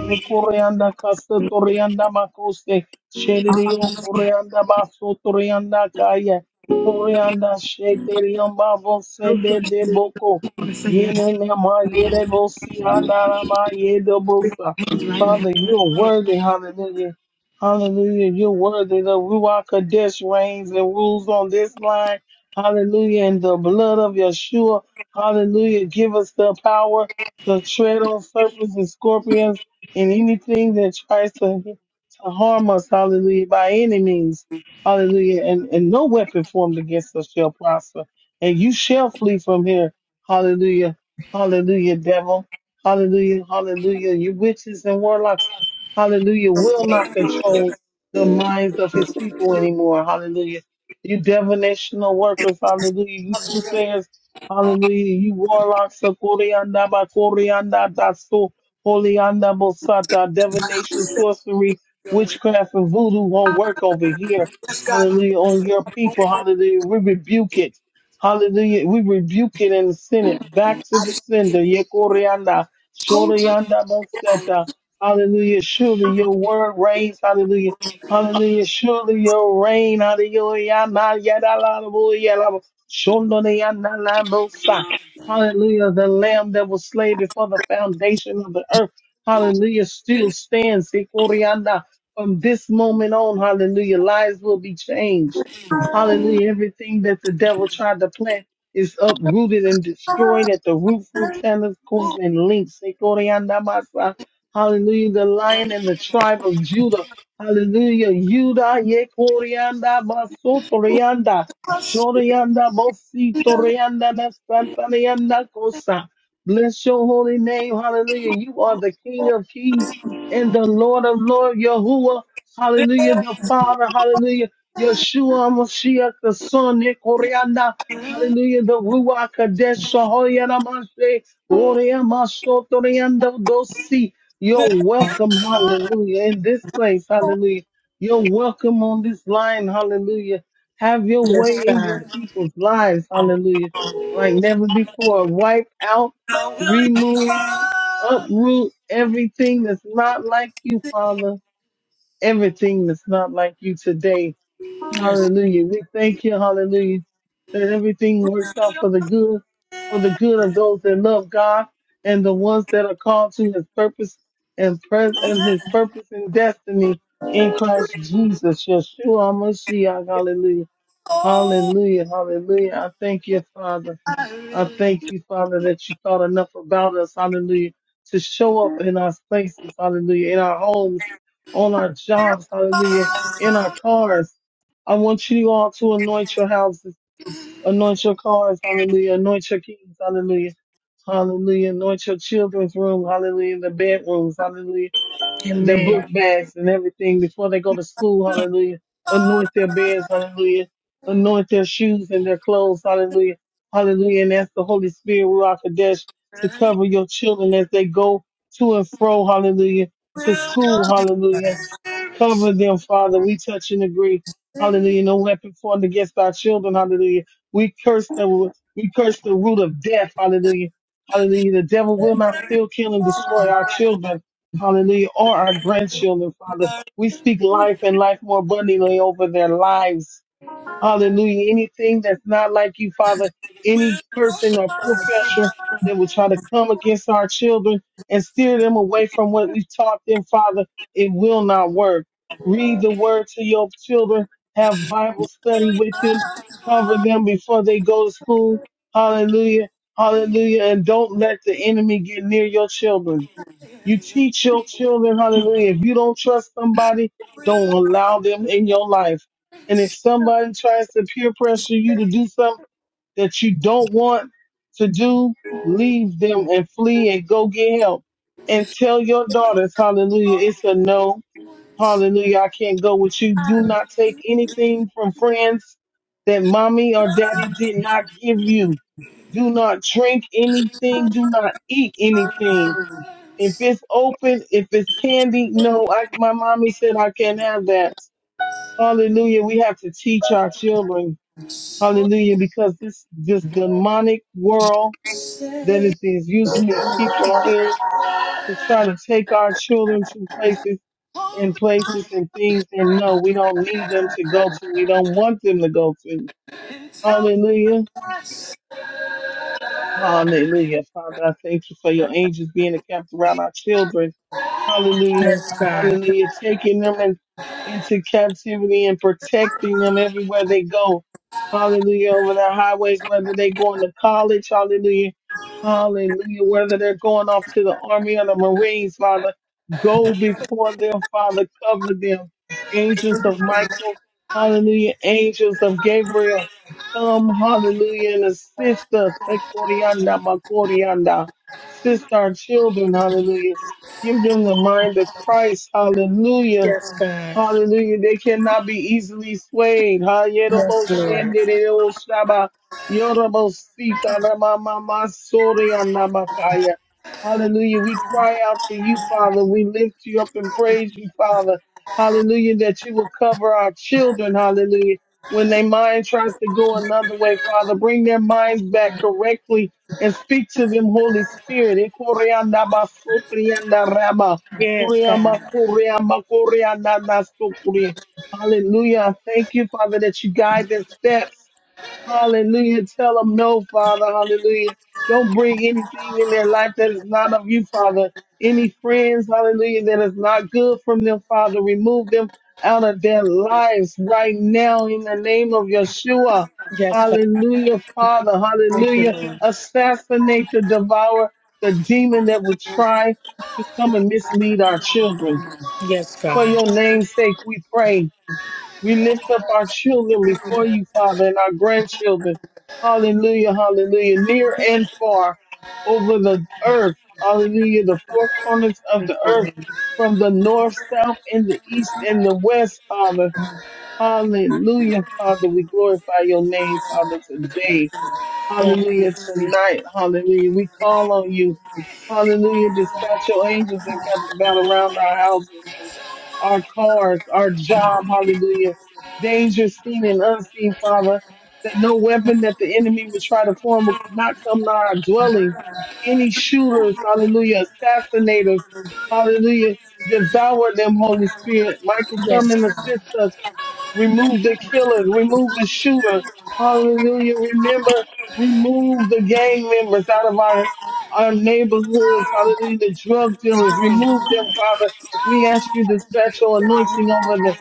Speaker 2: Yekorianda kasta torianda makoste. Shederiyo torianda baso torianda kaya. Korianda sheteriyan babo sende de boko. Yene nema yere bosi andarama yedo bosa. Father, you are worthy. Hallelujah. Hallelujah. You're worthy. The Ruach Kodesh reigns and rules on this line. Hallelujah. And the blood of Yeshua. Hallelujah. Give us the power to tread on serpents and scorpions and anything that tries to, to harm us. Hallelujah. By any means. Hallelujah. And, and no weapon formed against us shall prosper. And you shall flee from here. Hallelujah. Hallelujah, devil. Hallelujah. Hallelujah. You witches and warlocks, hallelujah, will not control the minds of his people anymore. Hallelujah. You divinational workers, hallelujah. You soothsayers, hallelujah. You warlocks, uh, Koreanda, Koreanda, Dasu, Holianda, Bosata, divination, sorcery, witchcraft, and voodoo won't work over here. Hallelujah. On your people, hallelujah. We rebuke it. Hallelujah. We rebuke it and send it back to the sender. Yekorianda. Shoryanda Mosetta. Hallelujah. Surely your word reigns. Hallelujah. Hallelujah. Surely your reign. Hallelujah. Ma yada la la bo ya la bo. Shondo de yanda la bo sa. Hallelujah. The lamb that was slain before the foundation of the earth. Hallelujah. Still stands. Sikorianda. From this moment on, hallelujah, lives will be changed. Hallelujah. Everything that the devil tried to plant is uprooted and destroyed at the root through tentacles and links. Ekoriandamasa. Hallelujah. The lion and the tribe of Judah. Hallelujah. Judah, Yekorianda, Basotorianda, Shorianda, Bositorianda, Nespantarianda, Kosa. Bless your holy name. Hallelujah. You are the King of kings and the Lord of lords, Yahuwah. Hallelujah, the Father. Hallelujah, Yeshua Mashiach, the Son, Nikorianda. Hallelujah, the Ruach Kadesh, Sahoyana Mashe, Orea Masotoriando Dosi. You're welcome, hallelujah, in this place, hallelujah. You're welcome on this line, hallelujah. Have your way
Speaker 3: Yes,
Speaker 2: in your
Speaker 3: God.
Speaker 2: people's lives, hallelujah. Like never before. Wipe out, remove, uproot everything that's not like you, Father everything that's not like you today.
Speaker 3: Yes.
Speaker 2: Hallelujah. We thank you, hallelujah, that everything works out for the good, for the good of those that love God and the ones that are called to his purpose and pres- and his purpose and destiny in Christ Jesus. Yeshua Mashiach. Hallelujah. Hallelujah. Hallelujah. I thank you, Father. I thank you, Father, that you thought enough about us, hallelujah, to show up in our spaces, hallelujah, in our homes, on our jobs, hallelujah, in our cars. I want you all to anoint your houses, anoint your cars, hallelujah, anoint your keys, hallelujah, hallelujah, anoint your children's room, hallelujah, in the bedrooms, hallelujah their book
Speaker 3: Amen.
Speaker 2: bags and everything before they go to school. Hallelujah. Anoint their beds. Hallelujah. Anoint their shoes and their clothes. Hallelujah. Hallelujah. And ask the Holy Spirit, Ruach Kadesh, to cover your children as they go to and fro. Hallelujah. To school. Hallelujah Cover them, Father. We touch and agree. Hallelujah. No weapon formed against our children. Hallelujah. We curse the we curse the root of death. Hallelujah. Hallelujah. The devil will not steal, kill, and destroy our children. Hallelujah. Or our grandchildren, Father. We speak life and life more abundantly over their lives. Hallelujah. Anything that's not like you, Father, any person or peer pressure that will try to come against our children and steer them away from what we've taught them, Father, it will not work. Read the word to your children, have Bible study with them, cover them before they go to school. Hallelujah. Hallelujah. And don't let the enemy get near your children. You teach your children, hallelujah. If you don't trust somebody, don't allow them in your life. And if somebody tries to peer pressure you to do something that you don't want to do, leave them and flee and go get help. And tell your daughters, hallelujah, it's a no. Hallelujah, I can't go with you. Do not take anything from friends that mommy or daddy did not give you. Do not drink anything. Do not eat anything if it's open, if it's candy, no. I, my mommy said I can't have that. Hallelujah. We have to teach our children. Hallelujah. Because this, this demonic world that is, is using these people out here to try to take our children to places and places and things. And no, we don't need them to go to. We don't want them to go to. Hallelujah. Hallelujah. Father, I thank you for your angels being a camp around our children Hallelujah.
Speaker 3: Yes, be-
Speaker 2: Hallelujah. Taking them in, into captivity and protecting them everywhere they go. Hallelujah. Over the highways, whether they're going to college. Hallelujah. Hallelujah. Whether they're going off to the army or the Marines, Father, go before them, Father. Cover them. Angels of Michael. Hallelujah. Angels of Gabriel. Come, hallelujah, and assist us. Sister our children, hallelujah Give them the mind of Christ. Hallelujah.
Speaker 3: Yes, God.
Speaker 2: Hallelujah. They cannot be easily swayed. Hayerobo
Speaker 3: Yes, Lord.
Speaker 2: shendereo shaba. Yorobo sita rama sori anamakaya. Hallelujah. We cry out to you, Father. We lift you up and praise you, Father. Hallelujah. That you will cover our children. Hallelujah. When their mind tries to go another way, Father, bring their minds back correctly and speak to them, Holy Spirit. Ekorianda andaraba.
Speaker 3: Yes,
Speaker 2: Korea, ma
Speaker 3: God.
Speaker 2: Korea, ma Korea, na na so Korea. Hallelujah. Thank you, Father, that you guide their steps. Hallelujah. Tell them no, Father. Hallelujah. Don't bring anything in their life that is not of you, Father. Any friends, hallelujah, that is not good from them, Father. Remove them out of their lives right now in the name of Yeshua.
Speaker 3: Yes, God.
Speaker 2: Hallelujah, Father.
Speaker 3: Thank you,
Speaker 2: Hallelujah.
Speaker 3: Lord.
Speaker 2: Assassinate the devourer, the demon that would try to come and mislead our children.
Speaker 3: Yes,
Speaker 2: For
Speaker 3: God.
Speaker 2: your name's sake, we pray. We lift up our children before you, Father, and our grandchildren. Hallelujah, hallelujah, near and far over the earth. Hallelujah, the four corners of
Speaker 3: Thank
Speaker 2: the earth from the north, south, and the east and the west, Father. Hallelujah, Father. We glorify your name, Father, today.
Speaker 3: you.
Speaker 2: Hallelujah, tonight. Hallelujah. We call on you. Hallelujah. Dispatch your angels and camp about around our houses our cars, our job, hallelujah, dangers seen and unseen, Father, that no weapon that the enemy would try to form would not come nigh our dwelling. Any shooters, hallelujah, assassinators, hallelujah, devour them, Holy Spirit. Michael, come
Speaker 3: Yes,
Speaker 2: and
Speaker 3: God.
Speaker 2: assist us. Remove the killer. Remove the shooter. Hallelujah. Remember, remove the gang members out of our, our neighborhoods. Hallelujah. The drug dealers. Remove them, Father. We ask you to special anointing over the,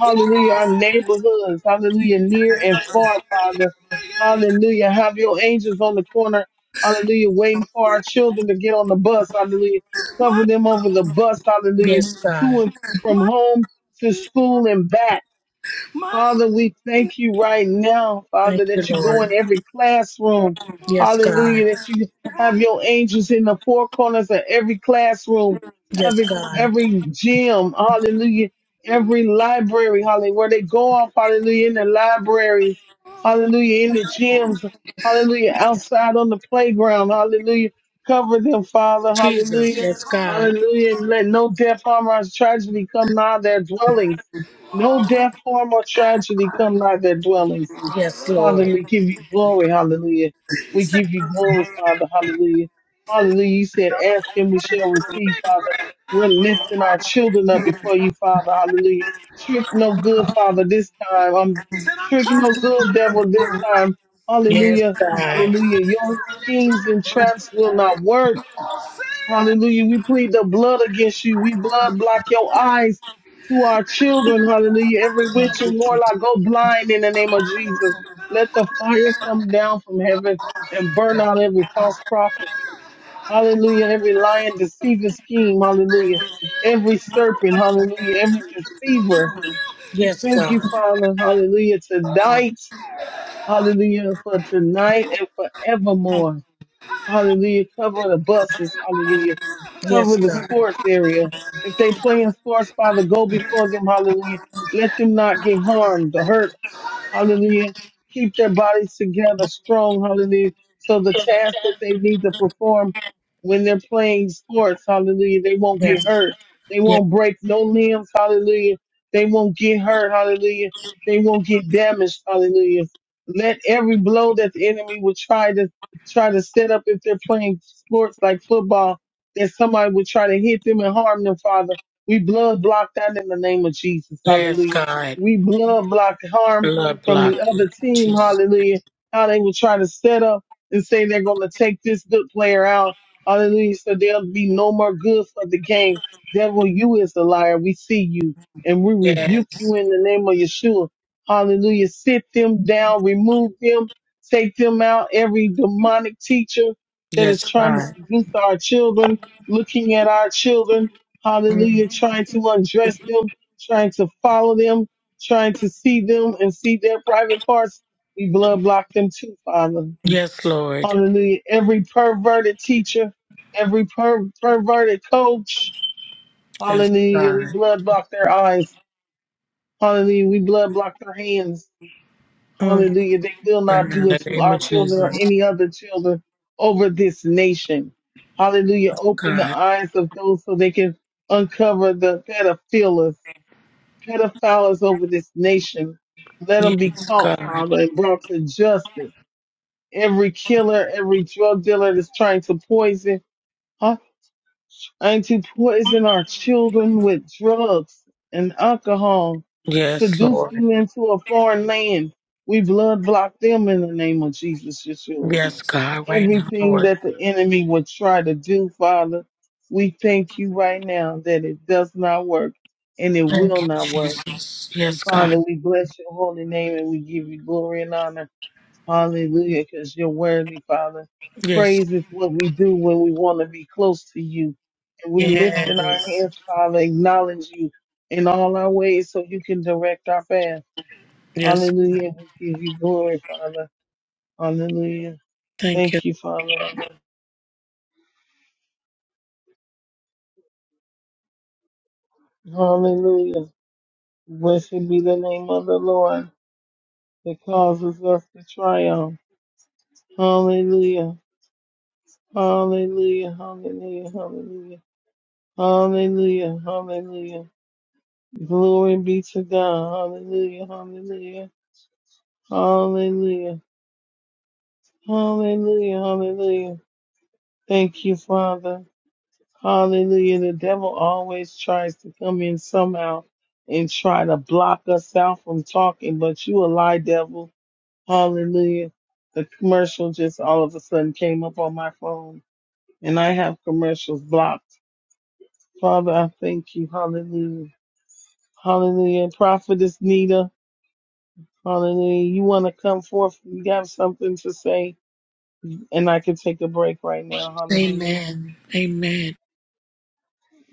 Speaker 2: hallelujah, our neighborhoods. Hallelujah. Near and far, Father. Hallelujah. Have your angels on the corner. Hallelujah. Waiting for our children to get on the bus. Hallelujah. Cover them over the bus. Hallelujah.
Speaker 3: Yes,
Speaker 2: To
Speaker 3: God.
Speaker 2: and from home to school and back. Father, we thank you right now,
Speaker 3: Thank
Speaker 2: Father,
Speaker 3: you,
Speaker 2: that you go
Speaker 3: Lord.
Speaker 2: in every classroom.
Speaker 3: Yes, God.
Speaker 2: Hallelujah, that you have your angels in the four corners of every classroom,
Speaker 3: Yes,
Speaker 2: every
Speaker 3: God.
Speaker 2: every gym, hallelujah, every library, hallelujah, where they go off, hallelujah, in the libraries, hallelujah, in the gyms, hallelujah, outside on the playground, hallelujah. Cover them, Father,
Speaker 3: Jesus.
Speaker 2: hallelujah,
Speaker 3: Yes, God.
Speaker 2: hallelujah, and let no death, harm, or tragedy come nigh their dwellings. No death, harm, or tragedy come nigh their dwellings.
Speaker 3: Yes,
Speaker 2: Father,
Speaker 3: Lord.
Speaker 2: we give you glory, hallelujah. We give you glory, Father, hallelujah. Hallelujah. You said, ask and we shall receive, Father. We're lifting our children up before you, Father, hallelujah. Trick no good, Father, this time. Um, trick no good, devil, this time.
Speaker 3: Yes,
Speaker 2: Hallelujah,
Speaker 3: God.
Speaker 2: hallelujah. Your schemes and traps will not work. Hallelujah. We plead the blood against you. We blood block your eyes to our children. Hallelujah. Every witch
Speaker 3: Thank you.
Speaker 2: and warlock go blind in the name of Jesus. Let the fire come down from heaven and burn out every false prophet. Hallelujah. Every lying, deceiving scheme. Hallelujah. Every serpent. Hallelujah. Every deceiver. We
Speaker 3: Yes,
Speaker 2: thank
Speaker 3: God.
Speaker 2: you, Father. Hallelujah. Tonight. Hallelujah. For tonight and forevermore. Hallelujah. Cover the buses. Hallelujah.
Speaker 3: Yes,
Speaker 2: Cover the
Speaker 3: God.
Speaker 2: sports area. If they play in sports, Father, go before them. Hallelujah. Let them not get harmed or hurt Hallelujah. Keep their bodies together strong. Hallelujah. So the task that they need to perform when they're playing sports, hallelujah, they won't
Speaker 3: Yes.
Speaker 2: get hurt. They
Speaker 3: Yes,
Speaker 2: won't break no limbs. Hallelujah. They won't get hurt. Hallelujah. They won't get damaged. Hallelujah. Let every blow that the enemy would try to try to set up if they're playing sports like football, that somebody would try to hit them and harm them, Father. We blood block that in the name of Jesus.
Speaker 3: yes
Speaker 2: Hallelujah.
Speaker 3: God.
Speaker 2: We blood block harm
Speaker 3: Blood
Speaker 2: from the
Speaker 3: blocker.
Speaker 2: other team,
Speaker 3: Jesus.
Speaker 2: hallelujah, how they will try to set up and say they're going to take this good player out, hallelujah, so there'll be no more good for the game. Devil, you is the liar. We see you and we
Speaker 3: Yes.
Speaker 2: rebuke you in the name of Yeshua. Hallelujah. Sit them down, remove them, take them out. Every demonic teacher that
Speaker 3: Yes,
Speaker 2: is trying to
Speaker 3: God.
Speaker 2: seduce our children, looking at our children, hallelujah, trying to undress them, trying to follow them trying to see them and see their private parts, we blood block them too, Father.
Speaker 3: Yes, Lord.
Speaker 2: Hallelujah. Every perverted teacher, every per- perverted coach,
Speaker 3: Yes,
Speaker 2: hallelujah. We
Speaker 3: God.
Speaker 2: blood block their eyes. Hallelujah. We blood block their hands.
Speaker 3: Mm.
Speaker 2: Hallelujah. They will
Speaker 3: In
Speaker 2: not do
Speaker 3: the
Speaker 2: it to
Speaker 3: name
Speaker 2: our
Speaker 3: of
Speaker 2: children or
Speaker 3: Jesus.
Speaker 2: any other children over this nation. Hallelujah. Open the
Speaker 3: God.
Speaker 2: eyes of those so they can uncover the pedophilia pedophiles over this nation. Let them be
Speaker 3: Yes,
Speaker 2: caught,
Speaker 3: God.
Speaker 2: Father, and brought to justice. Every killer, every drug dealer that's trying to poison, huh? Trying to poison our children with drugs and alcohol,
Speaker 3: Yes,
Speaker 2: seduce
Speaker 3: Lord.
Speaker 2: them into a foreign land. We blood block them in the name of Jesus, Yeshua.
Speaker 3: Yes, God. Right now,
Speaker 2: Everything
Speaker 3: Lord.
Speaker 2: that the enemy would try to do, Father, we thank you right now that it does not work and it will not work.
Speaker 3: Yes,
Speaker 2: And
Speaker 3: yes, God.
Speaker 2: Father, we bless your holy name and we give you glory and honor. Hallelujah, because you're worthy, Father.
Speaker 3: Yes,
Speaker 2: Praise is what we do when we want to be close to you. And we're lifting our
Speaker 3: yes,
Speaker 2: hands, Father, acknowledge you in all our ways so you can direct our path.
Speaker 3: yes.
Speaker 2: Hallelujah. We give you glory, Father. Hallelujah.
Speaker 3: Thank you.
Speaker 2: Thank you, Father. Hallelujah. Blessed be the name of the Lord that causes us to triumph. Hallelujah. Hallelujah, hallelujah, hallelujah, hallelujah, hallelujah. Glory be to God. Hallelujah, hallelujah, hallelujah, hallelujah, hallelujah. Thank you, Father. Hallelujah. The devil always tries to come in somehow and try to block us out from talking, but you a lie devil. Hallelujah. The commercial just all of a sudden came up on my phone and I have commercials blocked. Father, I thank you. Hallelujah. Hallelujah. Prophetess Nita. Hallelujah. You want to come forth? You got something to say? And I can take a break right now. Hallelujah.
Speaker 3: Amen. Amen.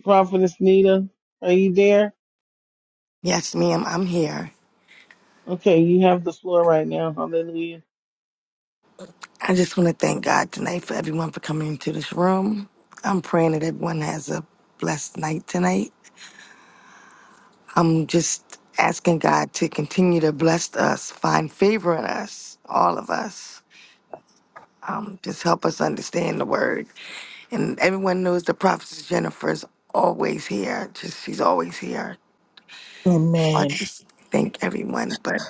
Speaker 2: Prophetess Nita, are you there?
Speaker 1: Yes, ma'am. I'm here.
Speaker 2: Okay, you have the floor right now. Hallelujah.
Speaker 1: I just want to thank God tonight for everyone for coming into this room. I'm praying that everyone has a blessed night tonight. I'm just asking God to continue to bless us, find favor in us, all of us. Um, just help us understand the word. And everyone knows the prophetess Jennifer is always here. Just she's always here. So I
Speaker 3: Amen.
Speaker 1: just thank everyone. But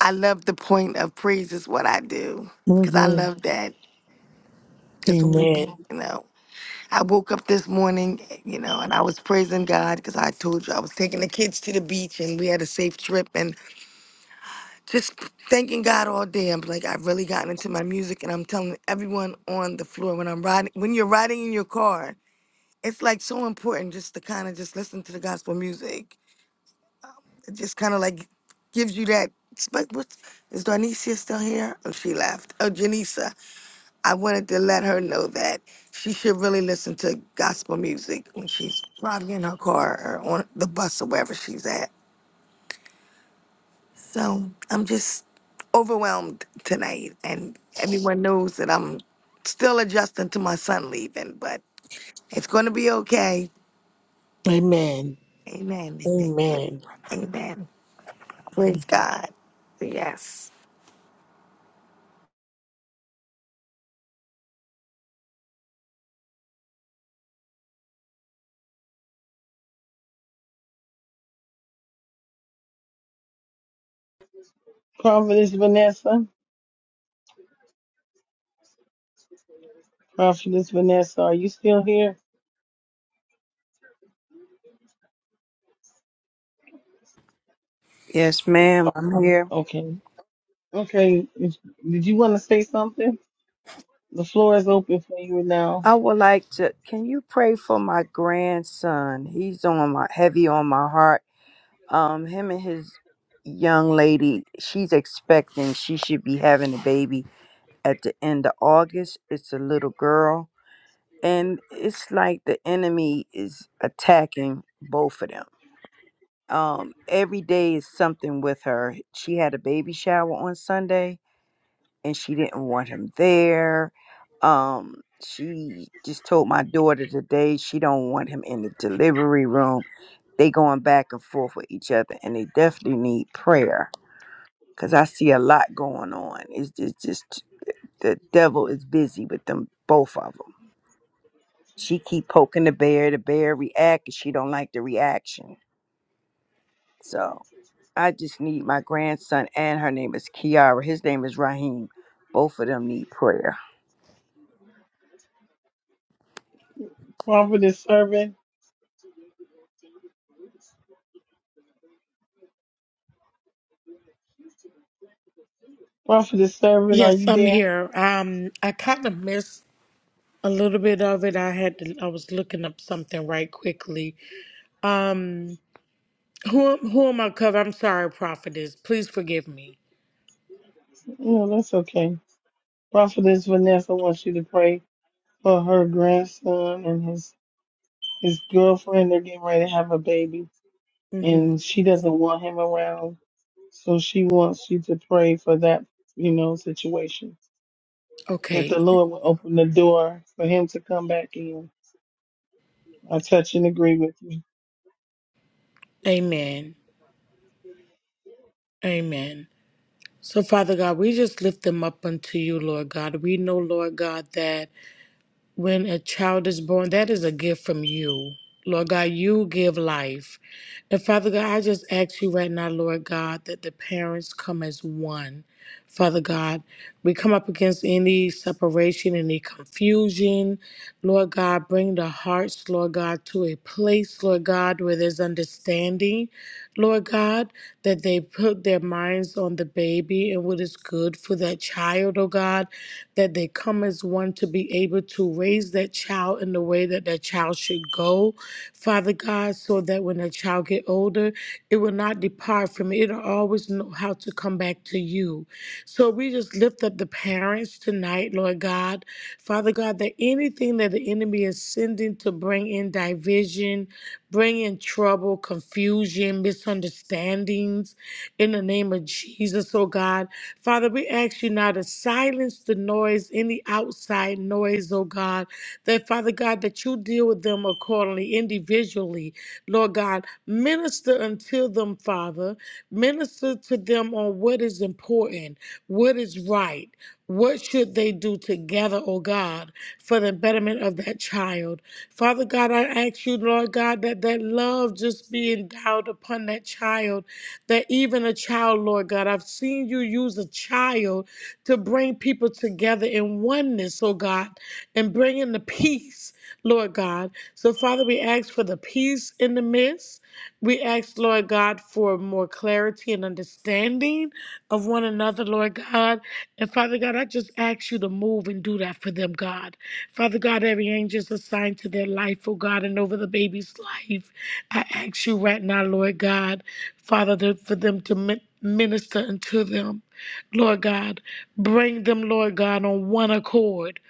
Speaker 1: I love the point of praise is what I do because I
Speaker 3: Mm-hmm.
Speaker 1: love that. Because when we,
Speaker 3: Amen.
Speaker 1: you know. I woke up this morning, you know, and I was praising God because I told you I was taking the kids to the beach and we had a safe trip and just thanking God all day. I'm like, I've really gotten into my music and I'm telling everyone on the floor when I'm riding, when you're riding in your car, it's like so important just to kind of just listen to the gospel music. It just kind of like gives you that. But what is Darnicia still here? Oh, she left. Oh, Janisa. I wanted to let her know that she should really listen to gospel music when she's driving in her car or on the bus or wherever she's at. So I'm just overwhelmed tonight, and everyone knows that I'm still adjusting to my son leaving, but it's going to be okay.
Speaker 3: Amen.
Speaker 1: Amen. Thank you.
Speaker 3: Amen.
Speaker 1: Amen. Praise God. Yes.
Speaker 2: Prophetess Vanessa. Prophetess Vanessa, are you still here?
Speaker 9: Yes, ma'am. I'm here.
Speaker 2: Okay. Okay. If- Did you want to say something? The floor is open for you now.
Speaker 9: I would like to. Can you pray for my grandson? He's on my heavy on my heart um him and his young lady she's expecting she should be having a baby at the end of august it's a little girl and it's like the enemy is attacking both of them um every day is something with her she had a baby shower on sunday and she didn't want him there um she just told my daughter today she don't want him in the delivery room they going back and forth with each other and they definitely need prayer because I see a lot going on. It's just, just the devil is busy with them both of them. She keep poking the bear. The bear react, and she don't like the reaction. So I just need my grandson, and her name is Kiara. His name is Raheem. Both of them need prayer.
Speaker 2: Prophetess Servant. Prophetess Servant, are
Speaker 3: Yes,
Speaker 2: you
Speaker 3: I'm
Speaker 2: there?
Speaker 3: here. Um, I kind of missed a little bit of it. I had to, I was looking up something right quickly. Um, who who am I covering? I'm sorry, prophetess. Please forgive me.
Speaker 2: No, that's okay. Prophetess Vanessa wants you to pray. for her grandson and his his girlfriend. They're getting ready to have a baby,
Speaker 3: Mm-hmm.
Speaker 2: and she doesn't want him around, so she wants you to pray for that, you know, situation that the
Speaker 3: Okay.
Speaker 2: Lord will open the door for him to come back in. I touch and agree with you.
Speaker 3: Amen. Amen. So, Father God, we just lift them up unto you, Lord God. We know, Lord God, that. When a child is born, that is a gift from you. Lord God, you give life. And Father God, I just ask you right now, Lord God, that the parents come as one. Father God, we come up against any separation, any confusion. Lord God, bring the hearts, Lord God, to a place, Lord God, where there's understanding. Lord God, that they put their minds on the baby and what is good for that child, oh God that they come as one to be able to raise that child in the way that that child should go, Father God, so that when that child get older, it will not depart from it. It'll always know how to come back to you. So we just lift up the parents tonight, Lord God. Father God, that anything that the enemy is sending to bring in division, bringing trouble, confusion, misunderstandings in the name of Jesus, oh God. Father, we ask you now to silence the noise, any outside noise, oh God. That, Father God, that you deal with them accordingly, individually, Lord God. Minister unto them, Father. Minister to them on what is important, what is right. What should they do together, oh God, for the betterment of that child? Father God, I ask you, Lord God, that that love just be endowed upon that child, that even a child, Lord God, I've seen you use a child to bring people together in oneness, oh God, and bring in the peace. Lord God. So, Father, we ask for the peace in the midst. We ask, Lord God, for more clarity and understanding of one another, Lord God. And Father God, I just ask you to move and do that for them, God. Father God, every angel is assigned to their life, oh God, and over the baby's life. I ask you right now, Lord God, Father, to- for them to min- minister unto them, Lord God. Bring them, Lord God, on one accord.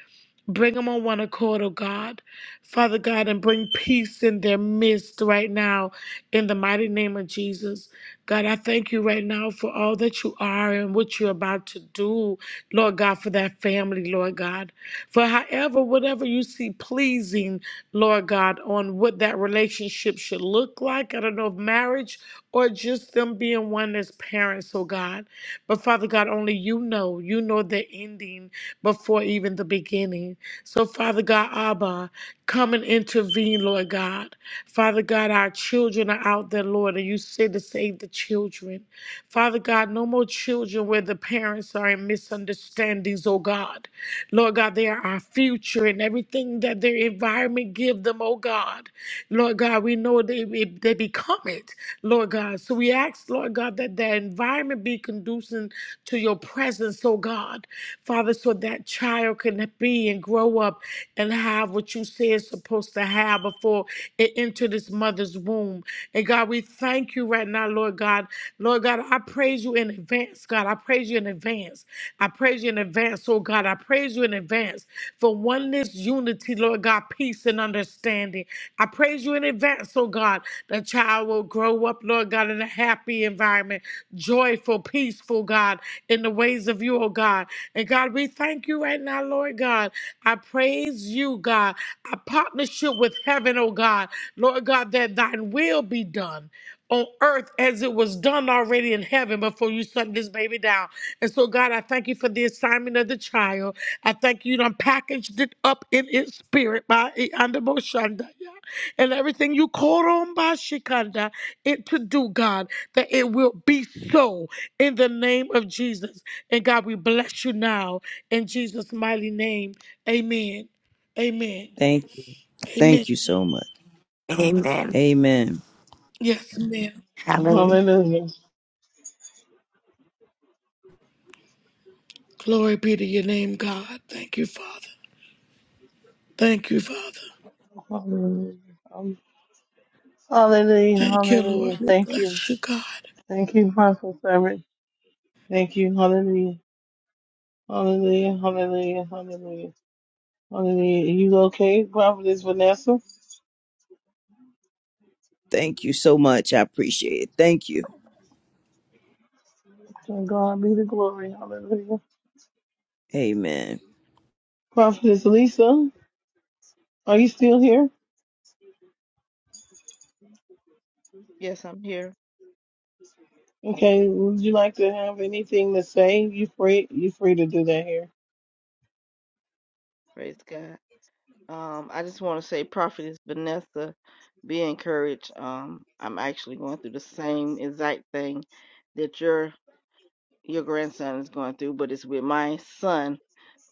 Speaker 3: Bring them on one accord, oh God. Father God, and bring peace in their midst right now in the mighty name of Jesus. God, I thank you right now for all that you are and what you're about to do, Lord God, for that family, Lord God. For however, whatever you see pleasing, Lord God, on what that relationship should look like. I don't know if marriage or just them being one as parents, oh God. But Father God, only you know. You know the ending before even the beginning. So, Father God, Abba, come and intervene, Lord God. Father God, our children are out there, Lord, and you said to save the children. Father God, no more children where the parents are in misunderstandings, oh God. Lord God, they are our future and everything that their environment give them, oh God. Lord God, we know they, it- they become it, Lord God. So we ask, Lord God, that the environment be conducive to your presence, oh God. Father, so that child can be and grow up and have what you say is supposed to have before it entered its mother's womb. And God, we thank you right now, Lord God. Lord God, I praise you in advance, God. I praise you in advance. I praise you in advance advance, oh God. I praise you in advance for oneness, unity, Lord God, peace and understanding. I praise you in advance, oh God. The child will grow up, Lord God, in a happy environment, joyful, peaceful, God, in the ways of you, oh God. And God, we thank you right now, Lord God. I praise you, God. A partnership with heaven, oh God. Lord God, that thine will be done on earth as it was done already in heaven before you shut this baby down. And so, God, I thank you for the assignment of the child. I thank you, you done packaged it up in its spirit by Iandabo yeah. And everything you called on by Shikanda it to do, God, that it will be so in the name of Jesus. And God, we bless you now in Jesus' mighty name. Amen. Amen.
Speaker 9: Thank you.
Speaker 3: Amen.
Speaker 9: Thank you so much.
Speaker 1: Amen.
Speaker 9: Amen.
Speaker 3: Yes, ma'am.
Speaker 1: Hallelujah.
Speaker 2: Hallelujah.
Speaker 3: Glory be to you.
Speaker 2: Hallelujah. Um, Hallelujah.
Speaker 3: Thank you,
Speaker 2: Hallelujah.
Speaker 3: Lord.
Speaker 2: Thank you. Thank you, Prophet Servant. Thank you. Hallelujah. Hallelujah. Hallelujah. Hallelujah. Hallelujah. Are you okay, Prophetess Vanessa?
Speaker 9: Thank you so much. I appreciate it. Thank you.
Speaker 2: To God be the glory. Hallelujah.
Speaker 9: Amen.
Speaker 2: Prophetess Lisa, are you still here?
Speaker 10: Yes, I'm here.
Speaker 2: Okay, would you like to have anything to say? You free you free to do that here.
Speaker 10: Praise God. Um, I just want to say, Prophetess Vanessa, be encouraged. Um, I'm actually going through the same exact thing that your your grandson is going through, but it's with my son.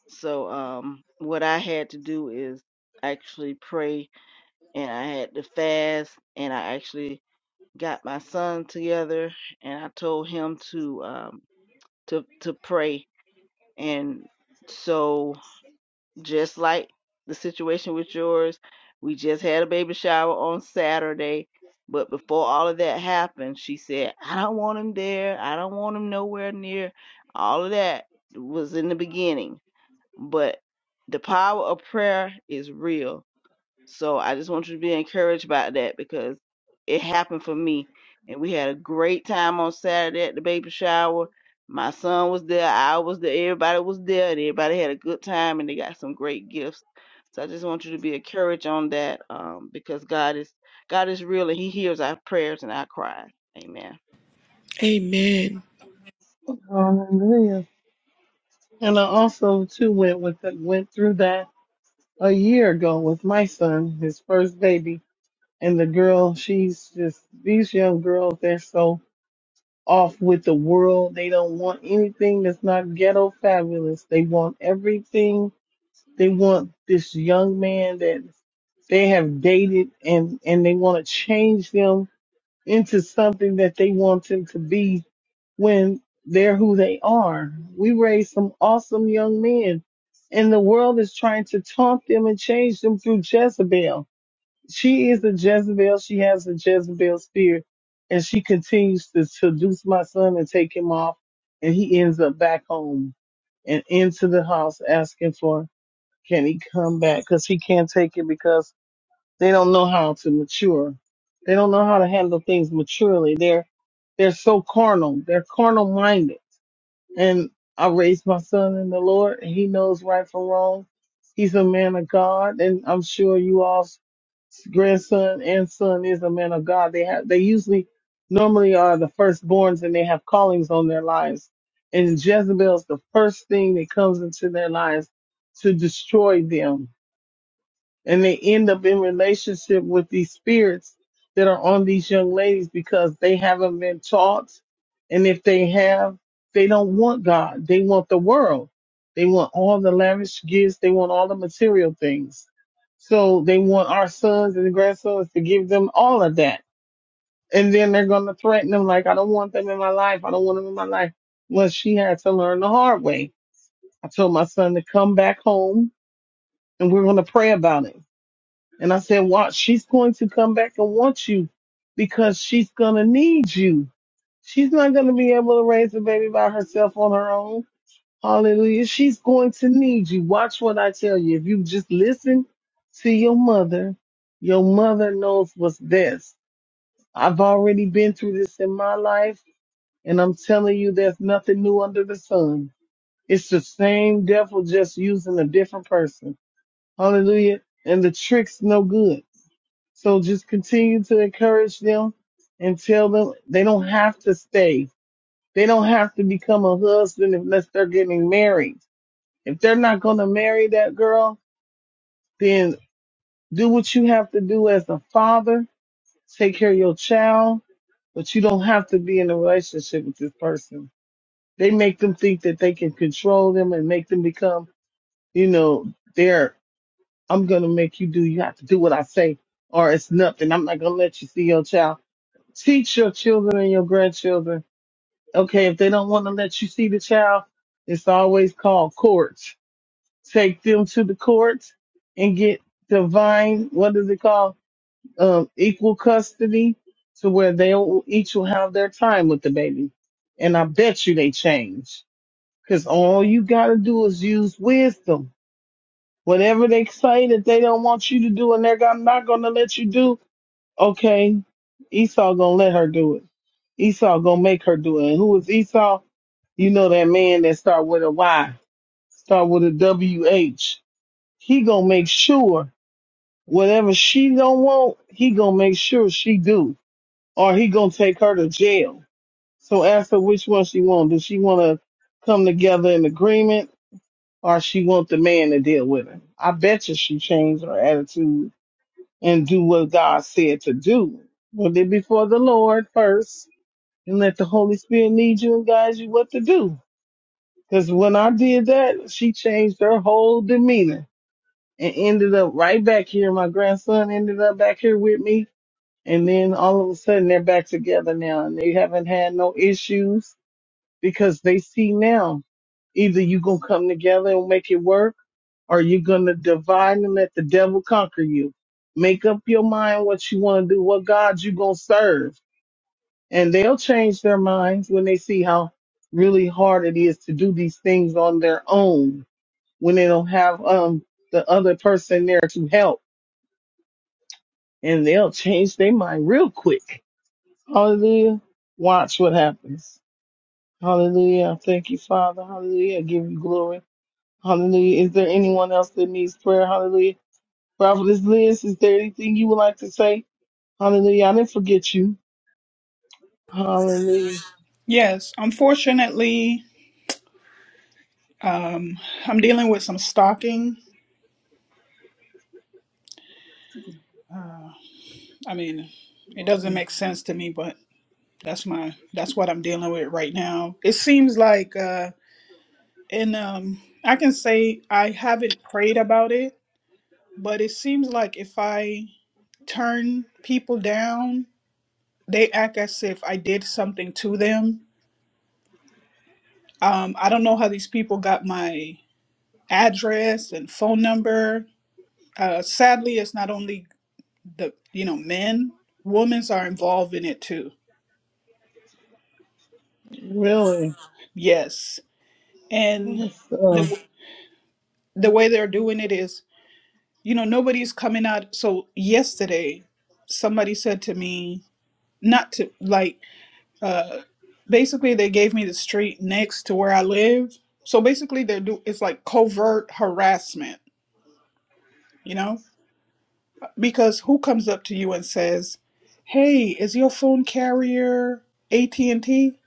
Speaker 10: So, um, what I had to do is actually pray, and I had to fast, and I actually got my son together and I told him to um to to pray and so just like the situation with yours we just had a baby shower on Saturday but before all of that happened she said I don't want him there I don't want him nowhere near all of that was in the beginning but the power of prayer is real so I just want you to be encouraged by that because it happened for me. And we had a great time on Saturday at the baby shower. My son was there, I was there, everybody was there, and everybody had a good time and they got some great gifts. So I just want you to be encouraged on that um, because God is God is real and He hears our prayers and our cries. Amen.
Speaker 3: Amen.
Speaker 2: Hallelujah. And I also too went with the, went through that a year ago with my son, his first baby, and the girl. She's just these young girls. They're so off with the world. They don't want anything that's not ghetto fabulous. They want everything They want this young man that they have dated and, and they want to change them into something that they want them to be when they're who they are. We raised some awesome young men and the world is trying to taunt them and change them through Jezebel. She is a Jezebel. She has a Jezebel spirit and she continues to seduce my son and take him off and he ends up back home and into the house asking for can he come back? Because he can't take it because they don't know how to mature. They don't know how to handle things maturely. They're they're so carnal. They're carnal minded. And I raised my son in the Lord, and he knows right from wrong. He's a man of God, and I'm sure you all grandson and son is a man of God. They have they usually normally are the firstborns and they have callings on their lives. And Jezebel's the first thing that comes into their lives to destroy them and they end up in relationship with these spirits that are on these young ladies because they haven't been taught and if they have they don't want god they want the world they want all the lavish gifts they want all the material things so they want our sons and grandsons to give them all of that and then they're going to threaten them like i don't want them in my life i don't want them in my life well she had to learn the hard way i told my son to come back home and we're going to pray about it and I said, Watch, she's going to come back and want you because she's going to need you. She's not going to be able to raise the baby by herself on her own. Hallelujah. She's going to need you. Watch what I tell you. If you just listen to your mother, your mother knows what's best. I've already been through this in my life, and I'm telling you, there's nothing new under the sun. It's the same devil just using a different person. Hallelujah. And the trick's no good. So just continue to encourage them and tell them they don't have to stay. They don't have to become a husband unless they're getting married. If they're not going to marry that girl, then do what you have to do as a father. Take care of your child, but you don't have to be in a relationship with this person. They make them think that they can control them and make them become, you know, they're, I'm going to make you do, you have to do what I say or it's nothing. I'm not going to let you see your child teach your children and your grandchildren. Okay, if they don't want to let you see the child, it's always called courts. Take them to the courts and get divine, what is it called? Um, equal custody to where they will each will have their time with the baby. And I bet you they change because all you got to do is use wisdom. Whatever they say that they don't want you to do and they're not going to let you do, Okay, Esau gonna let her do it. Esau gonna make her do it. And who is Esau? You know that man that start with a Y, start with a W H. He gonna make sure whatever she don't want, he gonna make sure she do, or he gonna take her to jail. So ask her which one she want. Does she want to come together in agreement, or she want the man to deal with her? I bet you she changed her attitude and do what God said to do. Put it before the Lord first and let the Holy Spirit lead you and guide you what to do. Because when I did that, she changed her whole demeanor and ended up right back here. My grandson ended up back here with me. And then all of a sudden they're back together now and they haven't had no issues because they see now either you gonna come together and make it work are you going to divide and let the devil conquer you? Make up your mind what you want to do, what God you going to serve. And they'll change their minds when they see how really hard it is to do these things on their own when they don't have um the other person there to help. And they'll change their mind real quick. Hallelujah. Watch what happens. Hallelujah. Thank you, Father. Hallelujah. I give you glory. Hallelujah. Is there anyone else that needs prayer? Hallelujah. Prophetess Liz, is there anything you would like to say? Hallelujah. I didn't forget you. Hallelujah.
Speaker 11: Yes, unfortunately, um, I'm dealing with some stalking. Uh, I mean, it doesn't
Speaker 2: Mm,
Speaker 11: make sense to me, but that's my that's what I'm dealing with right now. It seems like, uh, and um, I can say I haven't prayed about it, but it seems like if I turn people down, they act as if I did something to them. Um, I don't know how these people got my address and phone number. Uh, sadly, it's not only the you know men, women are involved in it too.
Speaker 2: Really?
Speaker 11: Yes, and
Speaker 2: Yes, uh,
Speaker 11: the the way they're doing it is you know nobody's coming out. So yesterday, somebody said to me not to like uh, basically they gave me the street next to where I live. So basically they're do it's like covert harassment, you know Because who comes up to you and says, "Hey, is your phone carrier AT&T?"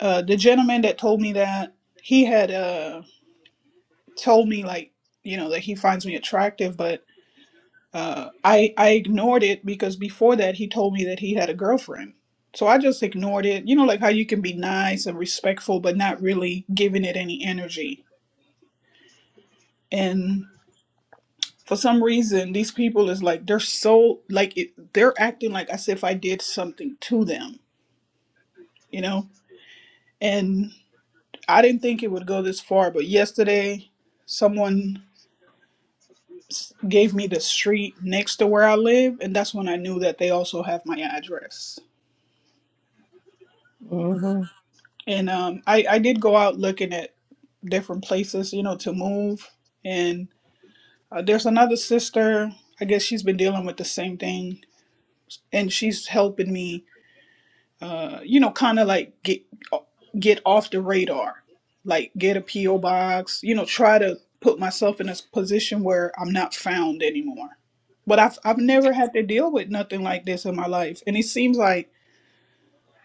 Speaker 11: Uh, the gentleman that told me that he had uh, told me like you know that he finds me attractive, but uh, I I ignored it because before that he told me that he had a girlfriend. So I just ignored it. You know, like how you can be nice and respectful, but not really giving it any energy. And for some reason, these people is like they're so like it, they're acting like as if I did something to them you know? And I didn't think it would go this far, but yesterday someone s- gave me the street next to where I live, and that's when I knew that they also have my address.
Speaker 2: mhm.
Speaker 11: And um, I, I did go out looking at different places, you know, to move. And uh, there's another sister, I guess she's been dealing with the same thing, and she's helping me uh, you know, kind of like get get off the radar, like get a PO box, you know, try to put myself in a s- position where I'm not found anymore. But I've I've never had to deal with nothing like this in my life, and it seems like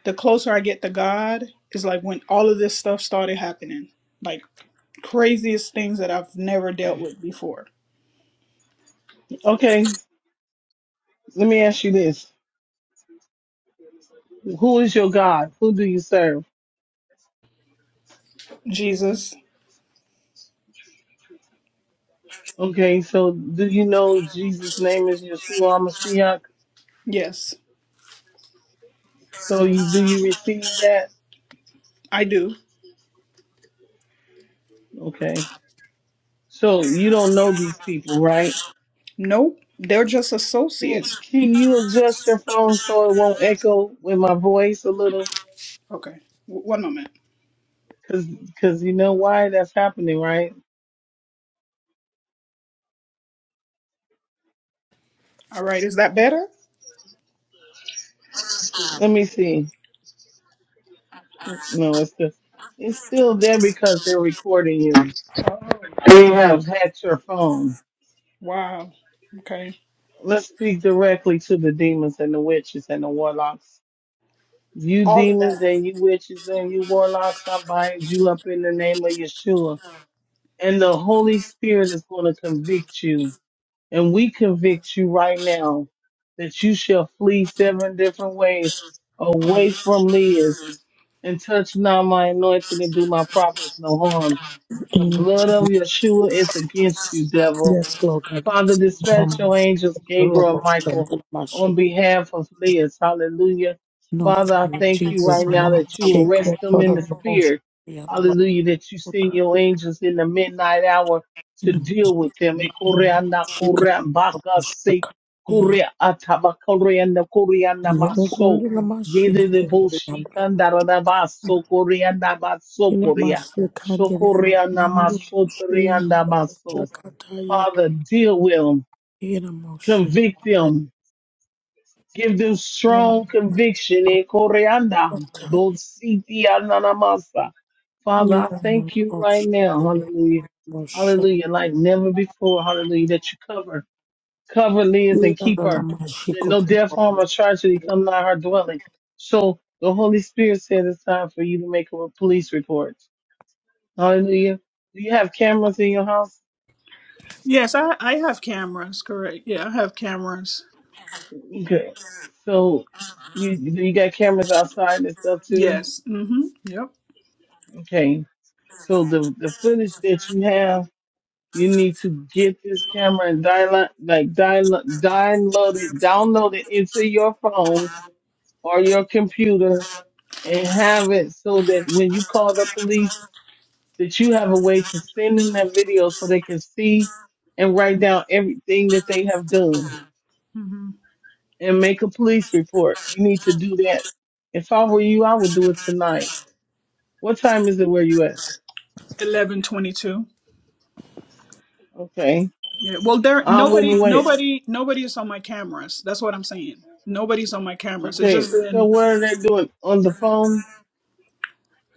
Speaker 11: the closer I get to God is like when all of this stuff started happening, like craziest things that I've never dealt with before.
Speaker 2: Okay, let me ask you this. Who is your God? Who do you serve?
Speaker 11: Jesus,
Speaker 2: Okay, so do you know Jesus' name is Yeshua Mashiach?
Speaker 11: yes,
Speaker 2: So you, do you receive that?
Speaker 11: I do.
Speaker 2: Okay, so you don't know these people, right?
Speaker 11: Nope, they're just
Speaker 2: Can,
Speaker 11: associates.
Speaker 2: can you adjust your phone so it won't echo with my voice a little?
Speaker 11: Okay, w- one moment.
Speaker 2: Cause, cause you know why that's happening, right?
Speaker 11: All right, is that better?
Speaker 2: Let me see. No, it's just, it's still there because they're recording you. They have hacked your phone.
Speaker 11: Wow. Okay.
Speaker 2: Let's speak directly to the demons and the witches and the warlocks. You
Speaker 11: All of
Speaker 2: demons
Speaker 11: that.
Speaker 2: and you witches and you warlocks, I bind you up in the name of Yeshua. And the Holy Spirit is going to convict you. And we convict you right now that you shall flee seven different ways away from Liz. and touch not my anointing and do my prophets no harm. The blood of Yeshua is against you, devil.
Speaker 3: Yes,
Speaker 2: Father, dispatch your angels, Gabriel and Michael,
Speaker 3: God, my
Speaker 2: on
Speaker 3: shake.
Speaker 2: behalf of Liz. Hallelujah.
Speaker 3: No,
Speaker 2: Father, I thank you right
Speaker 3: Jesus, no,
Speaker 2: now
Speaker 3: my
Speaker 2: that you will
Speaker 3: shake. Oh,
Speaker 2: rest them
Speaker 3: God,
Speaker 2: in
Speaker 3: oh,
Speaker 2: the
Speaker 3: Lord,
Speaker 2: spirit.
Speaker 3: yeah,
Speaker 2: Hallelujah, that you send your angels in the midnight hour to deal with them. Ekoreana korea baka se
Speaker 3: shaka. Yeah,
Speaker 2: korea ataba koreana koreana
Speaker 3: yeah, oh, God,
Speaker 2: maso.
Speaker 3: oh, my shake.
Speaker 2: Yede de
Speaker 3: Oh,
Speaker 2: bo
Speaker 3: the hand, oh,
Speaker 2: shikanda rada baso koreana baso
Speaker 3: yeah, my
Speaker 2: korea.
Speaker 3: shake, hand, the hand,
Speaker 2: Shokoreana
Speaker 3: oh, my shake.
Speaker 2: maso
Speaker 3: Yeah,
Speaker 2: koreana
Speaker 3: no,
Speaker 2: baso.
Speaker 3: shaka, taya.
Speaker 2: Father, deal with them,
Speaker 3: Yeah, no, my shake.
Speaker 2: convict
Speaker 3: That's
Speaker 2: them, give them strong conviction. Eh,
Speaker 3: what
Speaker 2: koreanda, both
Speaker 3: taya.
Speaker 2: Siti and ananamasa. Father, I
Speaker 3: Yeah, no,
Speaker 2: thank you
Speaker 3: oh,
Speaker 2: right
Speaker 3: shake,
Speaker 2: now.
Speaker 3: oh, yeah,
Speaker 2: Hallelujah.
Speaker 3: my shake.
Speaker 2: Hallelujah. Like never before. Hallelujah. That you cover, cover Liz and keep her. That no death, harm, or tragedy come nigh her dwelling. So the Holy Spirit said it's time for you to make a police report. Hallelujah. Do you have cameras in your house?
Speaker 11: Yes, I I have cameras. Correct. Yeah, I have cameras.
Speaker 2: Okay. So you you got cameras outside and stuff too?
Speaker 11: Yes. Mm-hmm. Yep.
Speaker 2: Okay. So the the footage that you have, you need to get this camera and dial like dial download it, download it into your phone or your computer and have it so that when you call the police that you have a way to send them that video so they can see and write down everything that they have done.
Speaker 11: Mm-hmm.
Speaker 2: and make a police report. You need to do that. If I were you, I would do it tonight. What time is it where you at?
Speaker 11: Eleven twenty-two.
Speaker 2: Okay.
Speaker 11: Yeah. Well, there
Speaker 2: I
Speaker 11: nobody
Speaker 2: wouldn't wait.
Speaker 11: nobody nobody is on my cameras. That's what I'm saying. Nobody's on my cameras. It's
Speaker 2: Okay.
Speaker 11: just
Speaker 2: So
Speaker 11: been.
Speaker 2: what are they doing on the phone?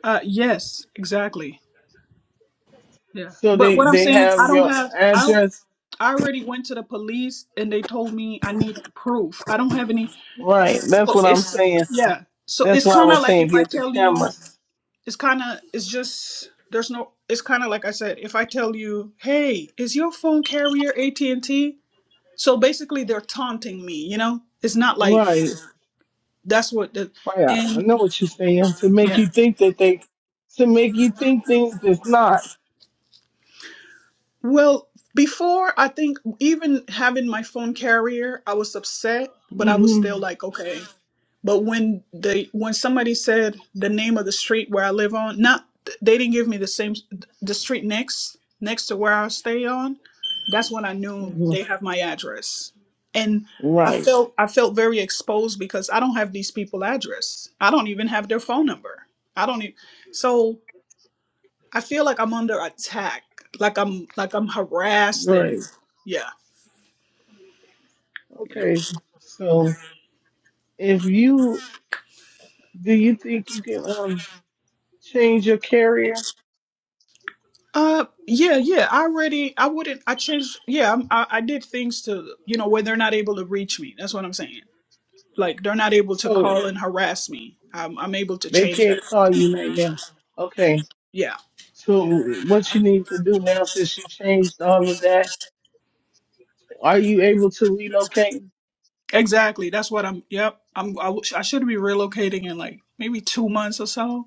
Speaker 11: Uh, yes. Exactly. Yeah.
Speaker 2: So
Speaker 11: But
Speaker 2: they,
Speaker 11: what I'm
Speaker 2: they
Speaker 11: saying, I
Speaker 2: have
Speaker 11: don't
Speaker 2: your
Speaker 11: have. I don't,
Speaker 2: address?
Speaker 11: I already went to the police and they told me I need proof. I don't have any.
Speaker 2: Right. That's
Speaker 11: Oh,
Speaker 2: what I'm
Speaker 11: it's
Speaker 2: saying.
Speaker 11: yeah. So
Speaker 2: That's
Speaker 11: it's
Speaker 2: why I
Speaker 11: kind of
Speaker 2: was
Speaker 11: like
Speaker 2: saying
Speaker 11: if I
Speaker 2: get the
Speaker 11: tell you.
Speaker 2: cameras.
Speaker 11: it's kind of it's just there's no it's kind of like i said if i tell you hey is your phone carrier at&t so basically they're taunting me you know it's not like
Speaker 2: Right.
Speaker 11: that's what the
Speaker 2: Right. I
Speaker 11: and
Speaker 2: know what you're saying. To make
Speaker 11: yeah
Speaker 2: you think that they, to make you think things that's not.
Speaker 11: Well, before I think even having my phone carrier, I was upset, but I was
Speaker 2: hmm
Speaker 11: still like, okay. But when they when somebody said the name of the street where I live on, not they didn't give me the same the street next next to where I stay on. That's when I knew they have my address, and I
Speaker 2: Right.
Speaker 11: felt I felt very exposed because I don't have these people address. I don't even have their phone number. I don't even so. I feel like I'm under attack. Like I'm like I'm harassed and
Speaker 2: Right.
Speaker 11: yeah, you know.
Speaker 2: Okay. So. if you do you think you can um change your carrier
Speaker 11: Uh yeah, yeah. I already I wouldn't I changed yeah, I'm, I I did things to you know where they're not able to reach me. That's what I'm saying. Like they're not able to
Speaker 2: so
Speaker 11: call and harass me. I'm I'm able to
Speaker 2: they
Speaker 11: change that.
Speaker 2: can't call you right now okay
Speaker 11: Yeah.
Speaker 2: so what you need to do now since you changed all of that are you able to relocate
Speaker 11: Exactly. That's what I'm yep. I'm I, w- I should be relocating in like maybe 2 months or so.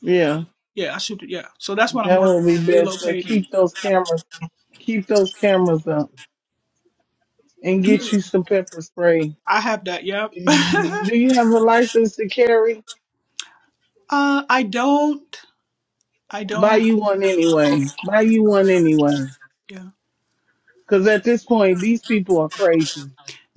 Speaker 2: yeah
Speaker 11: Yeah, I should yeah. So that's what I'm
Speaker 2: that will
Speaker 11: working
Speaker 2: be
Speaker 11: on
Speaker 2: best but
Speaker 11: relocating.
Speaker 2: keep those cameras keep those cameras up and get you some pepper spray
Speaker 11: I have that. Yep. (laughs)
Speaker 2: do you have a license to carry
Speaker 11: Uh, I don't. I
Speaker 2: buy
Speaker 11: don't.
Speaker 2: you one anyway buy you one anyway
Speaker 11: Yeah.
Speaker 2: because at this point these people are crazy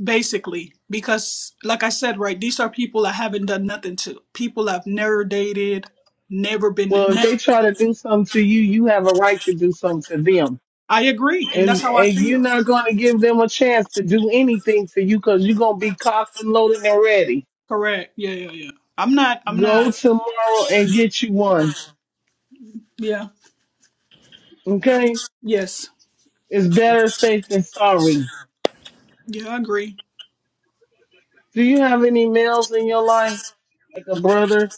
Speaker 11: Basically, because like I said, right, these are people I haven't done nothing to. People I've never dated, never been.
Speaker 2: Well, if
Speaker 11: Ne-
Speaker 2: they try to do something to you, you have a right to do something to them.
Speaker 11: I agree, and that's
Speaker 2: And
Speaker 11: how I
Speaker 2: and you're
Speaker 11: feel.
Speaker 2: not going to give them a chance to do anything to you because you're going to be cocked and loaded and ready.
Speaker 11: Correct. Yeah, yeah, yeah. I'm not. I'm
Speaker 2: Go
Speaker 11: not.
Speaker 2: tomorrow and get you one.
Speaker 11: Yeah.
Speaker 2: Okay?
Speaker 11: Yes.
Speaker 2: It's better safe than sorry.
Speaker 11: Yeah, I agree.
Speaker 2: Do you have any males in your life? Like a brother,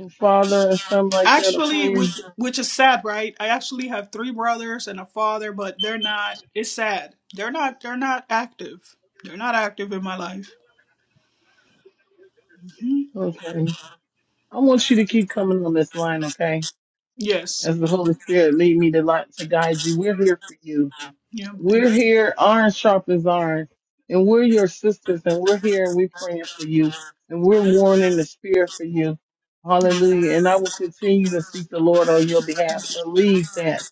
Speaker 2: a father, or something like that, a
Speaker 11: Actually,
Speaker 2: friend?
Speaker 11: which which is sad, right? I actually have three brothers and a father, but they're not. It's sad. They're not. They're not active. They're not active in my life. hmm
Speaker 2: Okay. I want you to keep coming on this line, okay?
Speaker 11: Yes.
Speaker 2: As the Holy Spirit lead me to, li- to guide you, we're here for you.
Speaker 11: Yeah.
Speaker 2: We're
Speaker 11: Thanks.
Speaker 2: here, iron sharp as iron, and we're your sisters, and we're here and we're praying for you, and we're warning the spirit for you. Hallelujah. And I will continue to seek the Lord on your behalf. Believe that.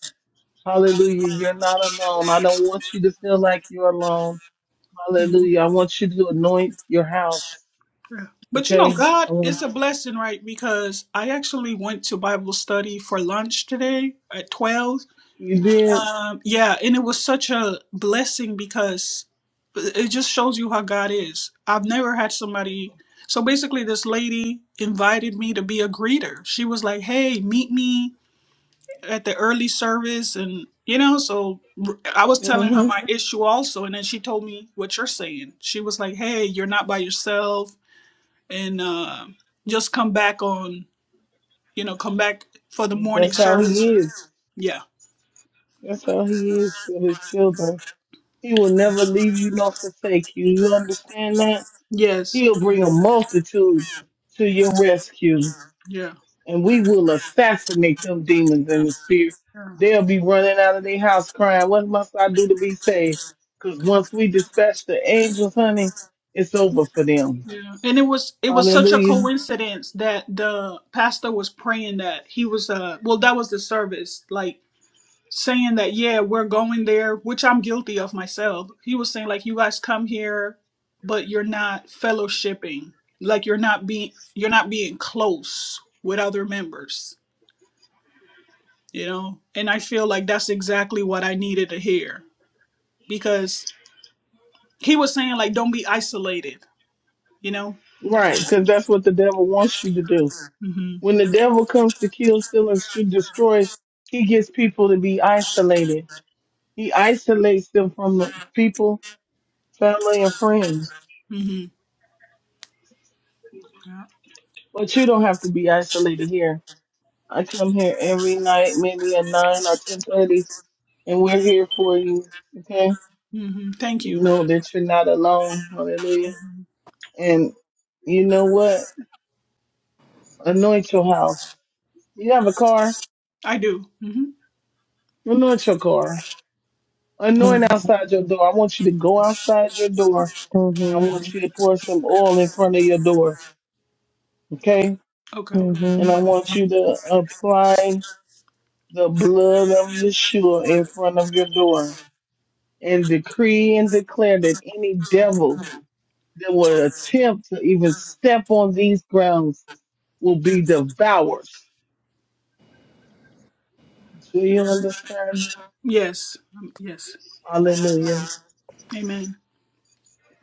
Speaker 2: Hallelujah. You're not alone. I don't want you to feel like you're alone.
Speaker 11: Yeah.
Speaker 2: Hallelujah. I want you to anoint your house.
Speaker 11: But you know,
Speaker 2: Okay?
Speaker 11: God
Speaker 2: I
Speaker 11: is
Speaker 2: want
Speaker 11: a
Speaker 2: you.
Speaker 11: blessing, right? Because I actually went to Bible study for lunch today at twelve.
Speaker 2: You did.
Speaker 11: Um, yeah, and it was such a blessing because it just shows you how God is. I've never had somebody. So basically, this lady invited me to be a greeter. She was like, "Hey, meet me at the early service," and you know, so I was telling her
Speaker 2: hmm
Speaker 11: my issue also, and then she told me what you're saying. She was like, "Hey, you're not by yourself, and uh, just come back on, you know, come back for the morning
Speaker 2: That's how
Speaker 11: service."
Speaker 2: he is.
Speaker 11: Yeah.
Speaker 2: That's how he is for his children. He will never leave you nor forsake you. You understand that?
Speaker 11: Yes.
Speaker 2: He'll bring a multitude to your rescue,
Speaker 11: Yeah.
Speaker 2: and we will assassinate them demons in the spirit.
Speaker 11: Yeah.
Speaker 2: They'll be running out of their house crying, What must I do to be saved? Because once we dispatch the angels, honey, it's over for them.
Speaker 11: Yeah. And it was it was such a
Speaker 2: Hallelujah.
Speaker 11: coincidence that the pastor was praying that he was uh well that was the service like saying that yeah we're going there which I'm guilty of myself. He was saying like you guys come here but you're not fellowshipping. Like you're not being you're not being close with other members, you know? And I feel like that's exactly what I needed to hear because he was saying like don't be isolated, you know?
Speaker 2: Right, because that's what the devil wants you to do.
Speaker 11: Mhm.
Speaker 2: When the devil comes to kill, steal, and sh- destroy, he gets people to be isolated. He isolates them from the people, family, and friends.
Speaker 11: Mhm.
Speaker 2: But you don't have to be isolated here I come here every night, maybe at nine or ten thirty, and we're here for you. Okay,
Speaker 11: hmm Thank you.
Speaker 2: you know that you're not alone. Hallelujah.
Speaker 11: Mhm.
Speaker 2: And you know what? Anoint your house. You have a car.
Speaker 11: I do. hmm
Speaker 2: Anoint your car. Anoint outside your door. I want you to go outside your door, and I want you to pour some oil in front of your door. Okay,
Speaker 11: Okay.
Speaker 2: and
Speaker 3: Mhm.
Speaker 2: I want you to apply the blood of Yeshua in front of your door and decree and declare that any devil that would attempt to even step on these grounds will be devoured. Do you understand?
Speaker 11: Yes. Um, yes.
Speaker 2: Hallelujah.
Speaker 11: Amen.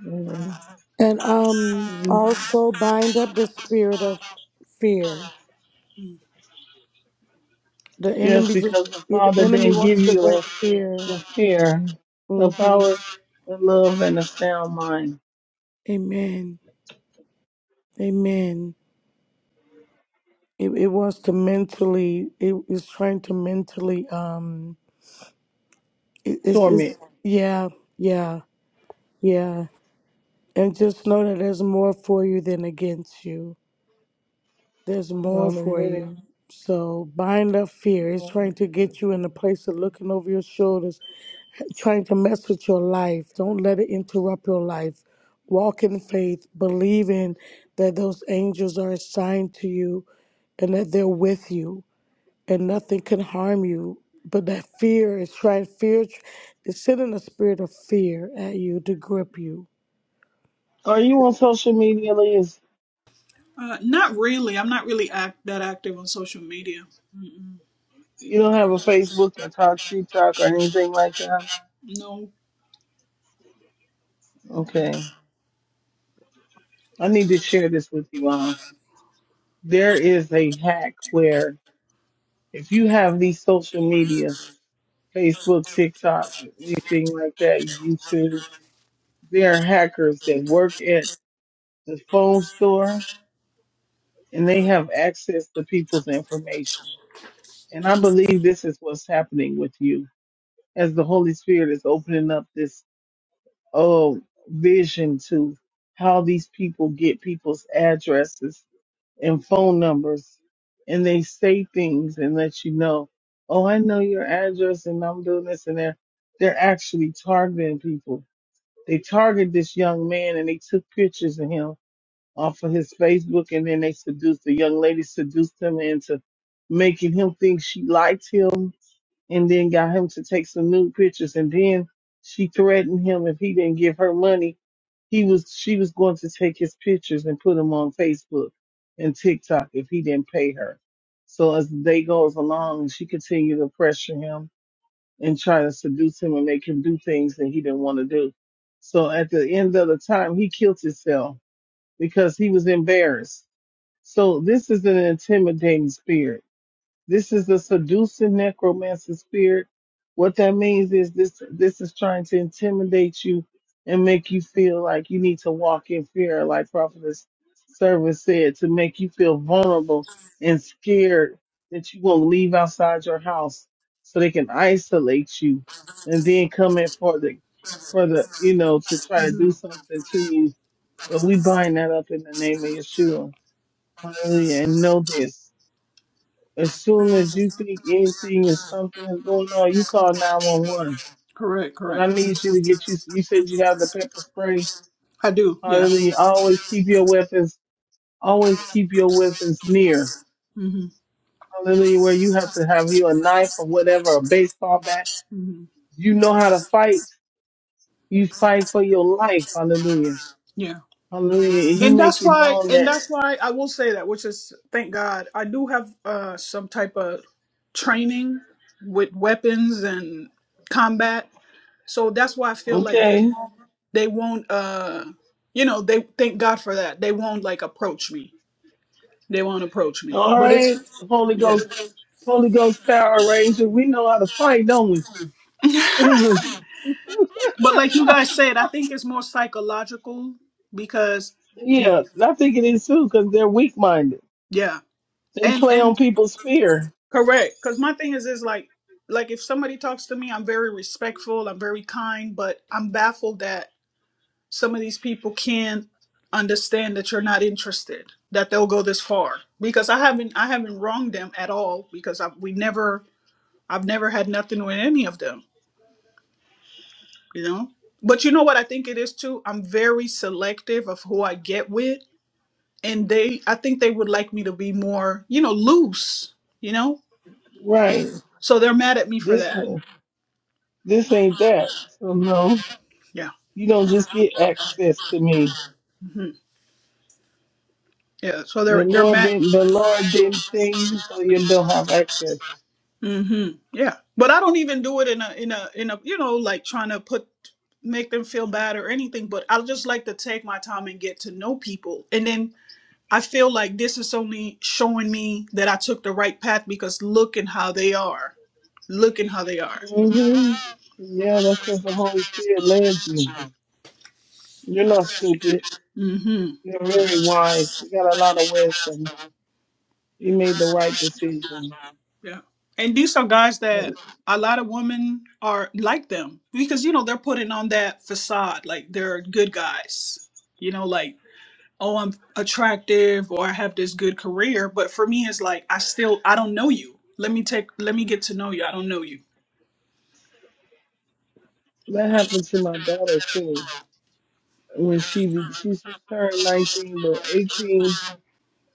Speaker 2: Amen.
Speaker 3: And um, also bind up the spirit of fear.
Speaker 11: Mm.
Speaker 3: The
Speaker 2: Yes,
Speaker 3: enemy just
Speaker 2: because the
Speaker 3: the
Speaker 2: Father
Speaker 3: enemy
Speaker 2: didn't give
Speaker 3: wants to
Speaker 2: you
Speaker 3: bring
Speaker 2: a,
Speaker 3: fear.
Speaker 2: the fear, the
Speaker 3: Mm-hmm.
Speaker 2: power, the love, and the sound mind.
Speaker 3: Amen. Amen. It, it was to mentally, it is trying to mentally, um, it, it's, it's,
Speaker 2: Torment.
Speaker 3: yeah, yeah, yeah. And just know that there's more for you than against you. There's more for
Speaker 2: Hallelujah.
Speaker 3: you. So bind up fear. It's trying to get you in a place of looking over your shoulders, trying to mess with your life. Don't let it interrupt your life. Walk in faith, believing that those angels are assigned to you and that they're with you and nothing can harm you. But that fear is trying fear is sending a spirit of fear at you to grip you.
Speaker 2: Are you on social media, Liz?
Speaker 11: Uh, not really. I'm not really act that active on social media. Mm-mm.
Speaker 2: You don't have a Facebook or talk TikTok or anything like that?
Speaker 11: No.
Speaker 2: Okay. I need to share this with you all. there is a hack where if you have these social medias, Facebook, TikTok, anything like that, YouTube, there are hackers that work at the phone store and they have access to people's information. And I believe this is what's happening with you as the Holy Spirit is opening up this oh vision to how these people get people's addresses and phone numbers and they say things and let you know, oh, I know your address and I'm doing this and they're, they're actually targeting people. They target this young man and they took pictures of him off of his Facebook and then they seduced the young lady seduced him into making him think she liked him and then got him to take some nude pictures and then she threatened him if he didn't give her money he was she was going to take his pictures and put them on facebook and tiktok if he didn't pay her so as the day goes along she continued to pressure him and try to seduce him and make him do things that he didn't want to do so at the end of the time he killed himself because he was embarrassed so this is an intimidating spirit this is a seducing necromancer spirit. What that means is this this is trying to intimidate you and make you feel like you need to walk in fear, like Prophetess Service said, to make you feel vulnerable and scared that you won't leave outside your house so they can isolate you and then come in for the for the you know, to try to do
Speaker 11: Mhm.
Speaker 2: something to you. But we bind that up in the name of Yeshua. Hallelujah. And know this. As soon as you think anything is something is going on, you call 911.
Speaker 11: Correct.
Speaker 2: But I
Speaker 11: Correct.
Speaker 2: need you to get you, you said you have the pepper spray.
Speaker 11: I do. Yeah.
Speaker 2: Hallelujah. Always keep your weapons, always keep your weapons near.
Speaker 11: hmm
Speaker 2: Hallelujah. Where you have to have you a knife or whatever, a baseball bat.
Speaker 11: hmm
Speaker 2: You know how to fight. You fight for your life. Hallelujah.
Speaker 11: Yeah.
Speaker 2: Hallelujah. And you
Speaker 11: and
Speaker 2: make
Speaker 11: that's
Speaker 2: it
Speaker 11: why
Speaker 2: known
Speaker 11: and
Speaker 2: that,
Speaker 11: that's why i will say that which is thank god i do have uh some type of training with weapons and combat So that's why I feel like they
Speaker 2: okay.
Speaker 11: won't they won't uh you know, they thank God for that. They won't like approach me. They won't approach me.
Speaker 2: All
Speaker 11: But
Speaker 2: right.
Speaker 11: it's
Speaker 2: Holy
Speaker 11: yeah.
Speaker 2: Ghost, Holy Ghost Power Ranger. We know how to fight, don't
Speaker 11: (laughs)
Speaker 2: we? (clears throat)
Speaker 11: But like you guys said, I think it's more psychological because
Speaker 2: Yeah, I think it is too, 'cause they're weak minded.
Speaker 11: yeah.
Speaker 2: They
Speaker 11: And
Speaker 2: play
Speaker 11: and
Speaker 2: on people's fear.
Speaker 11: correct. Cause my thing is is like like if somebody talks to me, I'm very respectful, I'm very kind, but I'm baffled that some of these people can't understand that you're not interested that they'll go this far because i haven't i haven't wronged them at all because i've we never i've never had nothing with any of them you know but you know what i think it is too i'm very selective of who i get with and they i think they would like me to be more you know loose you know
Speaker 2: Right.
Speaker 11: so they're mad at me for
Speaker 2: This
Speaker 11: that
Speaker 2: this ain't that. So no,
Speaker 11: yeah
Speaker 2: you don't just get access to me.
Speaker 11: Mm-hmm. Yeah, so they're
Speaker 2: The
Speaker 11: they're
Speaker 2: Lord
Speaker 11: ma-
Speaker 2: didn't. The Lord didn't send you, so you don't have access.
Speaker 11: hmm Yeah, but I don't even do it in a in a in a you know like trying to put make them feel bad or anything. But I just like to take my time and get to know people, and then I feel like this is only showing me that I took the right path because look at how they are, look at how they are.
Speaker 2: hmm Yeah, that's because the Holy Spirit led you. You're not stupid.
Speaker 11: Mm-hmm.
Speaker 2: You're very wise. You got a lot of wisdom. You made the right decision.
Speaker 11: Yeah. And these are guys that a lot of women are like them because, you know, they're putting on that facade. Like they're good guys, you know, like, oh, I'm attractive or I have this good career. But for me, it's like, I still, I don't know you. Let me take, let me get to know you. I don't know you.
Speaker 2: That happened to my daughter too. when she be, she just turned 19, but 18,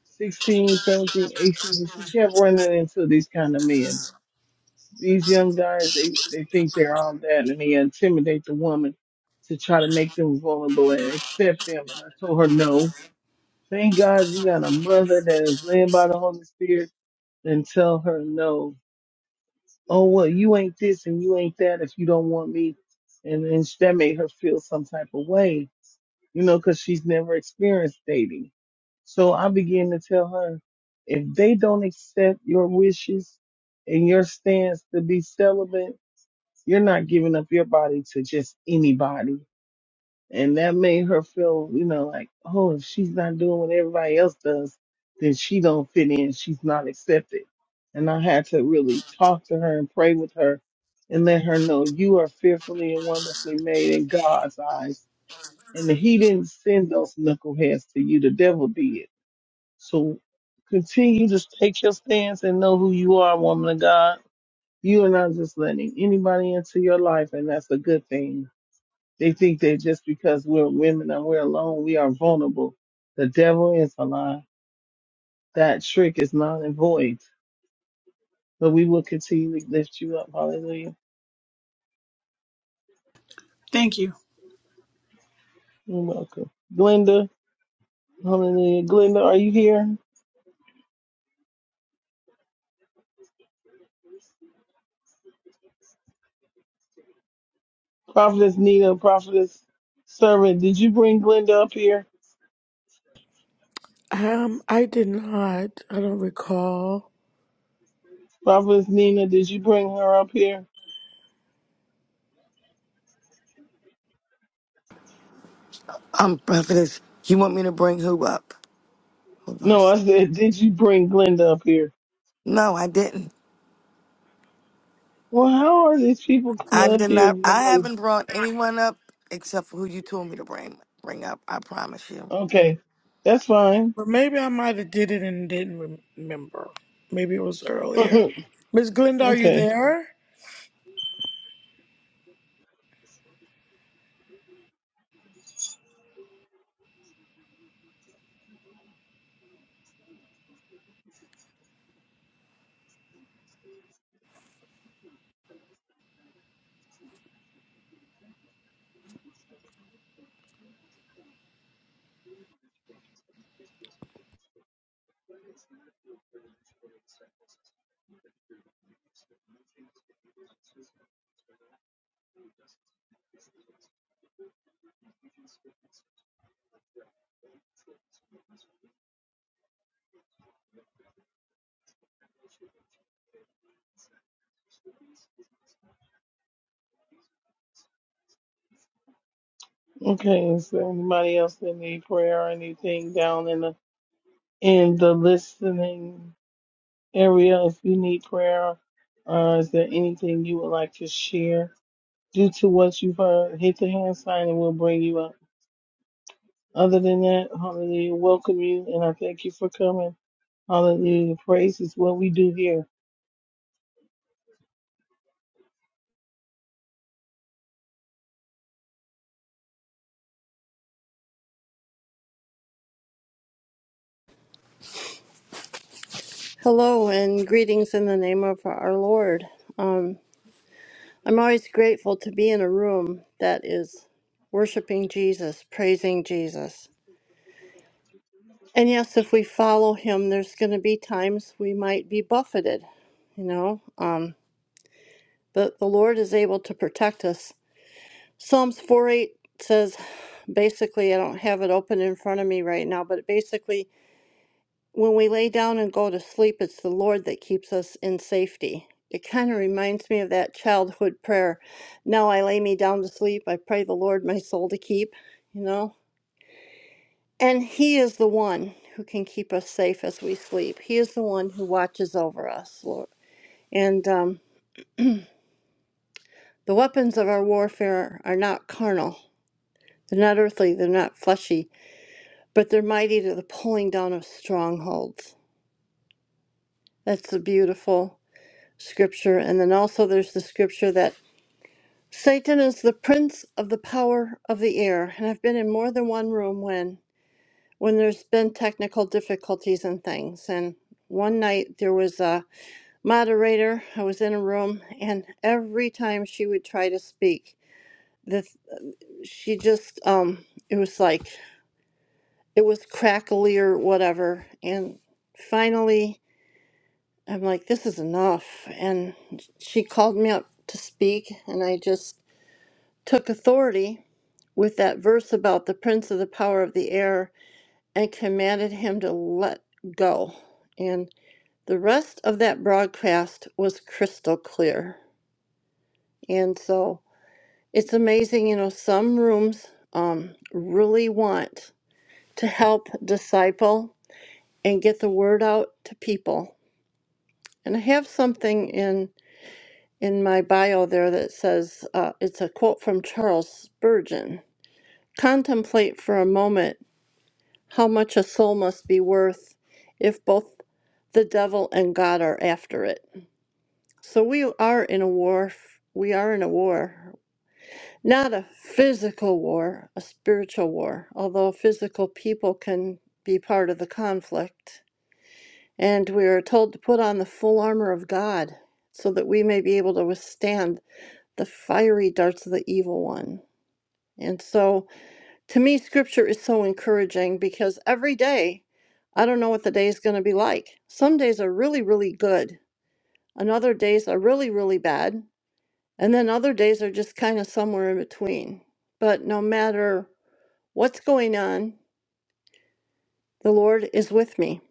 Speaker 2: 16, 17, 18, she kept running into these kind of men. These young guys, they, they think they're all that and they intimidate the woman to try to make them vulnerable and accept them. And I told her, no, thank God you got a mother that is led by the Holy Spirit and tell her no. Oh, well, you ain't this and you ain't that if you don't want me. And then that made her feel some type of way you know, because she's never experienced dating. So I began to tell her, if they don't accept your wishes and your stance to be celibate, you're not giving up your body to just anybody. And that made her feel, you know, like, oh, if she's not doing what everybody else does, then she don't fit in. She's not accepted. And I had to really talk to her and pray with her and let her know you are fearfully and wonderfully made in God's eyes and he didn't send those knuckleheads to you. The devil did. So continue to take your stance and know who you are, woman of God. You are not just letting anybody into your life, and that's a good thing. They think that just because we're women and we're alone, we are vulnerable. The devil is a lie. That trick is not and void. But we will continue to lift you up. Hallelujah.
Speaker 11: Thank you.
Speaker 2: You're welcome. Glenda, hallelujah. Glenda, are you here? Prophetess Nina, Prophetess Servant, did you bring Glenda up here?
Speaker 3: Um, I did not. I don't recall.
Speaker 2: Prophetess Nina, did you bring her up here?
Speaker 1: Um, prophetess, you want me to bring who up? Hold on a
Speaker 2: No, I
Speaker 1: second.
Speaker 2: said, (laughs) did you bring Glenda up here?
Speaker 1: No, I didn't.
Speaker 2: Well, how are these people coming
Speaker 1: I
Speaker 2: up
Speaker 1: did
Speaker 2: here if
Speaker 1: not. I
Speaker 2: nobody's
Speaker 1: haven't brought anyone up except for who you told me to bring bring up. I promise you.
Speaker 2: okay? That's fine.
Speaker 3: Or maybe I might have did it and didn't rem- remember. Maybe it was
Speaker 2: (laughs)
Speaker 3: earlier.
Speaker 2: okay,
Speaker 3: Miss Glenda, are you
Speaker 2: okay.
Speaker 3: there?
Speaker 2: Is there anybody else that need prayer or anything down in the in the listening area? If you need prayer, uh, is there anything you would like to share due to what you've heard? Hit the hand sign and we'll bring you up. Other than that, hallelujah, welcome you and I thank you for coming. Hallelujah. Praise is what we do here.
Speaker 12: Hello and greetings in the name of our Lord. Um, I'm always grateful to be in a room that is worshiping Jesus, praising Jesus. And yes, if we follow him, there's going to be times we might be buffeted, you know, um, but the Lord is able to protect us. Psalms 4 8 says basically, I don't have it open in front of me right now, but basically when we lay down and go to sleep, it's the Lord that keeps us in safety. It kind of reminds me of that childhood prayer. Now I lay me down to sleep. I pray the Lord my soul to keep, you know? And He is the one who can keep us safe as we sleep. He is the one who watches over us, Lord. And um, the weapons of our warfare are not carnal, they're not earthly, they're not fleshy, but they're mighty to the pulling down of strongholds. That's the beautiful scripture and then also there's the scripture that Satan is the prince of the power of the air, and I've been in more than one room when when there's been technical difficulties and things. And one night there was a moderator. I was in a room, and every time she would try to speak, the she just um it was like it was crackly or whatever. And finally, I'm like, this is enough. And she called me up to speak, and I just took authority with that verse about the prince of the power of the air and commanded him to let go. And the rest of that broadcast was crystal clear. And so it's amazing, you know, some rooms um, really want to help disciple and get the word out to people. And I have something in in my bio there that says uh, it's a quote from Charles Spurgeon. Contemplate for a moment How much a soul must be worth if both the devil and God are after it. So we are in a war. We are in a war. Not a physical war, a spiritual war, although physical people can be part of the conflict. And we are told to put on the full armor of God so that we may be able to withstand the fiery darts of the evil one. And so to me scripture is so encouraging because every day i don't know what the day is going to be like some days are really really good and other days are really really bad and then other days are just kind of somewhere in between but no matter what's going on the lord is with me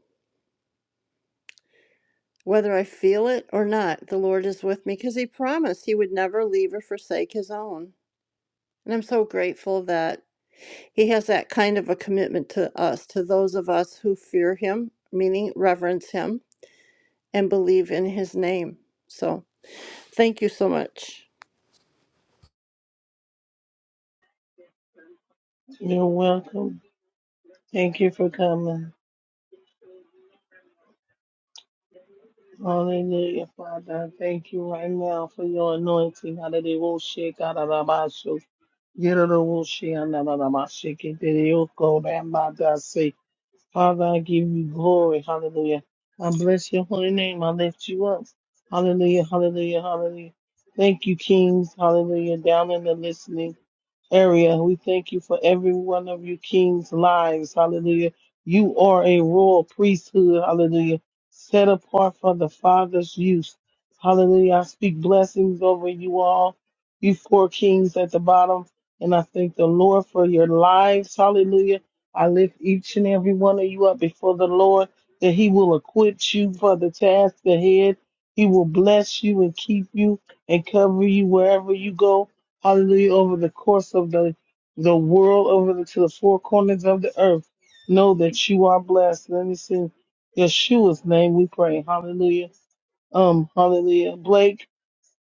Speaker 12: whether i feel it or not the lord is with me because he promised he would never leave or forsake his own And I'm so grateful that he has that kind of a commitment to us, to those of us who fear him, meaning reverence him, and believe in his name. So thank you so much.
Speaker 2: You're welcome. Thank you for coming. Hallelujah, Father. I Thank you right now for your anointing. Hallelujah. We'll shake out of our mouths. Get out of the we'll shake out of our mouths. Shake it. Then you'll go down by thy sake. Father, I give you glory. Hallelujah. I bless your holy name. I lift you up. Hallelujah. Hallelujah. Hallelujah. Thank you, kings. Hallelujah. Down in the listening. area. We thank you for every one of your king's lives. Hallelujah. You are a royal priesthood. Hallelujah. Set apart for the Father's use. Hallelujah. I speak blessings over you all, you four kings at the bottom. And I thank the Lord for your lives. Hallelujah. I lift each and every one of you up before the Lord that he will acquit you for the task ahead. He will bless you and keep you and cover you wherever you go hallelujah, over the course of the, the world, over the, to the four corners of the earth. Know that you are blessed. Let me sing Yeshua's name. We pray. Hallelujah. Um, hallelujah. Blake,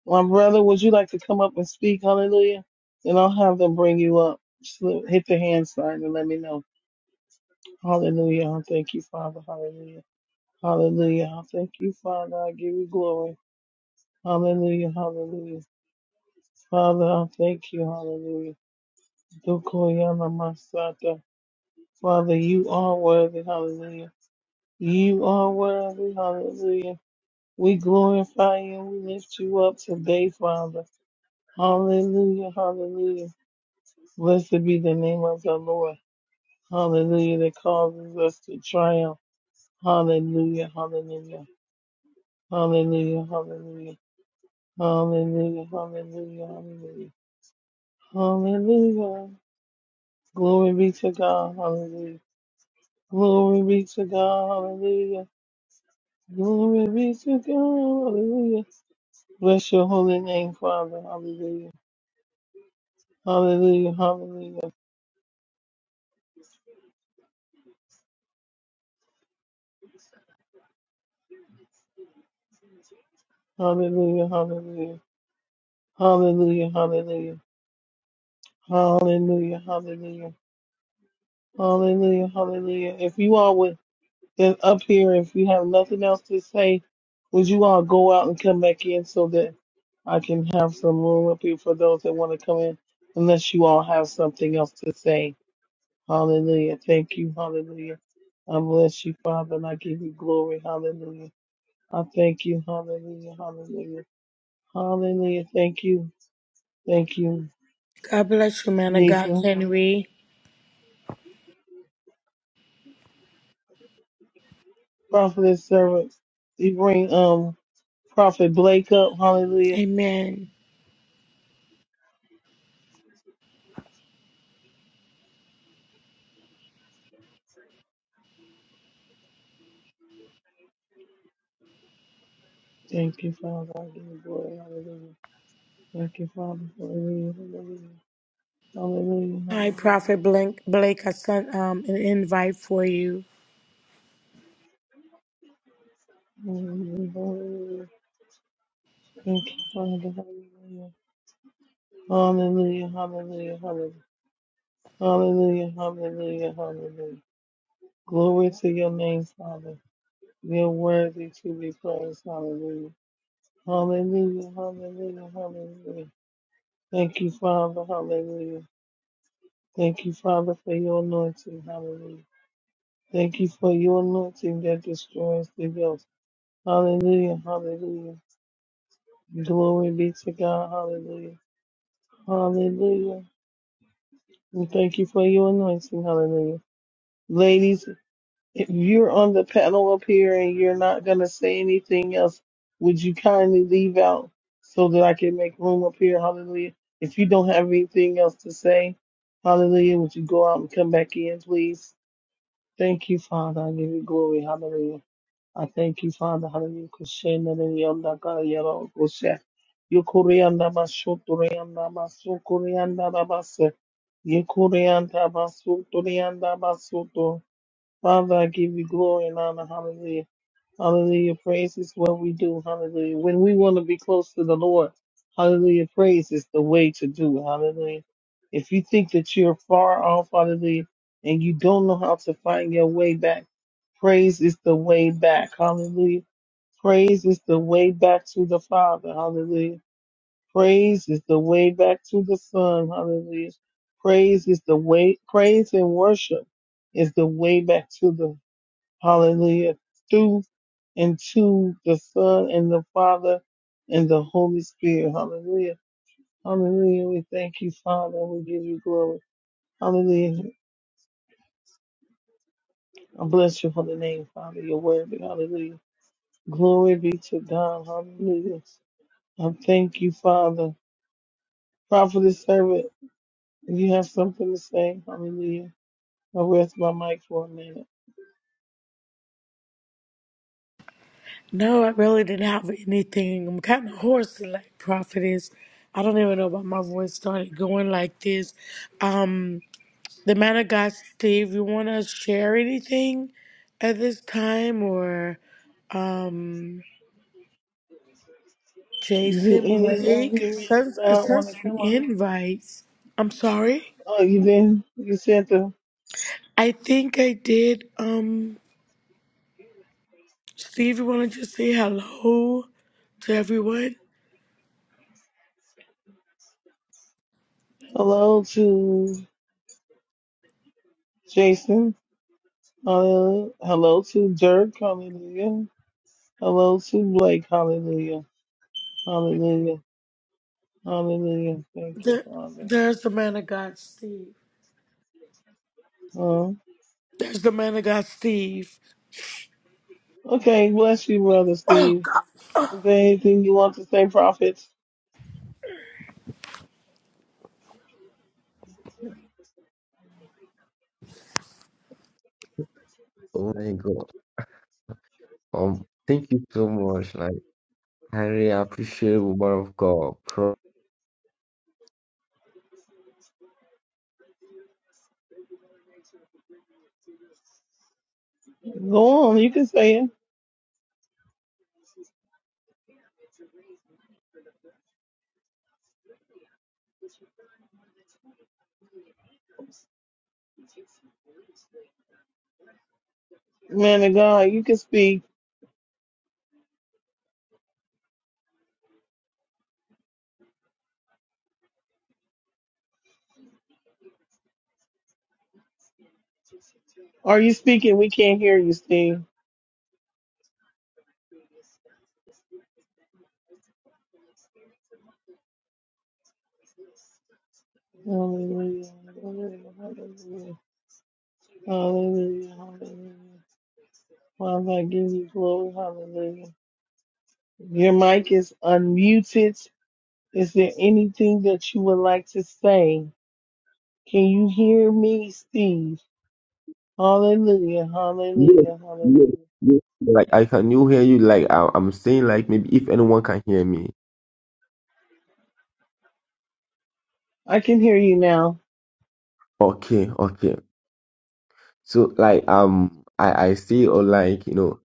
Speaker 2: my brother, would you like to come up and speak? Hallelujah. And I'll have them bring you up. Just li- hit the hand sign and let me know. Hallelujah. I thank you, Father. Hallelujah. Hallelujah. I thank you, Father. I give you glory. Hallelujah. Hallelujah. Father, I thank you. Hallelujah. Dokoyama Masata. Father, you are worthy. Hallelujah. You are worthy. Hallelujah. We glorify you and we lift you up today, Father. Hallelujah. Hallelujah. Blessed be the name of the Lord. Hallelujah. That causes us to triumph. Hallelujah. Hallelujah. Hallelujah. Hallelujah. Hallelujah. Hallelujah. Hallelujah. Hallelujah. Glory be to God. Hallelujah. Glory be to God. Hallelujah. Glory be to God. Hallelujah. Bless your holy name, Father. Hallelujah. Hallelujah. Hallelujah. Hallelujah. Hallelujah. Hallelujah. Hallelujah. Hallelujah. Hallelujah. Hallelujah. Hallelujah. If you all would then up here, if you have nothing else to say, would you all go out and come back in so that I can have some room up here for those that want to come in, unless you all have something else to say. Hallelujah. Thank you. Hallelujah. I bless you, Father, and I give you glory. Hallelujah. I thank you. Hallelujah. Hallelujah. Hallelujah. Thank you. Thank you,
Speaker 3: God bless you, man of God,
Speaker 2: Janisa.
Speaker 3: Henry.
Speaker 2: Prophetess servant. You bring um Prophet Blake up. Hallelujah.
Speaker 3: Amen.
Speaker 2: Thank you, Father. I give you glory. Hallelujah. Thank you, Father. Hallelujah. Hallelujah. Hallelujah.
Speaker 3: Hi,
Speaker 2: Hallelujah.
Speaker 3: Prophet Blake. Blake, I sent um, an invite for you.
Speaker 2: Hallelujah. Hallelujah. Thank you, Father. Hallelujah. Hallelujah. Hallelujah. Hallelujah. Hallelujah, hallelujah, hallelujah. Glory to your name, Father. You're worthy to be praised. Hallelujah. Hallelujah, hallelujah, hallelujah. Thank you, Father. Hallelujah. Thank you, Father, for your anointing. Hallelujah. Thank you for your anointing that destroys the guilt. Hallelujah, hallelujah. Glory be to God. Hallelujah. Hallelujah. We thank you for your anointing. Hallelujah. Ladies, If you're on the panel up here and you're not going to say anything else, would you kindly leave out so that I can make room up here? Hallelujah. If you don't have anything else to say, hallelujah, would you go out and come back in, please? Thank you, Father. I give you glory. Hallelujah. I thank you, Father. Hallelujah. Kushena na yonda ka yaro kushe. Yukurianda basuturianda basukurianda rabase. Yukurianda basuturianda basutu. Father, I give you glory and honor. Hallelujah. Hallelujah. Praise is what we do. Hallelujah. When we want to be close to the Lord, hallelujah. Praise is the way to do. it. Hallelujah. If you think that you're far off, hallelujah, and you don't know how to find your way back, praise is the way back. Hallelujah. Praise is the way back to the Father. Hallelujah. Praise is the way back to the Son. Hallelujah. Praise is the way, praise and worship is the way back to the Hallelujah. Through and to the Son and the Father and the Holy Spirit. Hallelujah. Hallelujah. We thank you, Father. We give you glory. Hallelujah. I bless you for the name, Father. Your word. Hallelujah. Glory be to God. Hallelujah. I thank you, Father. Prophetess servant, if you have something to say, hallelujah. I rest my mic for a minute.
Speaker 3: No, I really didn't have anything. I'm kind of hoarse, like prophetess. I don't even know why my voice started going like this. Um, the man of God, Steve, you want to share anything at this time, or um,
Speaker 2: Do
Speaker 3: Jason
Speaker 2: any of
Speaker 3: Blake? I
Speaker 2: you read
Speaker 3: sense, I
Speaker 2: about want
Speaker 3: sense
Speaker 2: to
Speaker 3: some
Speaker 2: come up?
Speaker 3: invites. I'm sorry.
Speaker 2: Oh, you didn't? You sent the
Speaker 3: I think I did. Um, Steve, you want to just say hello to everyone?
Speaker 2: hello to Jason, hallelujah. Hello to Dirk, hallelujah. Hello to Blake, hallelujah. Hallelujah. Hallelujah. Thank you,
Speaker 3: The,
Speaker 2: Father.
Speaker 3: there's the man of God, Steve.
Speaker 2: Uh,
Speaker 3: There's the man of God, Steve.
Speaker 2: okay, bless you, Brother Steve. Is there anything you want to say, Prophet?
Speaker 13: Oh my God. Um, thank you so much. Like, I really appreciate woman of God. Pro-
Speaker 2: Go on, you can say it. Man of God, you can speak. Are you speaking? We can't hear you, Steve. Hallelujah. Hallelujah. Hallelujah. Hallelujah. Hallelujah. Father, I give you glory. Hallelujah. Your mic is unmuted. Is there anything that you would like to say? Can you hear me, Steve? Hallelujah.
Speaker 13: Yes,
Speaker 2: Hallelujah.
Speaker 13: yes,
Speaker 2: Hallelujah.
Speaker 13: yes. Like, I can you hear you? Like, I, I'm saying, like, maybe if anyone can hear me.
Speaker 2: I can hear you now.
Speaker 13: Okay, okay. So, like, um, I I say, or like, you know,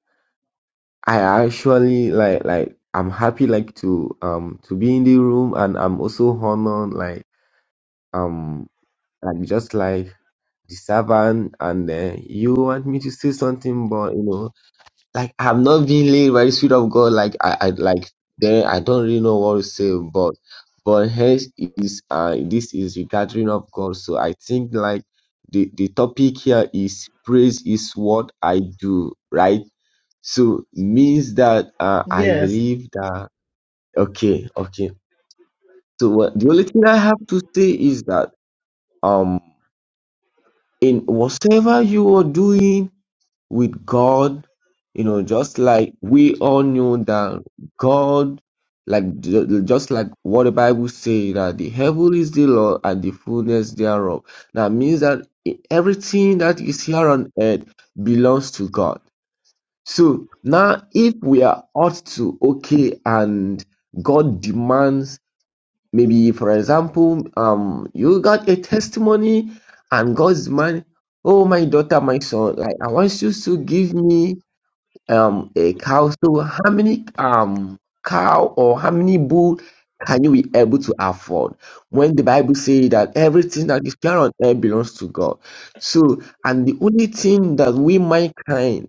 Speaker 13: I actually like like I'm happy like to um to be in the room, and I'm also honored like um like just like the servant, and uh, you want me to say something, but you know. like I've not been led by the Spirit of God. Like I, I like then I don't really know what to say. But but hence is uh this is the gathering of God. So I think like the the topic here is praise is what I do, right? So means that uh, I
Speaker 2: Yes.
Speaker 13: believe that okay okay. So what, the only thing I have to say is that um in whatever you are doing with God, you know, just like we all knew that God, like ju- just like what the Bible say that the heaven is the Lord and the fullness thereof. That means that e- everything that is here on earth belongs to God. So now, if we are ought to okay, and God demands maybe, for example, um, you got a testimony, and God's man, oh my daughter, my son, like I want you to give me um a cow. So how many um cow or how many bull can you be able to afford? When the Bible says that everything that is here on earth belongs to God. So and the only thing that we mankind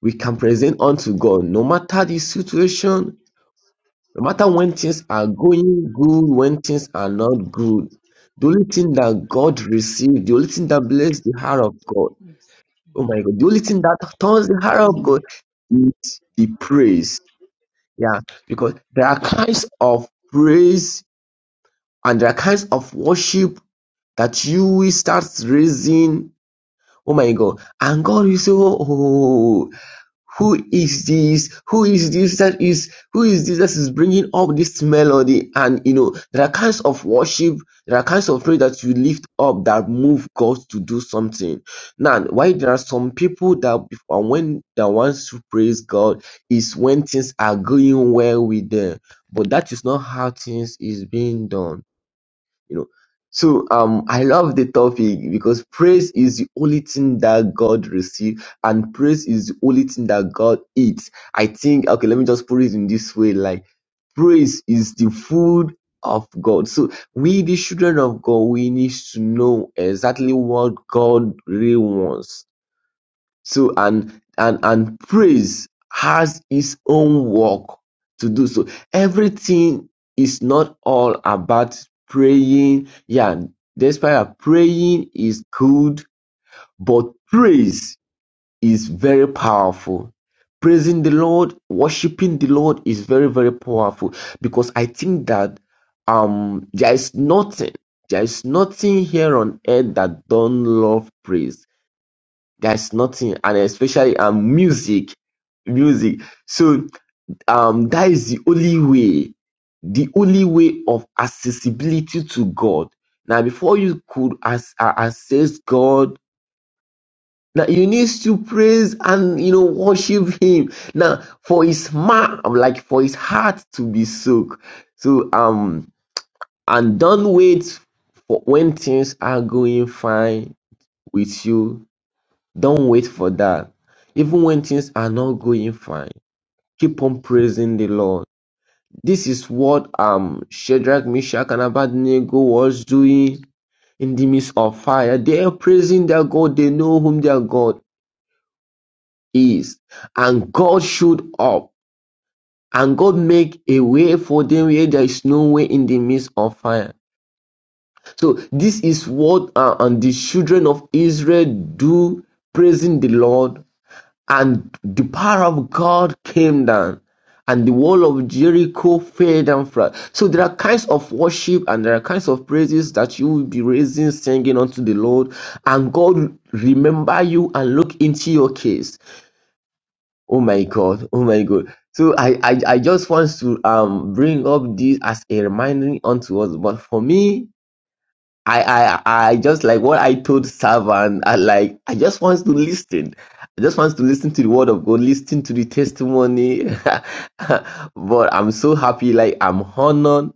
Speaker 13: we can present unto God, no matter the situation, no matter when things are going good, when things are not good. The only thing that God receives, the only thing that bless the heart of God Oh my God. The only thing that turns the heart of God is the praise. Yeah. Because there are kinds of praise and there are kinds of worship that you will start raising. Oh my God. And God will say, oh, oh, oh, oh, oh, oh, oh." Who is this? Who is this that is who is this that is bringing up this melody? And you know, there are kinds of worship, there are kinds of prayer that you lift up that move God to do something. Now, why there are some people that before when they want to praise God is when things are going well with them, but that is not how things is being done you know. So um, I love the topic because praise is the only thing that God receives, and praise is the only thing that God eats. I think okay, let me just put it in this way: like praise is the food of God. So we, the children of God, we need to know exactly what God really wants so and and and praise has its own work to do. So everything is not all about praying. Yeah, despite that praying is good, but praise is very powerful. Praising the Lord, worshiping the Lord is very, very powerful because I think that um there is nothing, there is nothing here on earth that don't love praise there's nothing, and especially um music, music. So um that is the only way, the only way of accessibility to God. Now, before you could as, uh, access God, now you need to praise and you know worship Him. Now, for His man, like for His heart to be soaked. So um, and don't wait for when things are going fine with you Don't wait for that. Even when things are not going fine, keep on praising the Lord. This is what um Shadrach, Meshach, and Abednego was doing in the midst of fire. They are praising their God. They know whom their God is, and God showed up, and God make a way for them where there is no way in the midst of fire. So this is what uh, and the children of Israel do, praising the Lord And the power of God came down, and the wall of Jericho fell down flat. So there are kinds of worship and there are kinds of praises that you will be raising, singing unto the Lord, and God remember you and look into your case. Oh my God, oh my God. So I, I, I just want to um bring up this as a reminder unto us. But for me, I, I, I just like what I told Savan, I like, I just want to listen. I just want to listen to the word of God, listen to the testimony. (laughs) but I'm so happy, like I'm honored